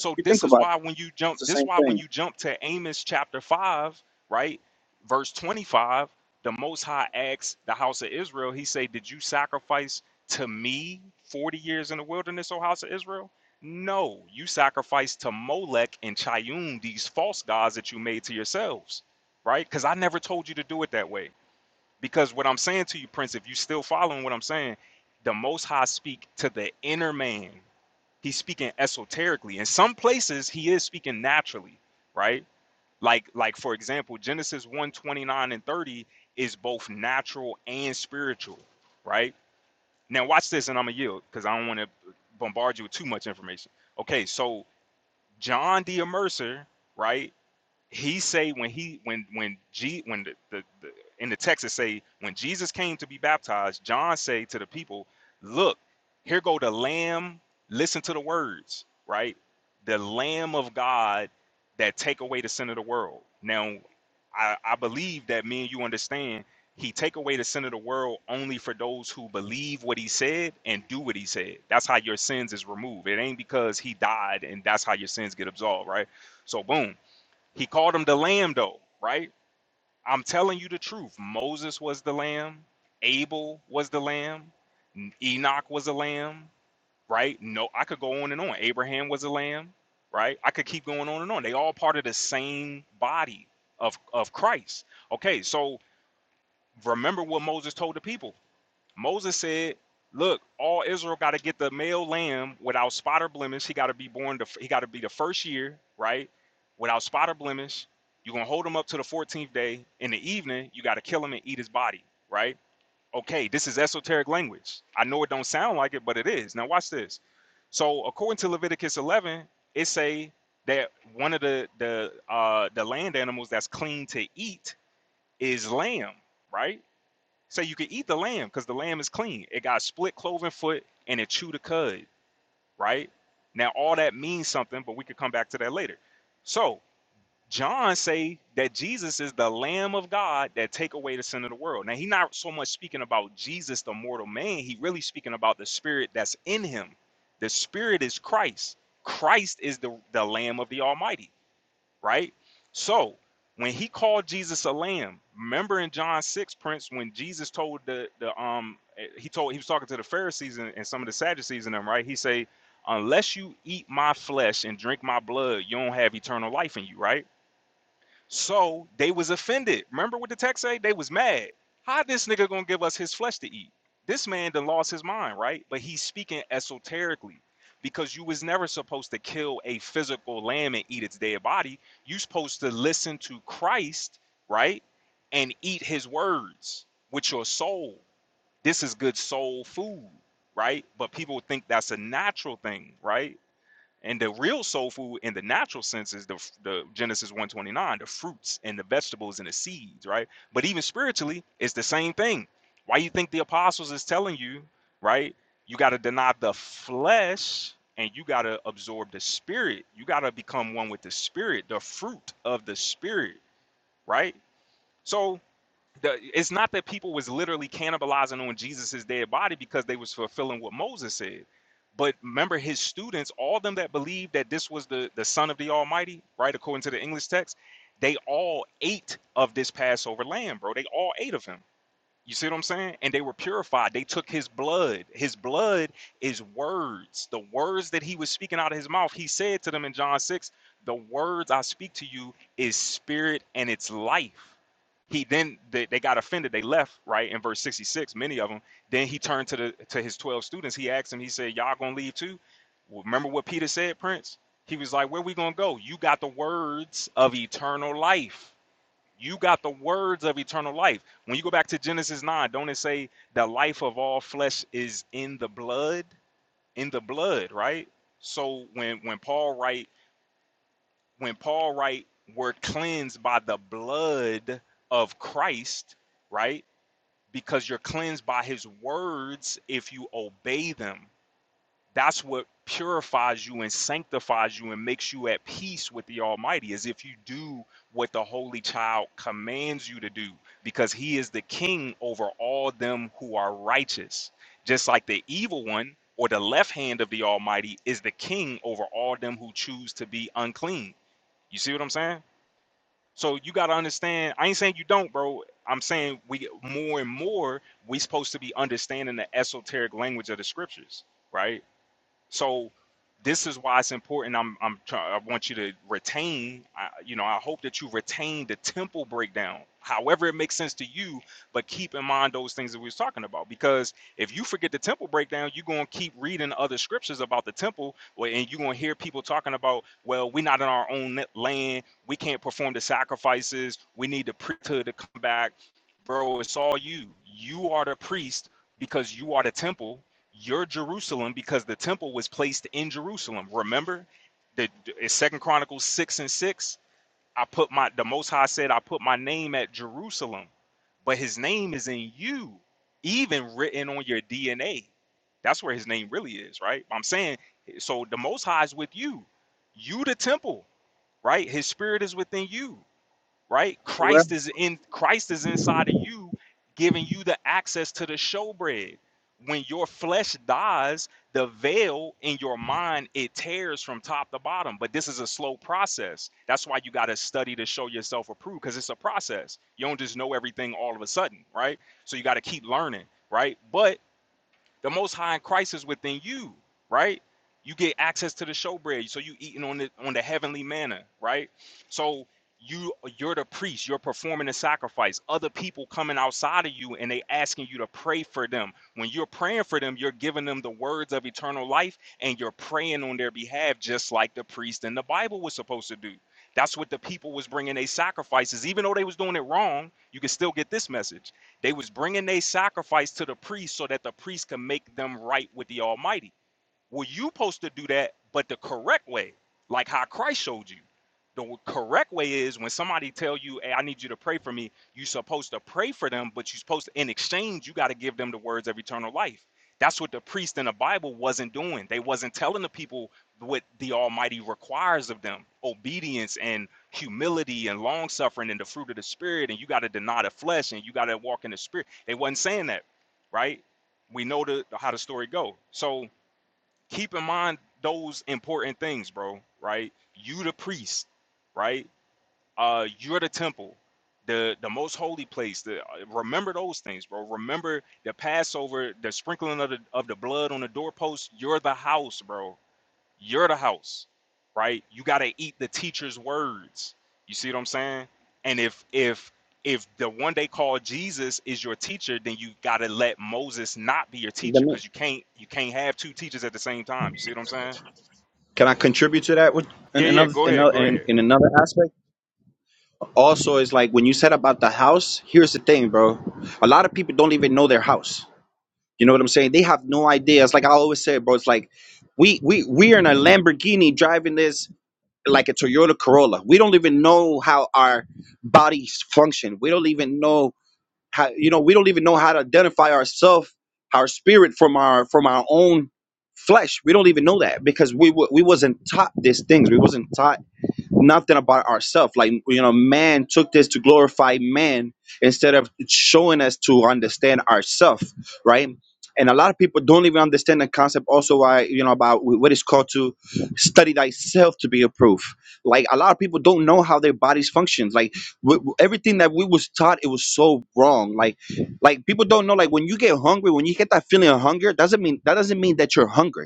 Speaker 4: If you think
Speaker 3: this is
Speaker 4: about it,
Speaker 3: why when you jump,
Speaker 4: it's the
Speaker 3: this is
Speaker 4: same
Speaker 3: why when
Speaker 4: thing.
Speaker 3: you jump to Amos chapter five, right, verse twenty-five, the Most High asks the house of Israel. He say, "Did you sacrifice to me forty years in the wilderness, O house of Israel?" No, you sacrificed to Molech and Chayun, these false gods that you made to yourselves, right? Because I never told you to do it that way. Because what I'm saying to you, Prince, if you still following what I'm saying, the Most High speak to the inner man he's speaking esoterically in some places he is speaking naturally right like like for example genesis one 29 and 30 is both natural and spiritual right now watch this and i'm gonna yield because i don't want to bombard you with too much information okay so john d Mercer, right he say when he when when G when the, the, the in the text it say when Jesus came to be baptized, John say to the people, "Look, here go the Lamb. Listen to the words, right? The Lamb of God that take away the sin of the world." Now, I, I believe that me and you understand. He take away the sin of the world only for those who believe what he said and do what he said. That's how your sins is removed. It ain't because he died and that's how your sins get absolved, right? So boom. He called him the lamb, though, right? I'm telling you the truth. Moses was the lamb. Abel was the lamb. N- Enoch was a lamb, right? No, I could go on and on. Abraham was a lamb, right? I could keep going on and on. They all part of the same body of, of Christ. Okay, so remember what Moses told the people. Moses said, "Look, all Israel got to get the male lamb without spot or blemish. He got to be born. The, he got to be the first year, right? Without spot or blemish. You're gonna hold him up to the 14th day. In the evening, you got to kill him and eat his body, right? Okay, this is esoteric language. I know it don't sound like it, but it is. Now watch this. So according to Leviticus 11, it say that one of the the uh, the land animals that's clean to eat is lamb, right? So you can eat the lamb because the lamb is clean. It got split cloven foot and it chewed a cud, right? Now all that means something, but we could come back to that later. So John say that Jesus is the Lamb of God that take away the sin of the world. Now he not so much speaking about Jesus, the mortal man. He really speaking about the spirit that's in him. The spirit is Christ. Christ is the, the Lamb of the Almighty right? So when he called Jesus a lamb, remember in John 6, Prince, when Jesus told the the um eh, he told he was talking to the Pharisees and, and some of the Sadducees and them, right? He say, Unless you eat my flesh and drink my blood, you don't have eternal life in you, right? So they was offended. Remember what the text say? They was mad. How this nigga gonna give us his flesh to eat? This man done lost his mind, right? But he's speaking esoterically because you was never supposed to kill a physical lamb and eat its dead body. You supposed to listen to Christ, right? And eat his words with your soul. This is good soul food, right? But people think that's a natural thing, right? And the real soul food in the natural sense is the the Genesis 129, the fruits and the vegetables and the seeds, right? But even spiritually, it's the same thing. Why you think the apostles is telling you, right? You got to deny the flesh and you got to absorb the spirit. You got to become one with the spirit, the fruit of the spirit, right? So the, it's not that people was literally cannibalizing on Jesus's dead body because they was fulfilling what Moses said. But remember, his students, all them that believed that this was the, the son of the Almighty, right, according to the English text, they all ate of this Passover lamb, bro. They all ate of him. You see what I'm saying? And they were purified. They took his blood. His blood is words. The words that he was speaking out of his mouth, he said to them in John 6, The words I speak to you is spirit and it's life. He then they, they got offended. They left, right? In verse 66, many of them. Then he turned to the to his 12 students. He asked them, he said, Y'all gonna leave too? Well, Remember what Peter said, Prince? He was like, Where we gonna go? You got the words of eternal life you got the words of eternal life. When you go back to Genesis 9, don't it say the life of all flesh is in the blood? In the blood, right? So when when Paul write when Paul write we're cleansed by the blood of Christ, right? Because you're cleansed by his words if you obey them. That's what purifies you and sanctifies you and makes you at peace with the Almighty, is if you do what the Holy Child commands you to do, because He is the King over all them who are righteous. Just like the evil one or the left hand of the Almighty is the King over all them who choose to be unclean. You see what I'm saying? So you got to understand. I ain't saying you don't, bro. I'm saying we more and more we supposed to be understanding the esoteric language of the scriptures, right? So this is why it's important. I'm I'm trying. I want you to retain. I, you know, I hope that you retain the temple breakdown, however it makes sense to you. But keep in mind those things that we was talking about, because if you forget the temple breakdown, you're gonna keep reading other scriptures about the temple, well, and you're gonna hear people talking about, well, we're not in our own land. We can't perform the sacrifices. We need the priesthood to come back, bro. It's all you. You are the priest because you are the temple your Jerusalem because the temple was placed in Jerusalem. Remember that it's Second Chronicles six and six. I put my the Most High said I put my name at Jerusalem, but His name is in you, even written on your DNA. That's where His name really is, right? I'm saying so. The Most High is with you. You the temple, right? His Spirit is within you right? Christ is in Christ is inside of you, giving you the access to the showbread. When your flesh dies, the veil in your mind it tears from top to bottom. But this is a slow process. That's why you got to study to show yourself approved, because it's a process. You don't just know everything all of a sudden, right? So you got to keep learning, right? But the Most High in Christ is within you, right? You get access to the showbread, so you eating on the on the heavenly manna, right? So you you're the priest. You're performing a sacrifice. Other people coming outside of you and they asking you to pray for them. When you're praying for them, you're giving them the words of eternal life, and you're praying on their behalf, just like the priest in the Bible was supposed to do. That's what the people was bringing. They sacrifices, even though they was doing it wrong. You can still get this message they was bringing their sacrifice to the priest so that the priest can make them right with the Almighty. Well, you supposed to do that, but the correct way, like how Christ showed you. The correct way is when somebody tell you, "Hey, I need you to pray for me." You're supposed to pray for them, but you're supposed to, in exchange, you got to give them the words of eternal life. That's what the priest in the Bible wasn't doing. They wasn't telling the people what the Almighty requires of them: obedience and humility and long suffering and the fruit of the Spirit. And you got to deny the flesh and you got to walk in the Spirit. They wasn't saying that, right? We know the how the story go. So keep in mind those important things, bro. Right? You the priest, right? Uh, you're the temple, the the most holy place. The, uh, remember those things, bro. Remember the Passover, the sprinkling of the of the blood on the doorpost. You're the house, bro you're the house, right? You got to eat the teacher's words. You see what I'm saying? And if if if the one they call Jesus is your teacher, then you got to let Moses not be your
Speaker 4: Let
Speaker 3: teacher because
Speaker 4: me-
Speaker 3: you can't you can't have two teachers at the same time. You see what I'm saying?
Speaker 4: Can I contribute to that with in
Speaker 3: Yeah, yeah.
Speaker 4: another
Speaker 3: Go
Speaker 4: in,
Speaker 3: ahead,
Speaker 4: another-
Speaker 3: go
Speaker 4: in,
Speaker 3: ahead.
Speaker 4: in another aspect? Also, is like when you said about the house. Here's the thing, bro. A lot of people don't even know their house. You know what I'm saying? They have no idea. It's like I always say, bro. It's like we we we are in a Lamborghini driving this like a Toyota Corolla. We don't even know how our bodies function. We don't even know how you know we don't even know how to identify ourselves, our spirit from our from our own flesh. We don't even know that because we wa- we wasn't taught these things. We wasn't taught nothing about ourselves. Like you know, man took this to glorify man instead of showing us to understand ourselves, right? And a lot of people don't even understand the concept. Also, why you know about wh- what it's called to study thyself to be approved. Like a lot of people don't know how their bodies functions. Like w- w- everything that we was taught, it was so wrong. Like, like people don't know. Like when you get hungry, when you get that feeling of hunger, doesn't mean that doesn't mean that you're hungry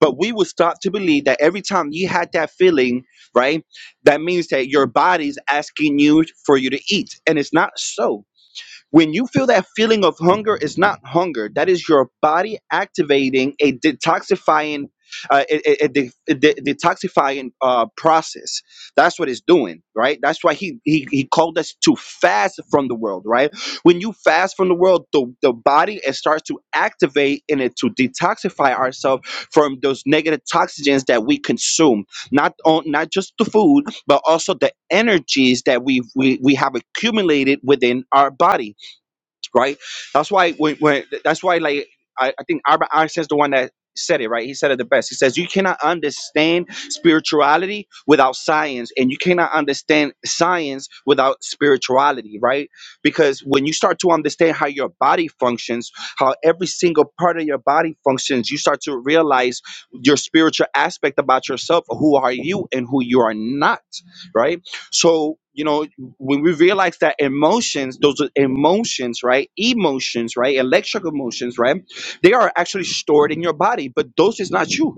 Speaker 4: but we would start to believe that every time you had that feeling, right, that means that your body's asking you for you to eat. And it's not so when you feel that feeling of hunger, it's not hunger. That is your body activating a detoxifying, uh, a, a, a de- a de- detoxifying uh, process. That's what it's doing, right? That's why he, he he called us to fast from the world, right? When you fast from the world, the, the body it starts to activate in it to detoxify ourselves from those negative toxins that we consume. Not on not just the food, but also the energies that we we, we have accumulated within our body right? That's why when, when that's why like I, I think Albert Einstein's the one that said it right. He said it the best. He says you cannot understand spirituality without science, and you cannot understand science without spirituality, right? Because when you start to understand how your body functions, how every single part of your body functions, you start to realize your spiritual aspect about yourself. Who are you and who you are not, right? So you know when we realize that emotions, those are emotions, right? Emotions, right? Electrical emotions, right? They are actually stored in your body, but those is not you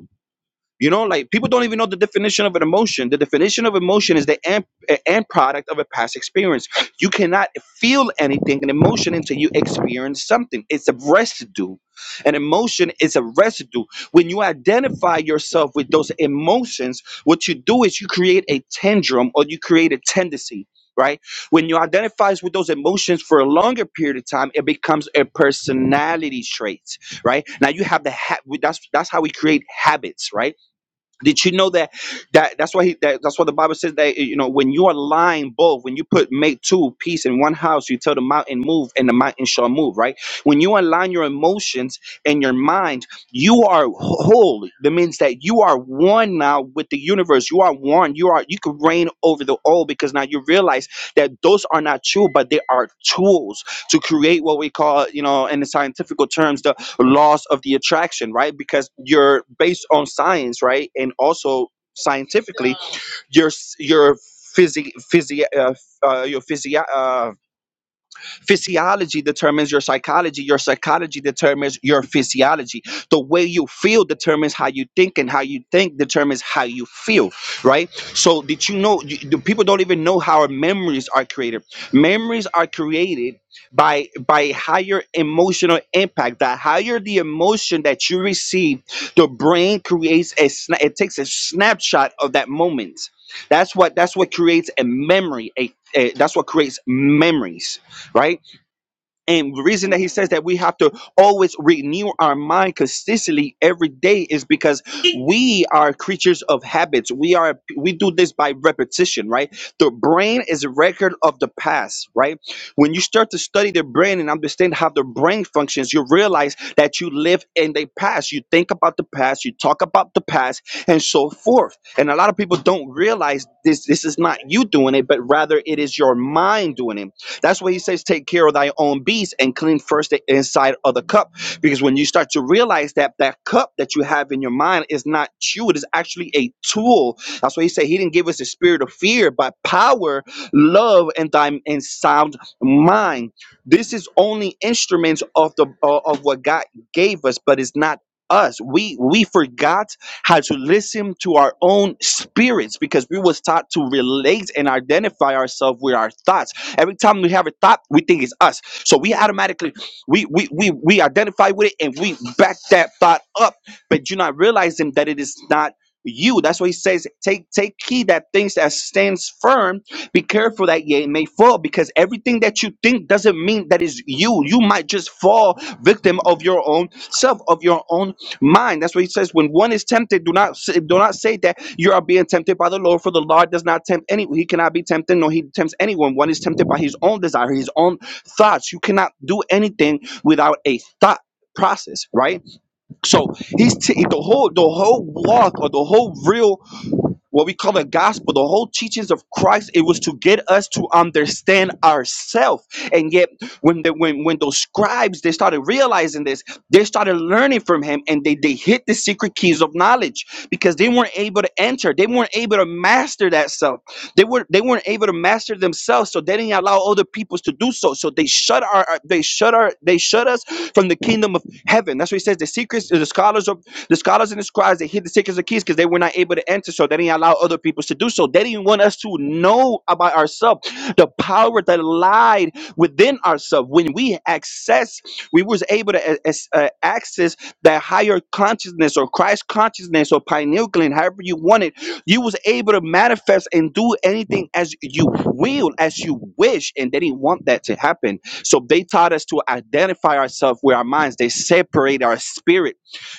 Speaker 4: you know, like people don't even know the definition of an emotion. The definition of emotion is the end, end product of a past experience. You cannot feel anything, an emotion, until you experience something. It's a residue. An emotion is a residue. When you identify yourself with those emotions, what you do is you create a tendrum or you create a tendency. Right when you identify with those emotions for a longer period of time, it becomes a personality trait. Right now, you have the ha- that's that's how we create habits. Right did you know that that that's why he that, that's why the Bible says that you know when you are lying both when you put make two peace in one house you tell the mountain move and the mountain shall move right when you align your emotions and your mind you are whole that means that you are one now with the universe you are one you are you can reign over the all because now you realize that those are not true but they are tools to create what we call you know in the scientific terms the laws of the attraction, right? Because you're based on science, right? And also scientifically, your your physi- physi- uh, f- uh, your physi- uh, Physiology determines your psychology. Your psychology determines your physiology. The way you feel determines how you think, and how you think determines how you feel, right? So, did you know? You, the people don't even know how our memories are created. Memories are created by by higher emotional impact. The higher the emotion that you receive, the brain creates a sna- it takes a snapshot of that moment. That's what that's what creates a memory. a a- that's what creates memories right? And the reason that he says that we have to always renew our mind consistently every day is because we are creatures of habits. We are we do this by repetition, right? The brain is a record of the past, right? When you start to study the brain and understand how the brain functions, you realize that you live in the past. You think about the past, you talk about the past, and so forth. And a lot of people don't realize this this is not you doing it, but rather it is your mind doing it that's why he says, take care of thy own beast and clean first the inside of the cup. Because when you start to realize that that cup that you have in your mind is not you, it is actually a tool. That's why he said he didn't give us a spirit of fear, but power, love, and time and sound mind. This is only instruments of the uh, of what God gave us, but it's not us we we forgot how to listen to our own spirits because we was taught to relate and identify ourselves with our thoughts Every time we have a thought, we think it's us. So we automatically we we we we identify with it and we back that thought up, but you're not realizing that it is not you. That's why he says, take take heed that things that stands firm. Be careful that ye may fall, because everything that you think doesn't mean that is you. You might just fall victim of your own self, of your own Mind. That's what he says. When one is tempted, do not s- do not say that you are being tempted by the Lord, for the Lord does not tempt any. He cannot be tempted, No, he tempts anyone. One is tempted by his own desire, his own thoughts. You cannot do anything without a thought process, right? So he's t- the whole the whole walk or the whole real what we call the gospel, the whole teachings of Christ, it was to get us to understand ourselves. And yet, when the, when when those scribes they started realizing this, they started learning from him, and they they hit the secret keys of knowledge because they weren't able to enter, they weren't able to master that self, they were they weren't able to master themselves, so they didn't allow other peoples to do so. So they shut our they shut our they shut us from the kingdom of heaven. That's what he says. The secrets, the scholars of the scholars and the scribes, they hid the secrets of keys because they were not able to enter, so they didn't allow other people to do so. They didn't want us to know about ourselves, the power that lied within ourselves. When we access, we was able to a- as- uh, access that higher consciousness or Christ consciousness or pineal gland, however you want it. You was able to manifest and do anything as you will, as you wish, and they didn't want that to happen. So they taught us to identify ourselves with our minds. They separate our spirit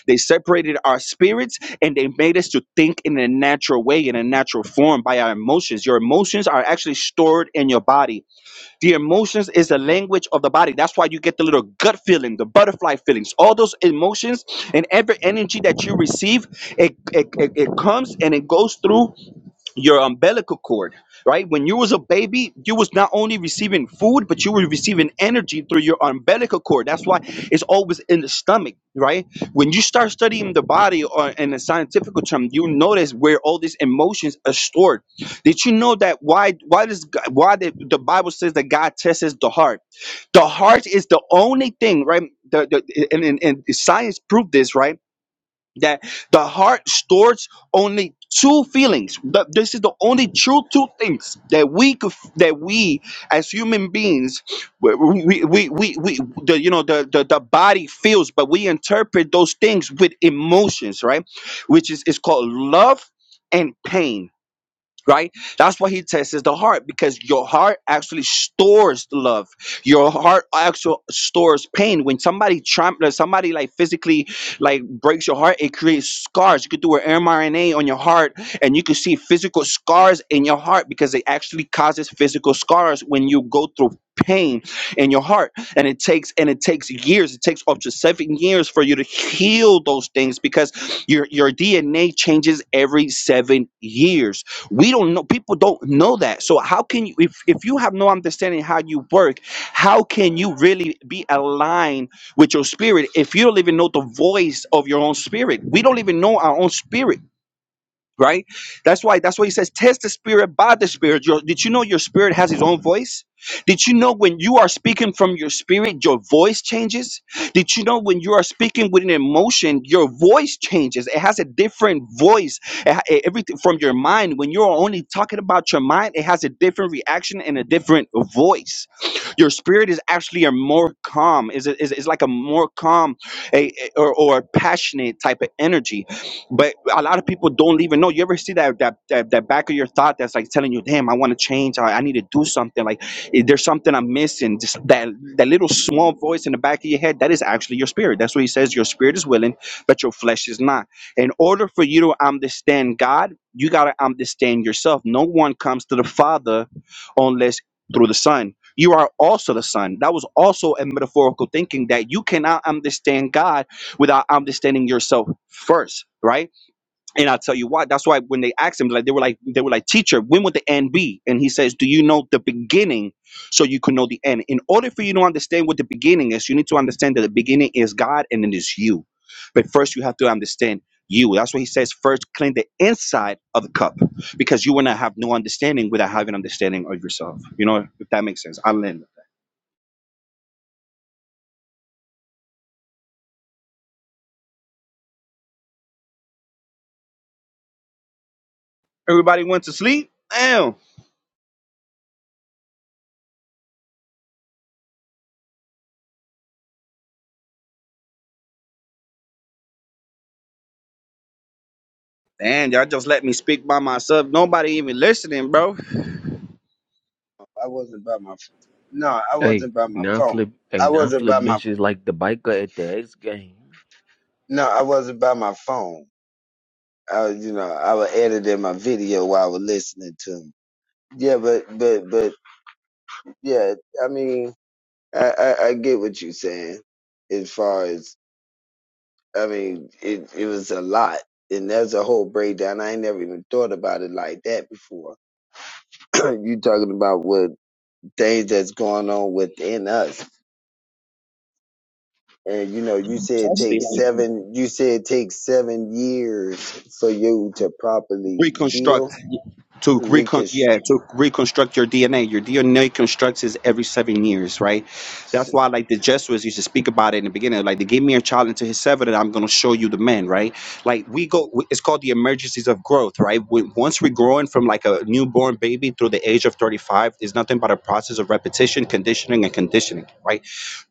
Speaker 4: they separated our spirits and they made us to think in a natural way, in a natural form by our emotions. Your emotions are actually stored in your body. The emotions is the language of the body. That's why you get the little gut feeling, the butterfly feelings, all those emotions and every energy that you receive, it, it, it, it comes and it goes through your umbilical cord right when you was a baby you was not only receiving food but you were receiving energy through your umbilical cord that's why it's always in the stomach right when you start studying the body or in a scientific term you notice where all these emotions are stored did you know that why why does G- why the, the bible says that god tests the heart the heart is the only thing right the, the, and, and, and science proved this right that the heart stores only two feelings Th- this is the only true two things that we could f- that we as human beings we we we, we, we the you know the, the the body feels but we interpret those things with emotions right which is is called love and pain right that's why he tests the heart because your heart actually stores the love your heart actually stores pain when somebody tramples somebody like physically like breaks your heart it creates scars you could do an mrna on your heart and you could see physical scars in your heart because it actually causes physical scars when you go through pain in your heart and it takes and it takes years it takes up to seven years for you to heal those things because your your dna changes every seven years we don't know people don't know that so how can you if, if you have no understanding how you work how can you really be aligned with your spirit if you don't even know the voice of your own spirit we don't even know our own spirit right? That's why that's why he says test the spirit by the spirit. Your, did you know your spirit has its own voice? Did you know when you are speaking from your spirit, your voice changes? Did you know when you are speaking with an emotion, your voice changes? It has a different voice. It ha- e- everything from your mind. When you're only talking about your mind, it has a different reaction and a different voice. Your spirit is actually a more calm. Is is is like a more calm, a, a- or or passionate type of energy but a lot of people don't even know. You ever see that that that, that back of your thought that's like telling you, "Damn, I want to change. I, I need to do something. Like eh, there's something I'm missing." Just that that little small voice in the back of your head that is actually your spirit. That's what he says. Your spirit is willing, but your flesh is not. In order for you to understand God, you gotta understand yourself. No one comes to the Father unless through the Son. You are also the Son. That was also a metaphorical thinking that you cannot understand God without understanding yourself first, right? And I'll tell you why. That's why when they asked him, like they were like, they were like, teacher, when would the end be? And he says, Do you know the beginning so you can know the end? In order for you to understand what the beginning is, you need to understand that the beginning is God and it is you. But first you have to understand you. That's what he says, first clean the inside of the cup. Because you will not have no understanding without having understanding of yourself. You know, if that makes sense. I'll end. Everybody went to sleep? Damn. Damn, y'all just let me speak by myself. Nobody even listening, bro.
Speaker 1: I wasn't by my. ph- No, I
Speaker 7: Hey,
Speaker 1: wasn't by my
Speaker 7: now
Speaker 1: phone.
Speaker 7: flip. Hey,
Speaker 1: I
Speaker 7: now
Speaker 1: wasn't
Speaker 7: flip
Speaker 1: by my.
Speaker 7: benches like the biker X game.
Speaker 1: No, I wasn't by my phone. I, was, you know, I was editing my video while I was listening to him. Yeah, but but but yeah. I mean, I I, I get what you're saying. As far as I mean, it it was a lot, and there's a whole breakdown. I ain't never even thought about it like that before. *clears throat* you talking about what things that's going on within us And you know, you said it
Speaker 4: Especially
Speaker 1: takes
Speaker 4: like
Speaker 1: seven. You said it takes seven years for you to properly
Speaker 4: reconstruct
Speaker 1: heal,
Speaker 4: to recon
Speaker 1: reconstruct.
Speaker 4: yeah to reconstruct your DNA. Your DNA constructs is every seven years, right? That's why like the Jesuits used to speak about it in the beginning. Like they gave me a child into his seven, and I'm gonna show you the man, right? Like we go, it's called the emergencies of growth, right? When, once we're growing from like a newborn baby through the age of 35, is nothing but a process of repetition, conditioning, and conditioning, right?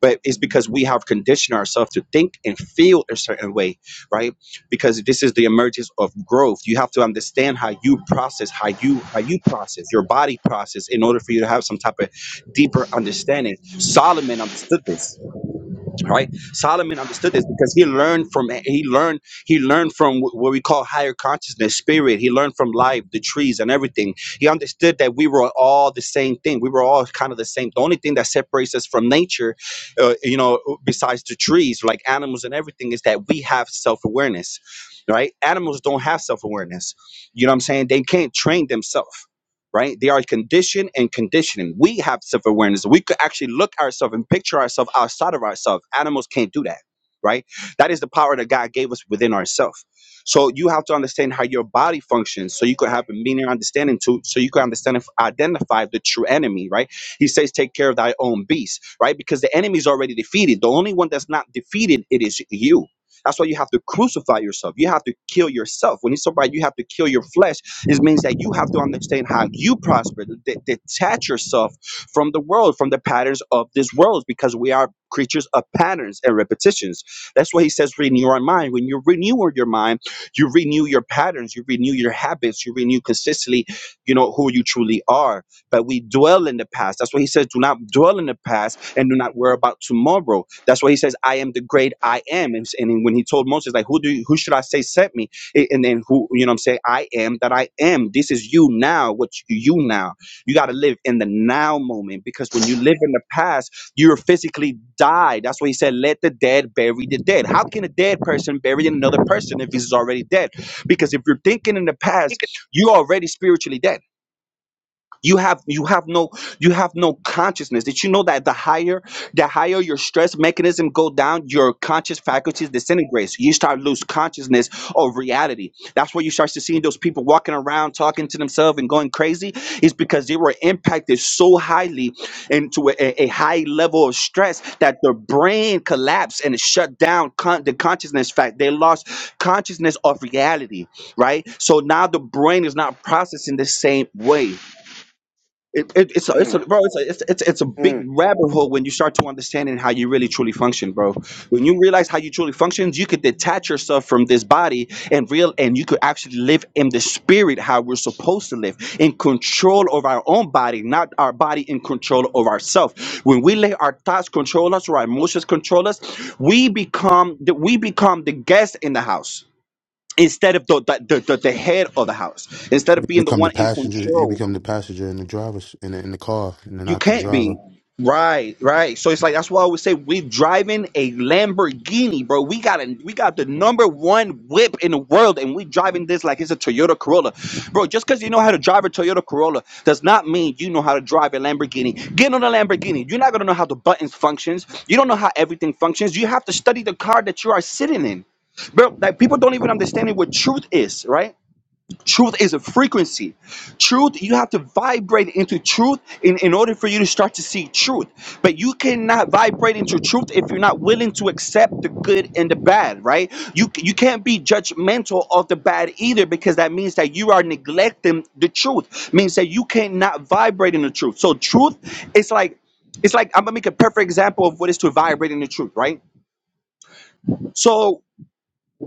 Speaker 4: But it's because we have conditioned ourselves to think and feel a certain way, right? because this is the emergence of growth you have to understand how you process how you how you process your body process in order for you to have some type of deeper understanding solomon understood this right solomon understood this because he learned from he learned he learned from wh- what we call higher consciousness spirit he learned from life the trees and everything he understood that we were all the same thing we were all kind of the same the only thing that separates us from nature uh, you know uh, besides the trees like animals and everything is that we have self-awareness right animals don't have self-awareness you know what i'm saying they can't train themselves right? They are conditioned and conditioning. We have self awareness. We could actually look ourselves and picture ourselves outside of ourselves. Animals can't do that, right? That is the power that God gave us within ourselves. So you have to understand how your body functions, so you could have a meaning understanding too, so you can understand and identify the true enemy, right? He says, "Take care of thy own beast," right? Because the enemy is already defeated. The only one that's not defeated it is you. That's why you have to crucify yourself. You have to kill yourself. When he's talking about you have to kill your flesh it means that you have to understand how you prosper, de- detach yourself from the world, from the patterns of this world, because we are creatures of patterns and repetitions. That's why he says, renew our mind. When you renew your mind, you renew your patterns, you renew your habits, you renew consistently, you know, who you truly are. But we dwell in the past. That's why he says, do not dwell in the past and do not worry about tomorrow. That's why he says, I am the great I am. And, and when he told Moses, like, who do you, who should I say sent me? A- And then who, you know what I'm saying? I am that I am. This is you now, what you you now. You got to live in the now moment because when you live in the past, you're physically died. That's why he said, let the dead bury the dead. How can a dead person bury another person if he's already dead? Because if you're thinking in the past, you're already spiritually dead you have you have no you have no consciousness did you know that the higher the higher your stress mechanism go down your conscious faculties disintegrates you start lose consciousness of reality that's where you start to seeing those people walking around talking to themselves and going crazy is because they were impacted so highly into a, a a high level of stress that their brain collapsed and it shut down con- the consciousness fact they lost consciousness of reality right so now the brain is not processing the same way it, it, it's a, it's a,
Speaker 1: Mm,
Speaker 4: bro. It's a, it's, it's it's a big
Speaker 1: mm.
Speaker 4: rabbit hole when you start to understanding how you really truly function, bro. When you realize how you truly functions, you could detach yourself from this body and real, and you could actually live in the spirit how we're supposed to live, in control of our own body, not our body in control of ourselves. When we let our thoughts control us or our emotions control us, we become the, we become the guest in the house instead of the the, the the the head of the house. Instead of being the
Speaker 9: become the
Speaker 4: one in
Speaker 9: passenger. You
Speaker 4: control.
Speaker 9: become the passenger in the driver's in the, in the car, and
Speaker 4: You
Speaker 9: not the
Speaker 4: can't be.
Speaker 9: driver.
Speaker 4: Right, right. So it's like that's why I would say we're driving a Lamborghini, bro. We got a we got the number one whip in the world, and we driving this like it's a Toyota Corolla, bro. Just because you know how to drive a Toyota Corolla does not mean you know how to drive a Lamborghini. Get on a Lamborghini, you're not gonna know how the buttons functions. You don't know how everything functions. You have to study the car that you are sitting in, bro. Like people don't even understand what truth is, right? Truth is a frequency. Truth, you have to vibrate into truth in, in order for you to start to see truth. But you cannot vibrate into truth if you're not willing to accept the good and the bad, right? You you can't be judgmental of the bad either because that means that you are neglecting the truth. It Means that you cannot vibrate in the truth. So truth it's like it's like I'm gonna make a perfect example of what is to vibrate in the truth, right? So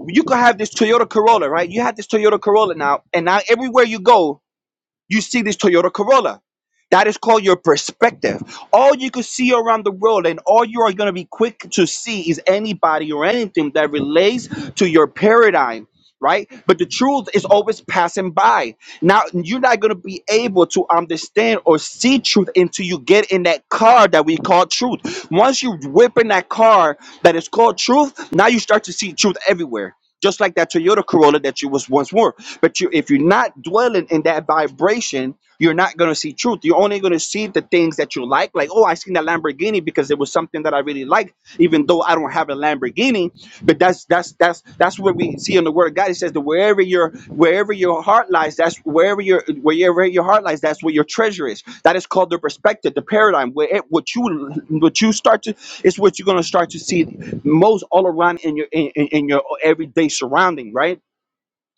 Speaker 4: you could have this Toyota Corolla, right? You have this Toyota Corolla now, and now everywhere you go, you see this Toyota Corolla. That is called your perspective. All you can see around the world and all you are going to be quick to see is anybody or anything that relates to your paradigm right? But the truth is always passing by. Now you're not gonna be able to understand or see truth until you get in that car that we call truth. Once you whip in that car that is called truth, now you start to see truth everywhere. Just like that Toyota Corolla that you was once more. But you if you're not dwelling in that vibration you're not going to see truth. You're only going to see the things that you like. Like, oh, I seen that Lamborghini because it was something that I really liked, even though I don't have a Lamborghini. But that's that's that's that's what we see in the Word of God. It says that wherever your wherever your heart lies, that's wherever your wherever your heart lies, that's where your treasure is. That is called the perspective, the paradigm. Where it, what you what you start to is what you're going to start to see most all around in your in, in in your everyday surrounding, right?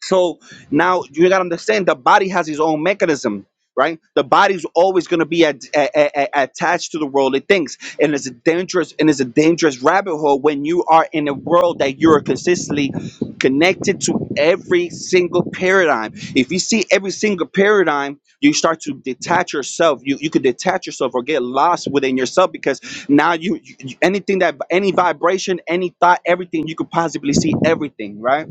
Speaker 4: So now you got to understand the body has its own mechanism, right? The body's always going to be at, a- a- a- attached to the world it thinks, and it's a dangerous and it's a dangerous rabbit hole when you are in a world that you are consistently connected to every single paradigm. If you see every single paradigm, you start to detach yourself. You you could detach yourself or get lost within yourself because now you, you anything that any vibration, any thought, everything you could possibly see everything, right?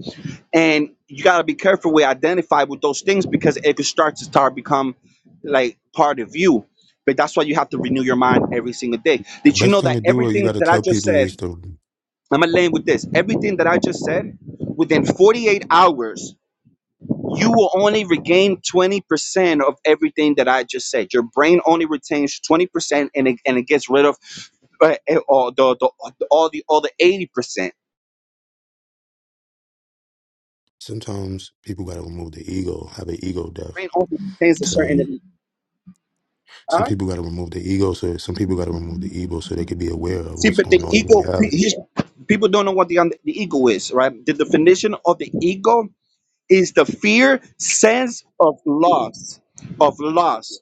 Speaker 4: and you got to be careful with identify with those things because it could start to start become like part of you but that's why you have to renew your mind every single day
Speaker 9: The
Speaker 4: did you
Speaker 9: best
Speaker 4: know
Speaker 9: thing
Speaker 4: that
Speaker 9: to do, or you
Speaker 4: everything
Speaker 9: got to
Speaker 4: that i
Speaker 9: tell
Speaker 4: just
Speaker 9: people,
Speaker 4: said
Speaker 9: is to
Speaker 4: i'm gonna land with this everything that i just said within 48 hours you will only regain 20% of everything that i just said your brain only retains 20% and it, and it gets rid of uh, all, the, the, all the other 80%
Speaker 9: sometimes people got to remove the ego, have an ego death.
Speaker 4: brain only retains a
Speaker 9: To
Speaker 4: certain huh?
Speaker 9: some people got to remove the ego, so some people got to remove the ego, so they could be aware of
Speaker 4: See,
Speaker 9: what's
Speaker 4: but the
Speaker 9: going on in
Speaker 4: ego, pe-
Speaker 9: reality.
Speaker 4: here's- people don't know what the, un- the ego is, right? The definition of the ego is the fear, sense of loss, of loss,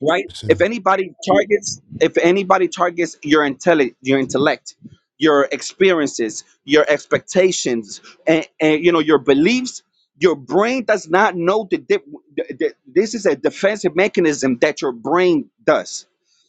Speaker 4: right?
Speaker 9: So,
Speaker 4: If anybody targets, if anybody targets your intellect, your intellect, your experiences, your expectations, and, and you know your beliefs, your brain does not know the, dip, the, the. This is a defensive mechanism that your brain does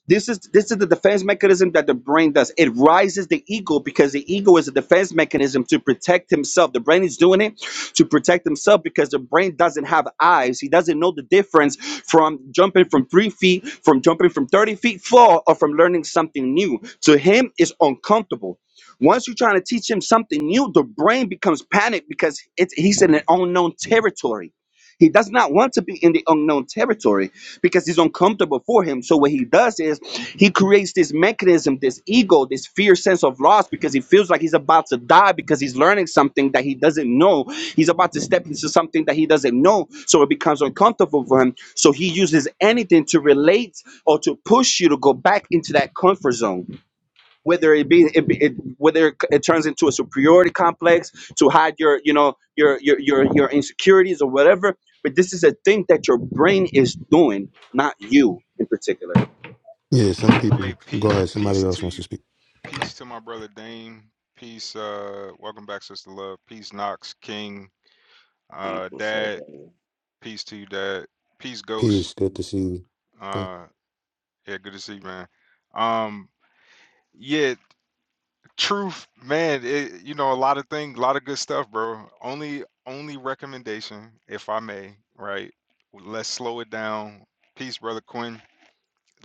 Speaker 4: this is this is the defense mechanism that the brain does. It rises the ego because the ego is a defense mechanism to protect himself. The brain is doing it to protect himself because the brain doesn't have eyes. He doesn't know the difference from jumping from three feet, from jumping from 30 feet fall, or from learning something new. To him, it's uncomfortable. Once you're trying to teach him something new, the brain becomes panicked because it's, he's in an unknown territory he does not want to be in the unknown territory because it's uncomfortable for him. So what he does is he creates this mechanism, this ego, this fear sense of loss because he feels like he's about to die because he's learning something that he doesn't know. He's about to step into something that he doesn't know. So it becomes uncomfortable for him. So he uses anything to relate or to push you to go back into that comfort zone whether it be, it, it whether it turns into a superiority complex to hide your you know your your your your insecurities or whatever but this is a thing that your brain is doing not you in particular
Speaker 9: yeah, some
Speaker 3: Hey,
Speaker 9: people. Go
Speaker 3: pe-
Speaker 9: ahead.
Speaker 3: peace
Speaker 9: Somebody else
Speaker 3: to
Speaker 9: wants
Speaker 3: you.
Speaker 9: to speak.
Speaker 3: Peace to my brother Dame. Peace. Uh, welcome back, sister love. Peace, Knox King. Uh,
Speaker 10: People said,
Speaker 3: Dad.
Speaker 10: bro,
Speaker 3: Peace to you, Dad. Peace, Ghost.
Speaker 9: Peace. Good to see you. Yeah,
Speaker 3: Uh, yeah, good to see you, man. Um, Yeah, truth, man. It, you know, a lot of things, a lot of good stuff, bro. Only, only recommendation, if I may, right? Let's slow it down. Peace, brother Quinn.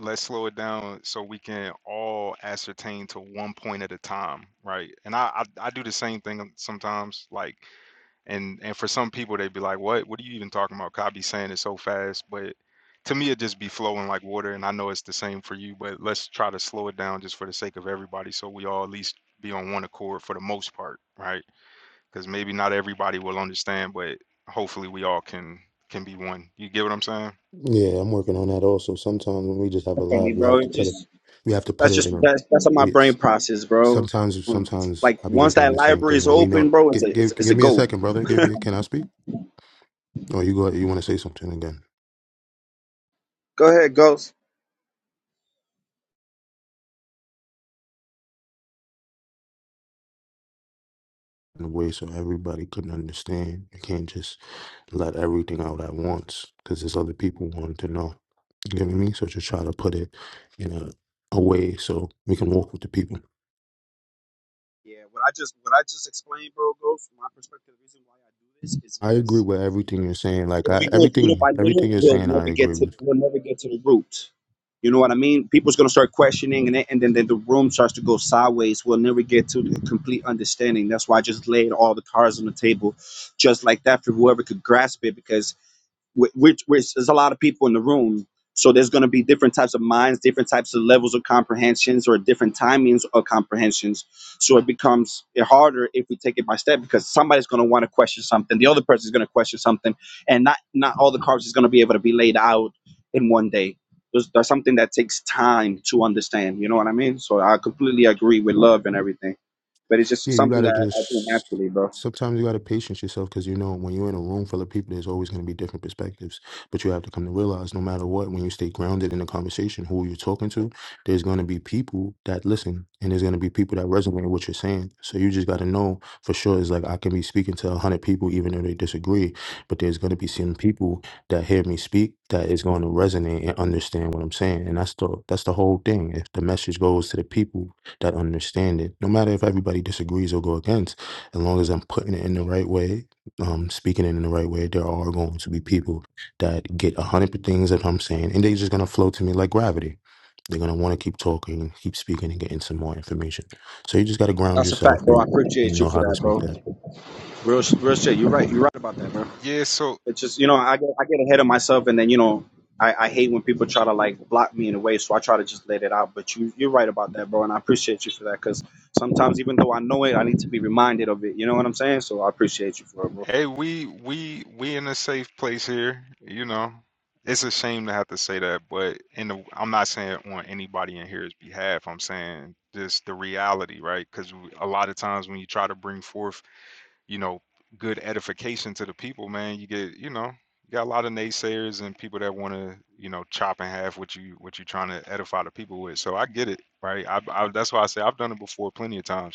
Speaker 3: Let's slow it down so we can all ascertain to one point at a time, right? And I, I, I do the same thing sometimes. Like and and for some people they'd be like, "What? What are you even talking about? Cause be saying it so fast." But to me, it just be flowing like water. And I know it's the same for you, but let's try to slow it down just for the sake of everybody, so we all at least be on one accord for the most part, right? Because maybe not everybody will understand, but hopefully we all can can be one. You get what I'm saying?
Speaker 9: Yeah, I'm working on that also. Sometimes when we just have a lot, we have to put it. We have to put
Speaker 4: that's
Speaker 9: it
Speaker 4: just
Speaker 9: in a.
Speaker 4: that's that's how my
Speaker 9: We
Speaker 4: brain process bro
Speaker 9: Sometimes,
Speaker 4: It's
Speaker 9: sometimes
Speaker 4: like
Speaker 9: I'll be
Speaker 4: once
Speaker 9: working on
Speaker 4: that
Speaker 9: the same
Speaker 4: library
Speaker 9: thing.
Speaker 4: is
Speaker 9: When we know,
Speaker 4: open bro it's
Speaker 9: give,
Speaker 4: a it's,
Speaker 9: give,
Speaker 4: it's a
Speaker 9: give me a
Speaker 4: goal
Speaker 9: second, brother. Give me. Can I speak? Or you go. You want to say something again?
Speaker 4: go ahead ghost
Speaker 9: In a way, so everybody can understand. You can't just let everything out at once because there's other people wanting to know. You get what I mean? So just try to put it in a, a way so we can walk with the people. I agree with everything you're saying. Like
Speaker 4: if
Speaker 9: I,
Speaker 4: it goes little
Speaker 9: everything,
Speaker 4: by
Speaker 9: everything
Speaker 4: little,
Speaker 9: you're
Speaker 4: we'll
Speaker 9: saying,
Speaker 4: never
Speaker 9: I
Speaker 4: get
Speaker 9: agree with.
Speaker 4: to we'll never get to the root. You know what I mean? People's gonna start questioning, and then, and then, then the room starts to go sideways. We'll never get to the complete understanding. That's why I just laid all the cards on the table, just like that, for whoever could grasp it. Because wh- which which there's a lot of people in the room so there's going to be different types of minds different types of levels of comprehensions or different timings of comprehensions so it becomes eh, harder if we take it by step because somebody's going to want to question something the other person's going to question something and not not all the cards is going to be able to be laid out in one day there's, there's something that takes time to understand you know what i mean so i completely agree with love and everything but it's just
Speaker 9: Yeah, you
Speaker 4: something
Speaker 9: gotta
Speaker 4: that i, I do
Speaker 9: just
Speaker 4: naturally bro
Speaker 9: sometimes you gotta patience yourself because you know when you're in a room full of people, there's always gonna be different perspectives. But you have to come to realize, no matter what, when you stay grounded in the conversation, who you're talking to, there's gonna be people that listen, and there's gonna be people that resonate with what you're saying. So you just gotta know for sure. It's like I can be speaking to a hundred people, even though they disagree, but there's gonna be some people that hear me speak that is going to resonate and understand what I'm saying. And that's the that's the whole thing. If the message goes to the people that understand it. No matter if everybody disagrees or go against, as long as I'm putting it in the right way, um, speaking it in the right way, there are going to be people that get a hundred things that I'm saying, and they're just gonna flow to me like gravity. They're gonna want to keep talking, keep speaking, and getting some more information. So you just gotta ground
Speaker 4: that's a
Speaker 9: yourself
Speaker 4: fact bro i
Speaker 9: and you
Speaker 4: appreciate you
Speaker 9: know
Speaker 4: for
Speaker 9: how to
Speaker 4: that
Speaker 9: speak
Speaker 4: bro
Speaker 9: that.
Speaker 4: real, sh- real shit you're right you're right about that bro
Speaker 3: Yeah. So
Speaker 4: It's just you know I get I get ahead of myself, and then you know I, I hate when people try to like block me in a way, so I try to just let it out. But you you're right about that, bro, and I appreciate you for that because sometimes even though I know it, I need to be reminded of it. You know what I'm saying? So I appreciate you for it, bro.
Speaker 3: Hey, we we we in a safe place here, you know. It's a shame to have to say that, but in the, I'm not saying on anybody in here's behalf. I'm saying just the reality, right? Because a lot of times when you try to bring forth, you know, good edification to the people, man, you get, you know, you got a lot of naysayers and people that want to, you know, chop in half what you what you're trying to edify the people with. So I get it, right? I, I that's why I say I've done it before plenty of times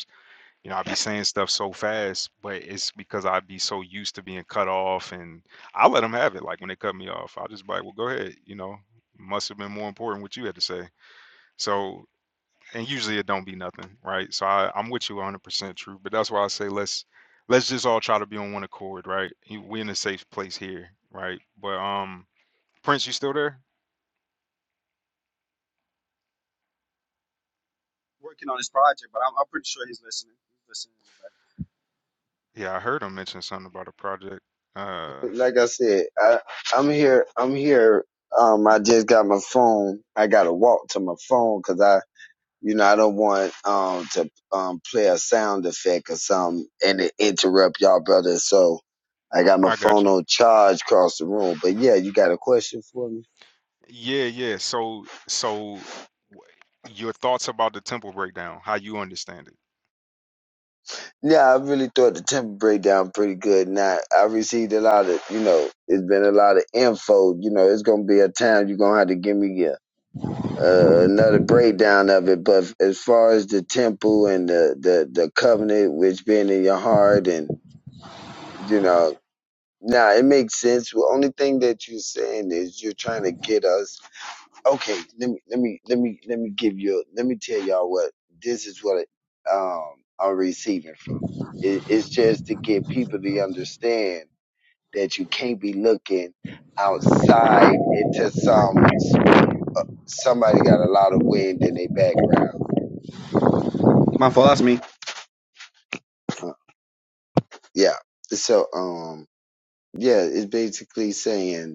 Speaker 3: you know, i be *laughs* saying stuff so fast, but it's because i be so used to being cut off, and I let them have it. Like when they cut me off, i just be like, "Well, go ahead." You know, must have been more important what you had to say. So, and usually it don't be nothing, right? So I, I'm with you 100% true, but that's why I say let's let's just all try to be on one accord, right? You- We in a safe place here, right? But um, Prince, you still there?
Speaker 4: Working on this project, but I'm, I'm pretty sure he's listening. He's listening in
Speaker 3: Yeah, I heard him mention something about a project. Uh,
Speaker 1: Like I said, I, I'm here. I'm here. Um, I just got my phone. I got to walk to my phone, cause I, you know, I don't want um to um play a sound effect or something and it interrupt y'all, brother. So I got my
Speaker 3: I got
Speaker 1: phone
Speaker 3: you.
Speaker 1: on charge across the room. But yeah, you got a question for me?
Speaker 3: Yeah, yeah. So, so w- your thoughts about the temple breakdown, how you understand it?
Speaker 1: Yeah, I really thought the temper breakdown pretty good. Now I received a lot of, you know, it's been a lot of info. You know, it's gonna be a time you're gonna have to give me a, uh, another breakdown of it. But as far as the temple and the the the covenant which being in your heart, and you know, now it makes sense. The only thing that you're saying is you're trying to get us okay, let me let me let me let me give you let me tell y'all what this is what um I'm receiving from. It, it's just to get people to understand that you can't be looking outside into some somebody got a lot of wind in their background.
Speaker 4: the back. My fault. That's me.
Speaker 1: Uh, yeah. So um yeah, it's basically saying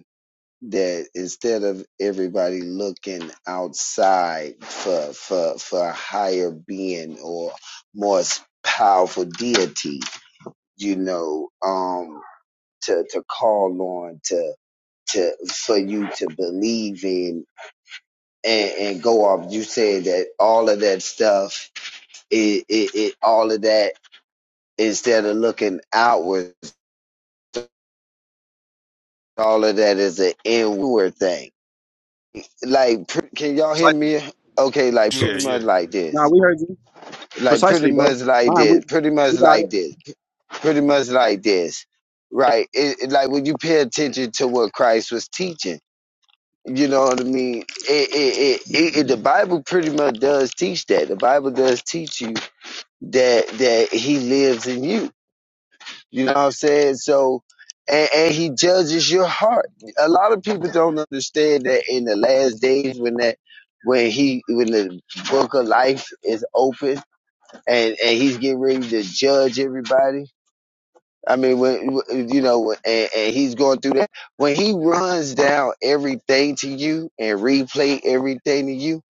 Speaker 1: that instead of everybody looking outside for for for a higher being or more s- powerful deity, you know, um, to to call on to to for you to believe in and, and go off. You said that all of that stuff, it, it, it all of that instead of looking outward, all of that is an inward thing. Like, pr- can y'all hear
Speaker 4: Precisely.
Speaker 1: me? Okay, like
Speaker 3: Yeah,
Speaker 1: pretty much
Speaker 3: yeah.
Speaker 1: like this
Speaker 4: Nah, we
Speaker 3: R-
Speaker 4: heard you.
Speaker 1: like pretty
Speaker 4: Precisely,
Speaker 1: much
Speaker 4: bro.
Speaker 1: like
Speaker 4: Mine. We
Speaker 1: this, pretty much
Speaker 4: we got
Speaker 1: like
Speaker 4: it.
Speaker 1: this, pretty much like this, right? It, it- like when you pay attention to what Christ was teaching, you know what I mean. It, it, it, it, the Bible pretty much does teach that. The Bible does teach you that that He lives in you. You know what I'm saying? So. And, and he judges your heart. A lot of people don't understand that in the last days, when that, when he, when the book of life is open, and and he's getting ready to judge everybody. I mean, when you know, and, and he's going through that. When he runs down everything to you and replay everything to you,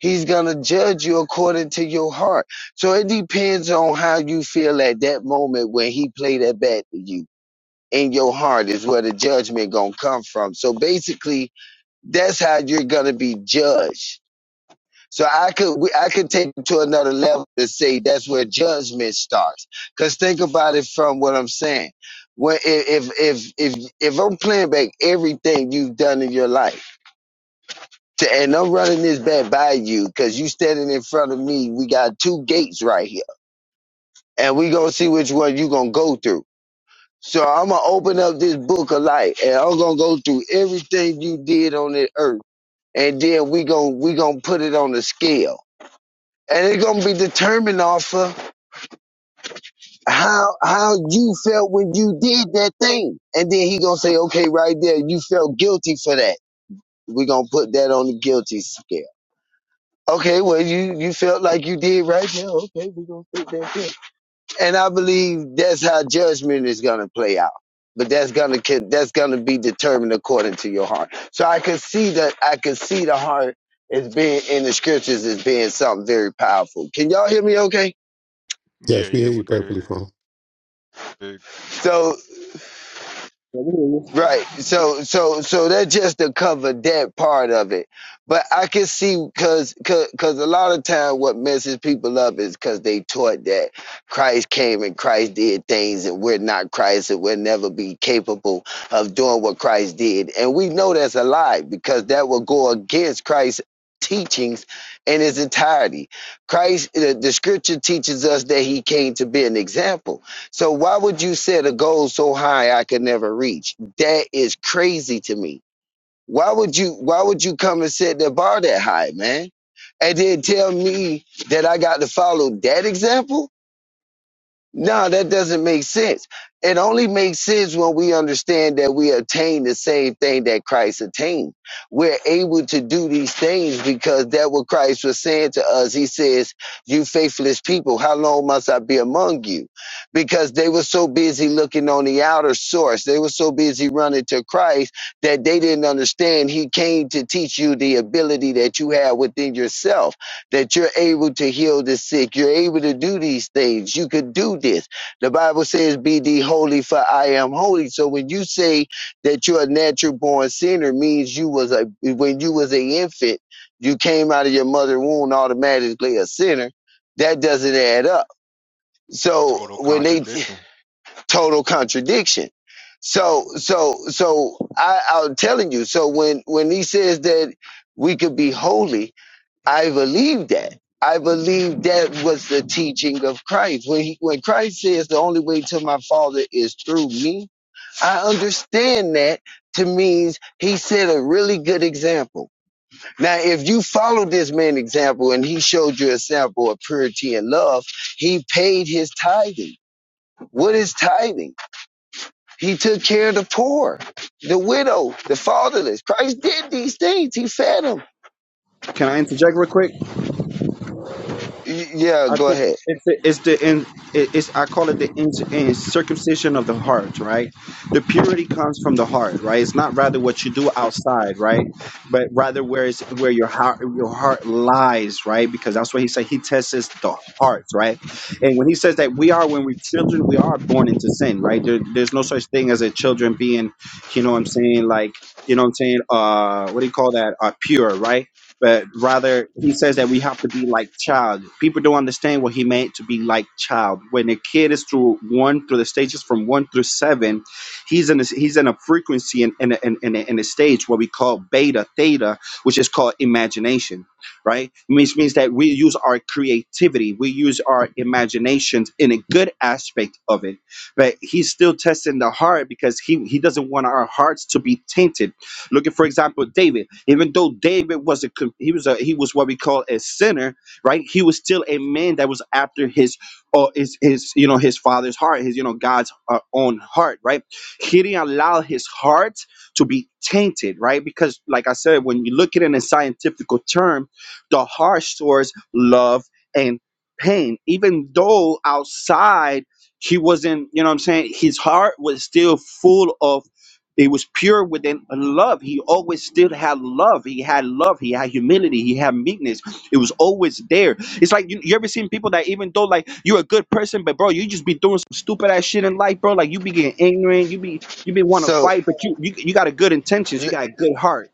Speaker 1: he's gonna judge you according to your heart. So it depends on how you feel at that moment when he played that back to you. In your heart is where the judgment gonna come from. So basically, that's how you're gonna be judged so I could we- I could take it to another level to say that's where judgment starts. Cause think about it from what I'm saying. When if if if if, I'm playing back everything you've done in your life, to, and I'm running this back by you, cause you standing in front of me, we got two gates right here, and we gonna see which one you gonna go through. So I'm gonna open up this book of life, and I'm gonna go through everything you did on the earth, and then we gonna we gonna put it on the scale, and it's gonna be determined off of how how you felt when you did that thing. And then he gonna say, okay, right there, you felt guilty for that. We're gonna put that on the guilty scale. Okay, well you you felt like you did right there. Okay, we're gonna put that there. And I believe that's how judgment is gonna play out. But that's gonna ca- that's gonna be determined according to your heart. So I could see that I could see the heart as being in the scriptures as being something very powerful. Can y'all hear me okay?
Speaker 3: Yeah,
Speaker 9: Yes, we
Speaker 3: yeah,
Speaker 9: hear
Speaker 3: we
Speaker 9: you
Speaker 3: could hear
Speaker 9: perfectly, Fran.
Speaker 3: The
Speaker 1: So
Speaker 4: Yeah, we hear you.
Speaker 1: Right. So so so that's just to cover that part of it. But I can see cause cause, cause a lot of time what messes people up is cause they taught that Christ came and Christ did things and we're not Christ and we'll never be capable of doing what Christ did. And we know that's a lie because that will go against Christ's teachings in its entirety. Christ the, the scripture teaches us that he came to be an example. So why would you set a goal so high I could never reach? That is crazy to me. Why would you why would you come and set the bar that high, man? And then tell me that I got to follow that example? No, that doesn't make sense. It only makes sense when we understand that we attain the same thing that Christ attained. We're able to do these things because that what Christ was saying to us. He says, you faithless people, how long must I be among you? Because they were so busy looking on the outer source. They were so busy running to Christ that they didn't understand he came to teach you the ability that you have within yourself that you're able to heal the sick. You're able to do these things. You could do this. The Bible says, Be thee holy, for I am holy. So when you say that you're a natural born sinner, means you was a when you was a infant, you came out of your mother's womb automatically a sinner. That doesn't add up. So
Speaker 3: total
Speaker 1: when they
Speaker 3: contradiction.
Speaker 1: *sighs* total contradiction. So so so I, I'm telling you, so when when he says that we could be holy, I believe that. I believe that was the teaching of Christ. When he, when Christ says the only way to my Father is through me, I understand that to means he set a really good example. Now, if you follow this man's example and he showed you a sample of purity and love, he paid his tithing. What is tithing? He took care of the poor, the widow, the fatherless. Christ did these things. He fed them.
Speaker 4: Can I interject real quick?
Speaker 1: Yeah,
Speaker 4: I
Speaker 1: go
Speaker 4: think
Speaker 1: ahead.
Speaker 4: it's the, it's the in, it- it's I call it the in, in circumcision of the heart, right? The purity comes from the heart, right? It's not rather what you do outside, right? But rather where is where your heart your heart lies, right? Because that's what he said. He tests the heart, right? And when he says that we are when we're children, we are born into sin, right? There, there's no such thing as a children being, you know, what I'm saying like. You know what I'm saying? Uh, what do you call that? Uh, pure, right? but rather he says that we have to be like child. People don't understand what he meant to be like child. When a kid is through one through the stages from one through seven, he's in a, he's in a frequency and in, in, in, in, a- in a stage what we call beta theta, which is called imagination, right? Which means that we use our creativity, we use our imaginations in a good aspect of it, but he's still testing the heart because he he doesn't want our hearts to be tainted Look at, for example, David. Even though David was a com- he was a he was what we call a sinner, right? He was still a man that was after his or his his you know his father's heart, his you know God's uh, own heart, right? He didn't allow his heart to be tainted, right? Because, like I said, when you look at it in a scientific term, the heart stores love and pain. Even though outside he wasn't, you know what I'm saying, his heart was still full of it was pure within love. He always still had love. He had love. He had humility. He had meekness. It was always there. It's like you, you ever seen people that even though like you're a good person, but bro, you just be doing some stupid ass shit in life, bro. Like you be getting ignorant. You be you be want to
Speaker 1: So
Speaker 4: fight, but you, you you got a good intentions. You got a good heart.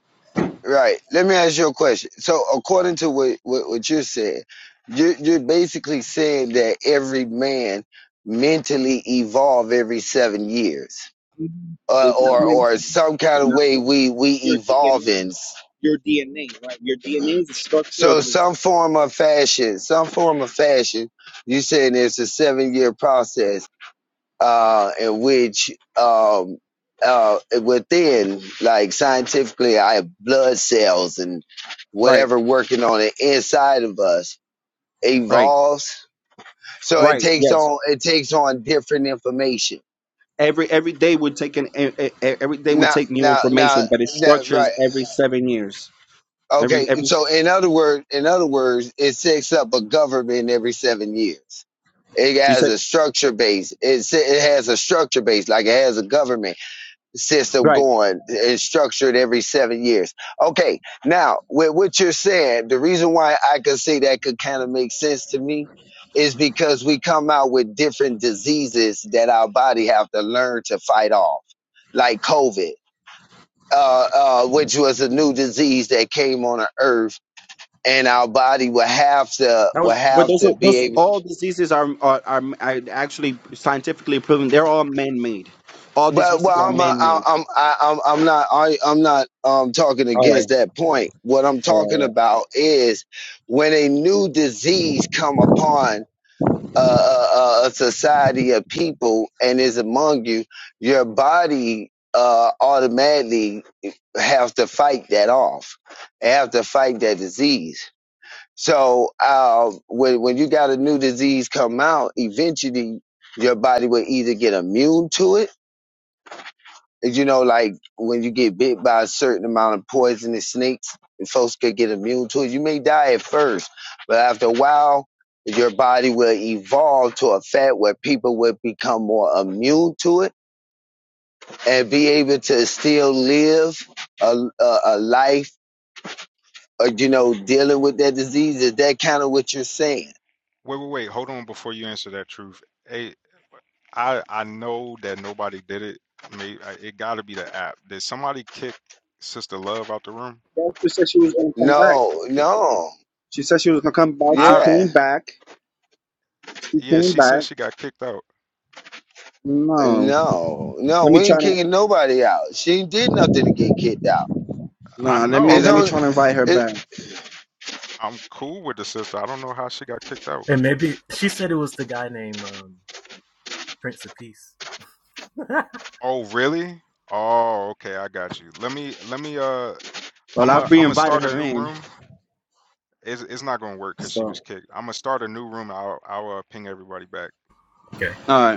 Speaker 1: Right. Let me ask you a question. So, according to what what, what you're saying, you're, you're basically saying that every man mentally evolve every seven years,
Speaker 4: Mhm.
Speaker 1: uh,
Speaker 4: It's not
Speaker 1: or or
Speaker 4: mentally.
Speaker 1: some kind of
Speaker 4: Not
Speaker 1: way
Speaker 4: mentally.
Speaker 1: we we
Speaker 4: Your
Speaker 1: evolve in.
Speaker 4: DNA. Your DNA. Right. Your DNA is the structure of
Speaker 1: So,
Speaker 4: this.
Speaker 1: some form of fashion, some form of fashion. You saying it's a seven year process. uh, in which um, uh, within, like scientifically, I have blood cells and
Speaker 4: Right.
Speaker 1: whatever working on the inside of us
Speaker 4: Right.
Speaker 1: evolves. So it
Speaker 4: Right.
Speaker 1: takes
Speaker 4: Yes.
Speaker 1: on it takes on different information.
Speaker 4: Every every day we take an e- e- e- every day we
Speaker 1: Now,
Speaker 4: take new
Speaker 1: now, now,
Speaker 4: information, but it
Speaker 1: now,
Speaker 4: structures
Speaker 1: right?
Speaker 4: every seven years. Every
Speaker 1: Okay.
Speaker 4: every
Speaker 1: So in other words, in other words, it sets up a government every seven years. It
Speaker 4: you
Speaker 1: has
Speaker 4: said
Speaker 1: a structure base. It, it has a structure base, like it has a government system
Speaker 4: right.
Speaker 1: going and structured every seven years. Okay, now with what you're saying, the reason why I could say that could kind of make sense to me is because we come out with different diseases that our body have to learn to fight off, like COVID, uh, uh, which was a new disease that came on the earth, and our body will have to
Speaker 4: That
Speaker 1: will
Speaker 4: was but
Speaker 1: have
Speaker 4: those are,
Speaker 1: to be
Speaker 4: those
Speaker 1: able
Speaker 4: all diseases are are, are are actually scientifically proven. They're all man made. All
Speaker 1: But
Speaker 4: diseases
Speaker 1: well,
Speaker 4: are
Speaker 1: I'm uh,
Speaker 4: man
Speaker 1: I-
Speaker 4: made.
Speaker 1: I'm I- I'm I'm not I, I'm not um talking
Speaker 4: All right.
Speaker 1: against that point. What I'm
Speaker 4: All right.
Speaker 1: talking
Speaker 4: All right.
Speaker 1: about is when a new disease come upon a, a, a society of people and is among you, your body uh automatically have to fight that off, have to fight that disease. So uh, when when you got a new disease come out, eventually your body will either get immune to it you know, like when you get bit by a certain amount of poisonous snakes, folks could get immune to it. You may die at first, but after a while, your body will evolve to a fat where people will become more immune to it and be able to still live a, a, a life, uh, you know, dealing with that disease. Is that kind of what you're saying?
Speaker 3: Wait, wait, wait. Hold on before you answer that truth. Hey, I I know that nobody did it. May I- it got to be the app. Did somebody kick Sister Love out the room?
Speaker 4: Doctor said she was gonna come back.
Speaker 1: No, no.
Speaker 4: She said she was gonna come back. She
Speaker 3: I
Speaker 1: Yeah.
Speaker 4: came back. She
Speaker 3: yeah,
Speaker 4: came
Speaker 3: she said
Speaker 4: back.
Speaker 3: she got kicked out.
Speaker 4: No.
Speaker 1: No, no,
Speaker 4: Let me
Speaker 1: we
Speaker 4: try
Speaker 1: ain't
Speaker 4: to.
Speaker 1: kicking nobody out. She did nothing to get kicked out.
Speaker 3: I
Speaker 4: Nah. Let
Speaker 3: know
Speaker 4: me
Speaker 1: It's
Speaker 4: let
Speaker 3: I'm
Speaker 4: me
Speaker 1: only,
Speaker 4: try to invite her back.
Speaker 3: I'm cool with the sister. I don't know how she got kicked out.
Speaker 11: And maybe she said it was the guy named um, Prince of Peace. *laughs*
Speaker 3: Oh, really? Oh, okay, I got you. Let me let me uh
Speaker 4: Well,
Speaker 3: I'm a
Speaker 4: I've
Speaker 3: I'm gonna
Speaker 4: re-invited
Speaker 3: start a
Speaker 4: her
Speaker 3: new
Speaker 4: in.
Speaker 3: room. It's it's not gonna work because she was
Speaker 4: So.
Speaker 3: kicked. I'm gonna start a new room. I'll I'll uh, ping everybody back.
Speaker 11: Okay.
Speaker 4: All right.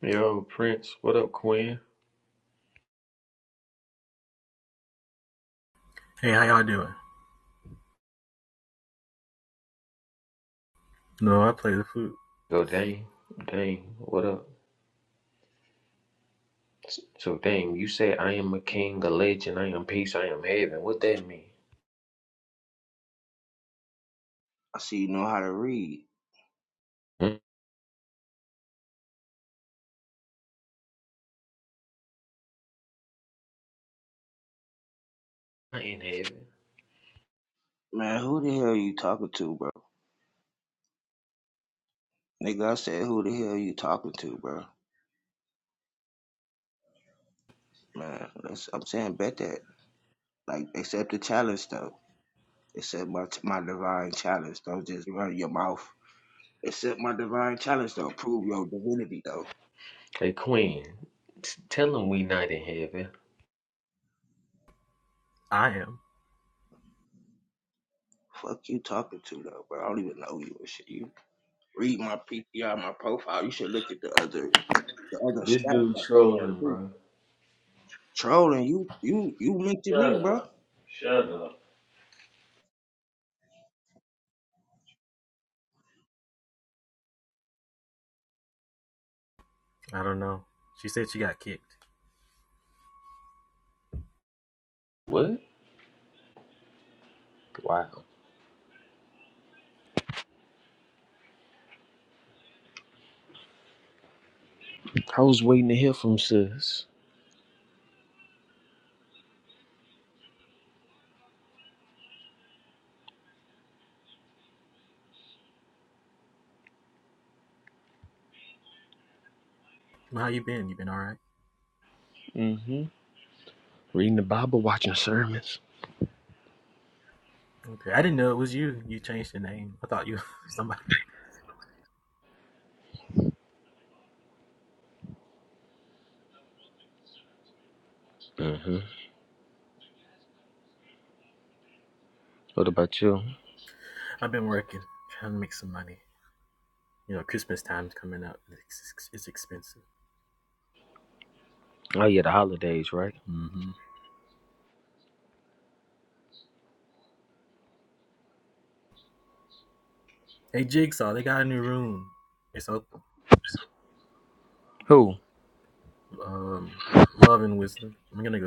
Speaker 7: Yo, Prince, what up, Quinn?
Speaker 11: Hey, how y'all doing? No, I play the flute.
Speaker 7: Yo, Dame, Dame, what up? S- So, Dame, you say I am a king, a legend, I am peace, I am heaven. What that mean?
Speaker 10: I see you know how to read.
Speaker 7: Hmm? Not in heaven.
Speaker 10: Man, who the hell you talking to, bro? Nigga, I said, who the hell you talking to, bro? Man, that's, I'm saying bet that. Like, accept the challenge, though. Accept my, my divine challenge. Don't just run your mouth. Accept my divine challenge, though. Prove your divinity, though.
Speaker 7: Hey, Quinn, t- tell him we not in heaven.
Speaker 11: I am.
Speaker 10: Fuck you talking to, though, bro. I don't even know you and shit. You read my PTR, my profile. You should look at the other the other
Speaker 7: This
Speaker 10: stats
Speaker 7: dude
Speaker 10: that's on there,
Speaker 7: trolling,
Speaker 10: too.
Speaker 7: bro.
Speaker 10: Trolling, you you you mentioned me,
Speaker 7: Shut
Speaker 10: bro.
Speaker 7: up. Shut up.
Speaker 11: I don't know. She said she got kicked.
Speaker 7: What? Wow. I was waiting to hear from sis.
Speaker 11: Well, How you been? You been all right?
Speaker 7: Mm-hmm. Reading the Bible, watching sermons.
Speaker 11: Okay. I didn't know it was you. You changed the name. I thought you *laughs* were somebody. else.
Speaker 7: What about you?
Speaker 11: I've been working, trying to make some money. You know, Christmas time's coming up. It's, it's expensive.
Speaker 7: Oh yeah, the holidays, right?
Speaker 11: Mm-hmm. Hey, Jigsaw, they got a new room. It's open.
Speaker 7: Who?
Speaker 11: Um, love and wisdom. I'm gonna go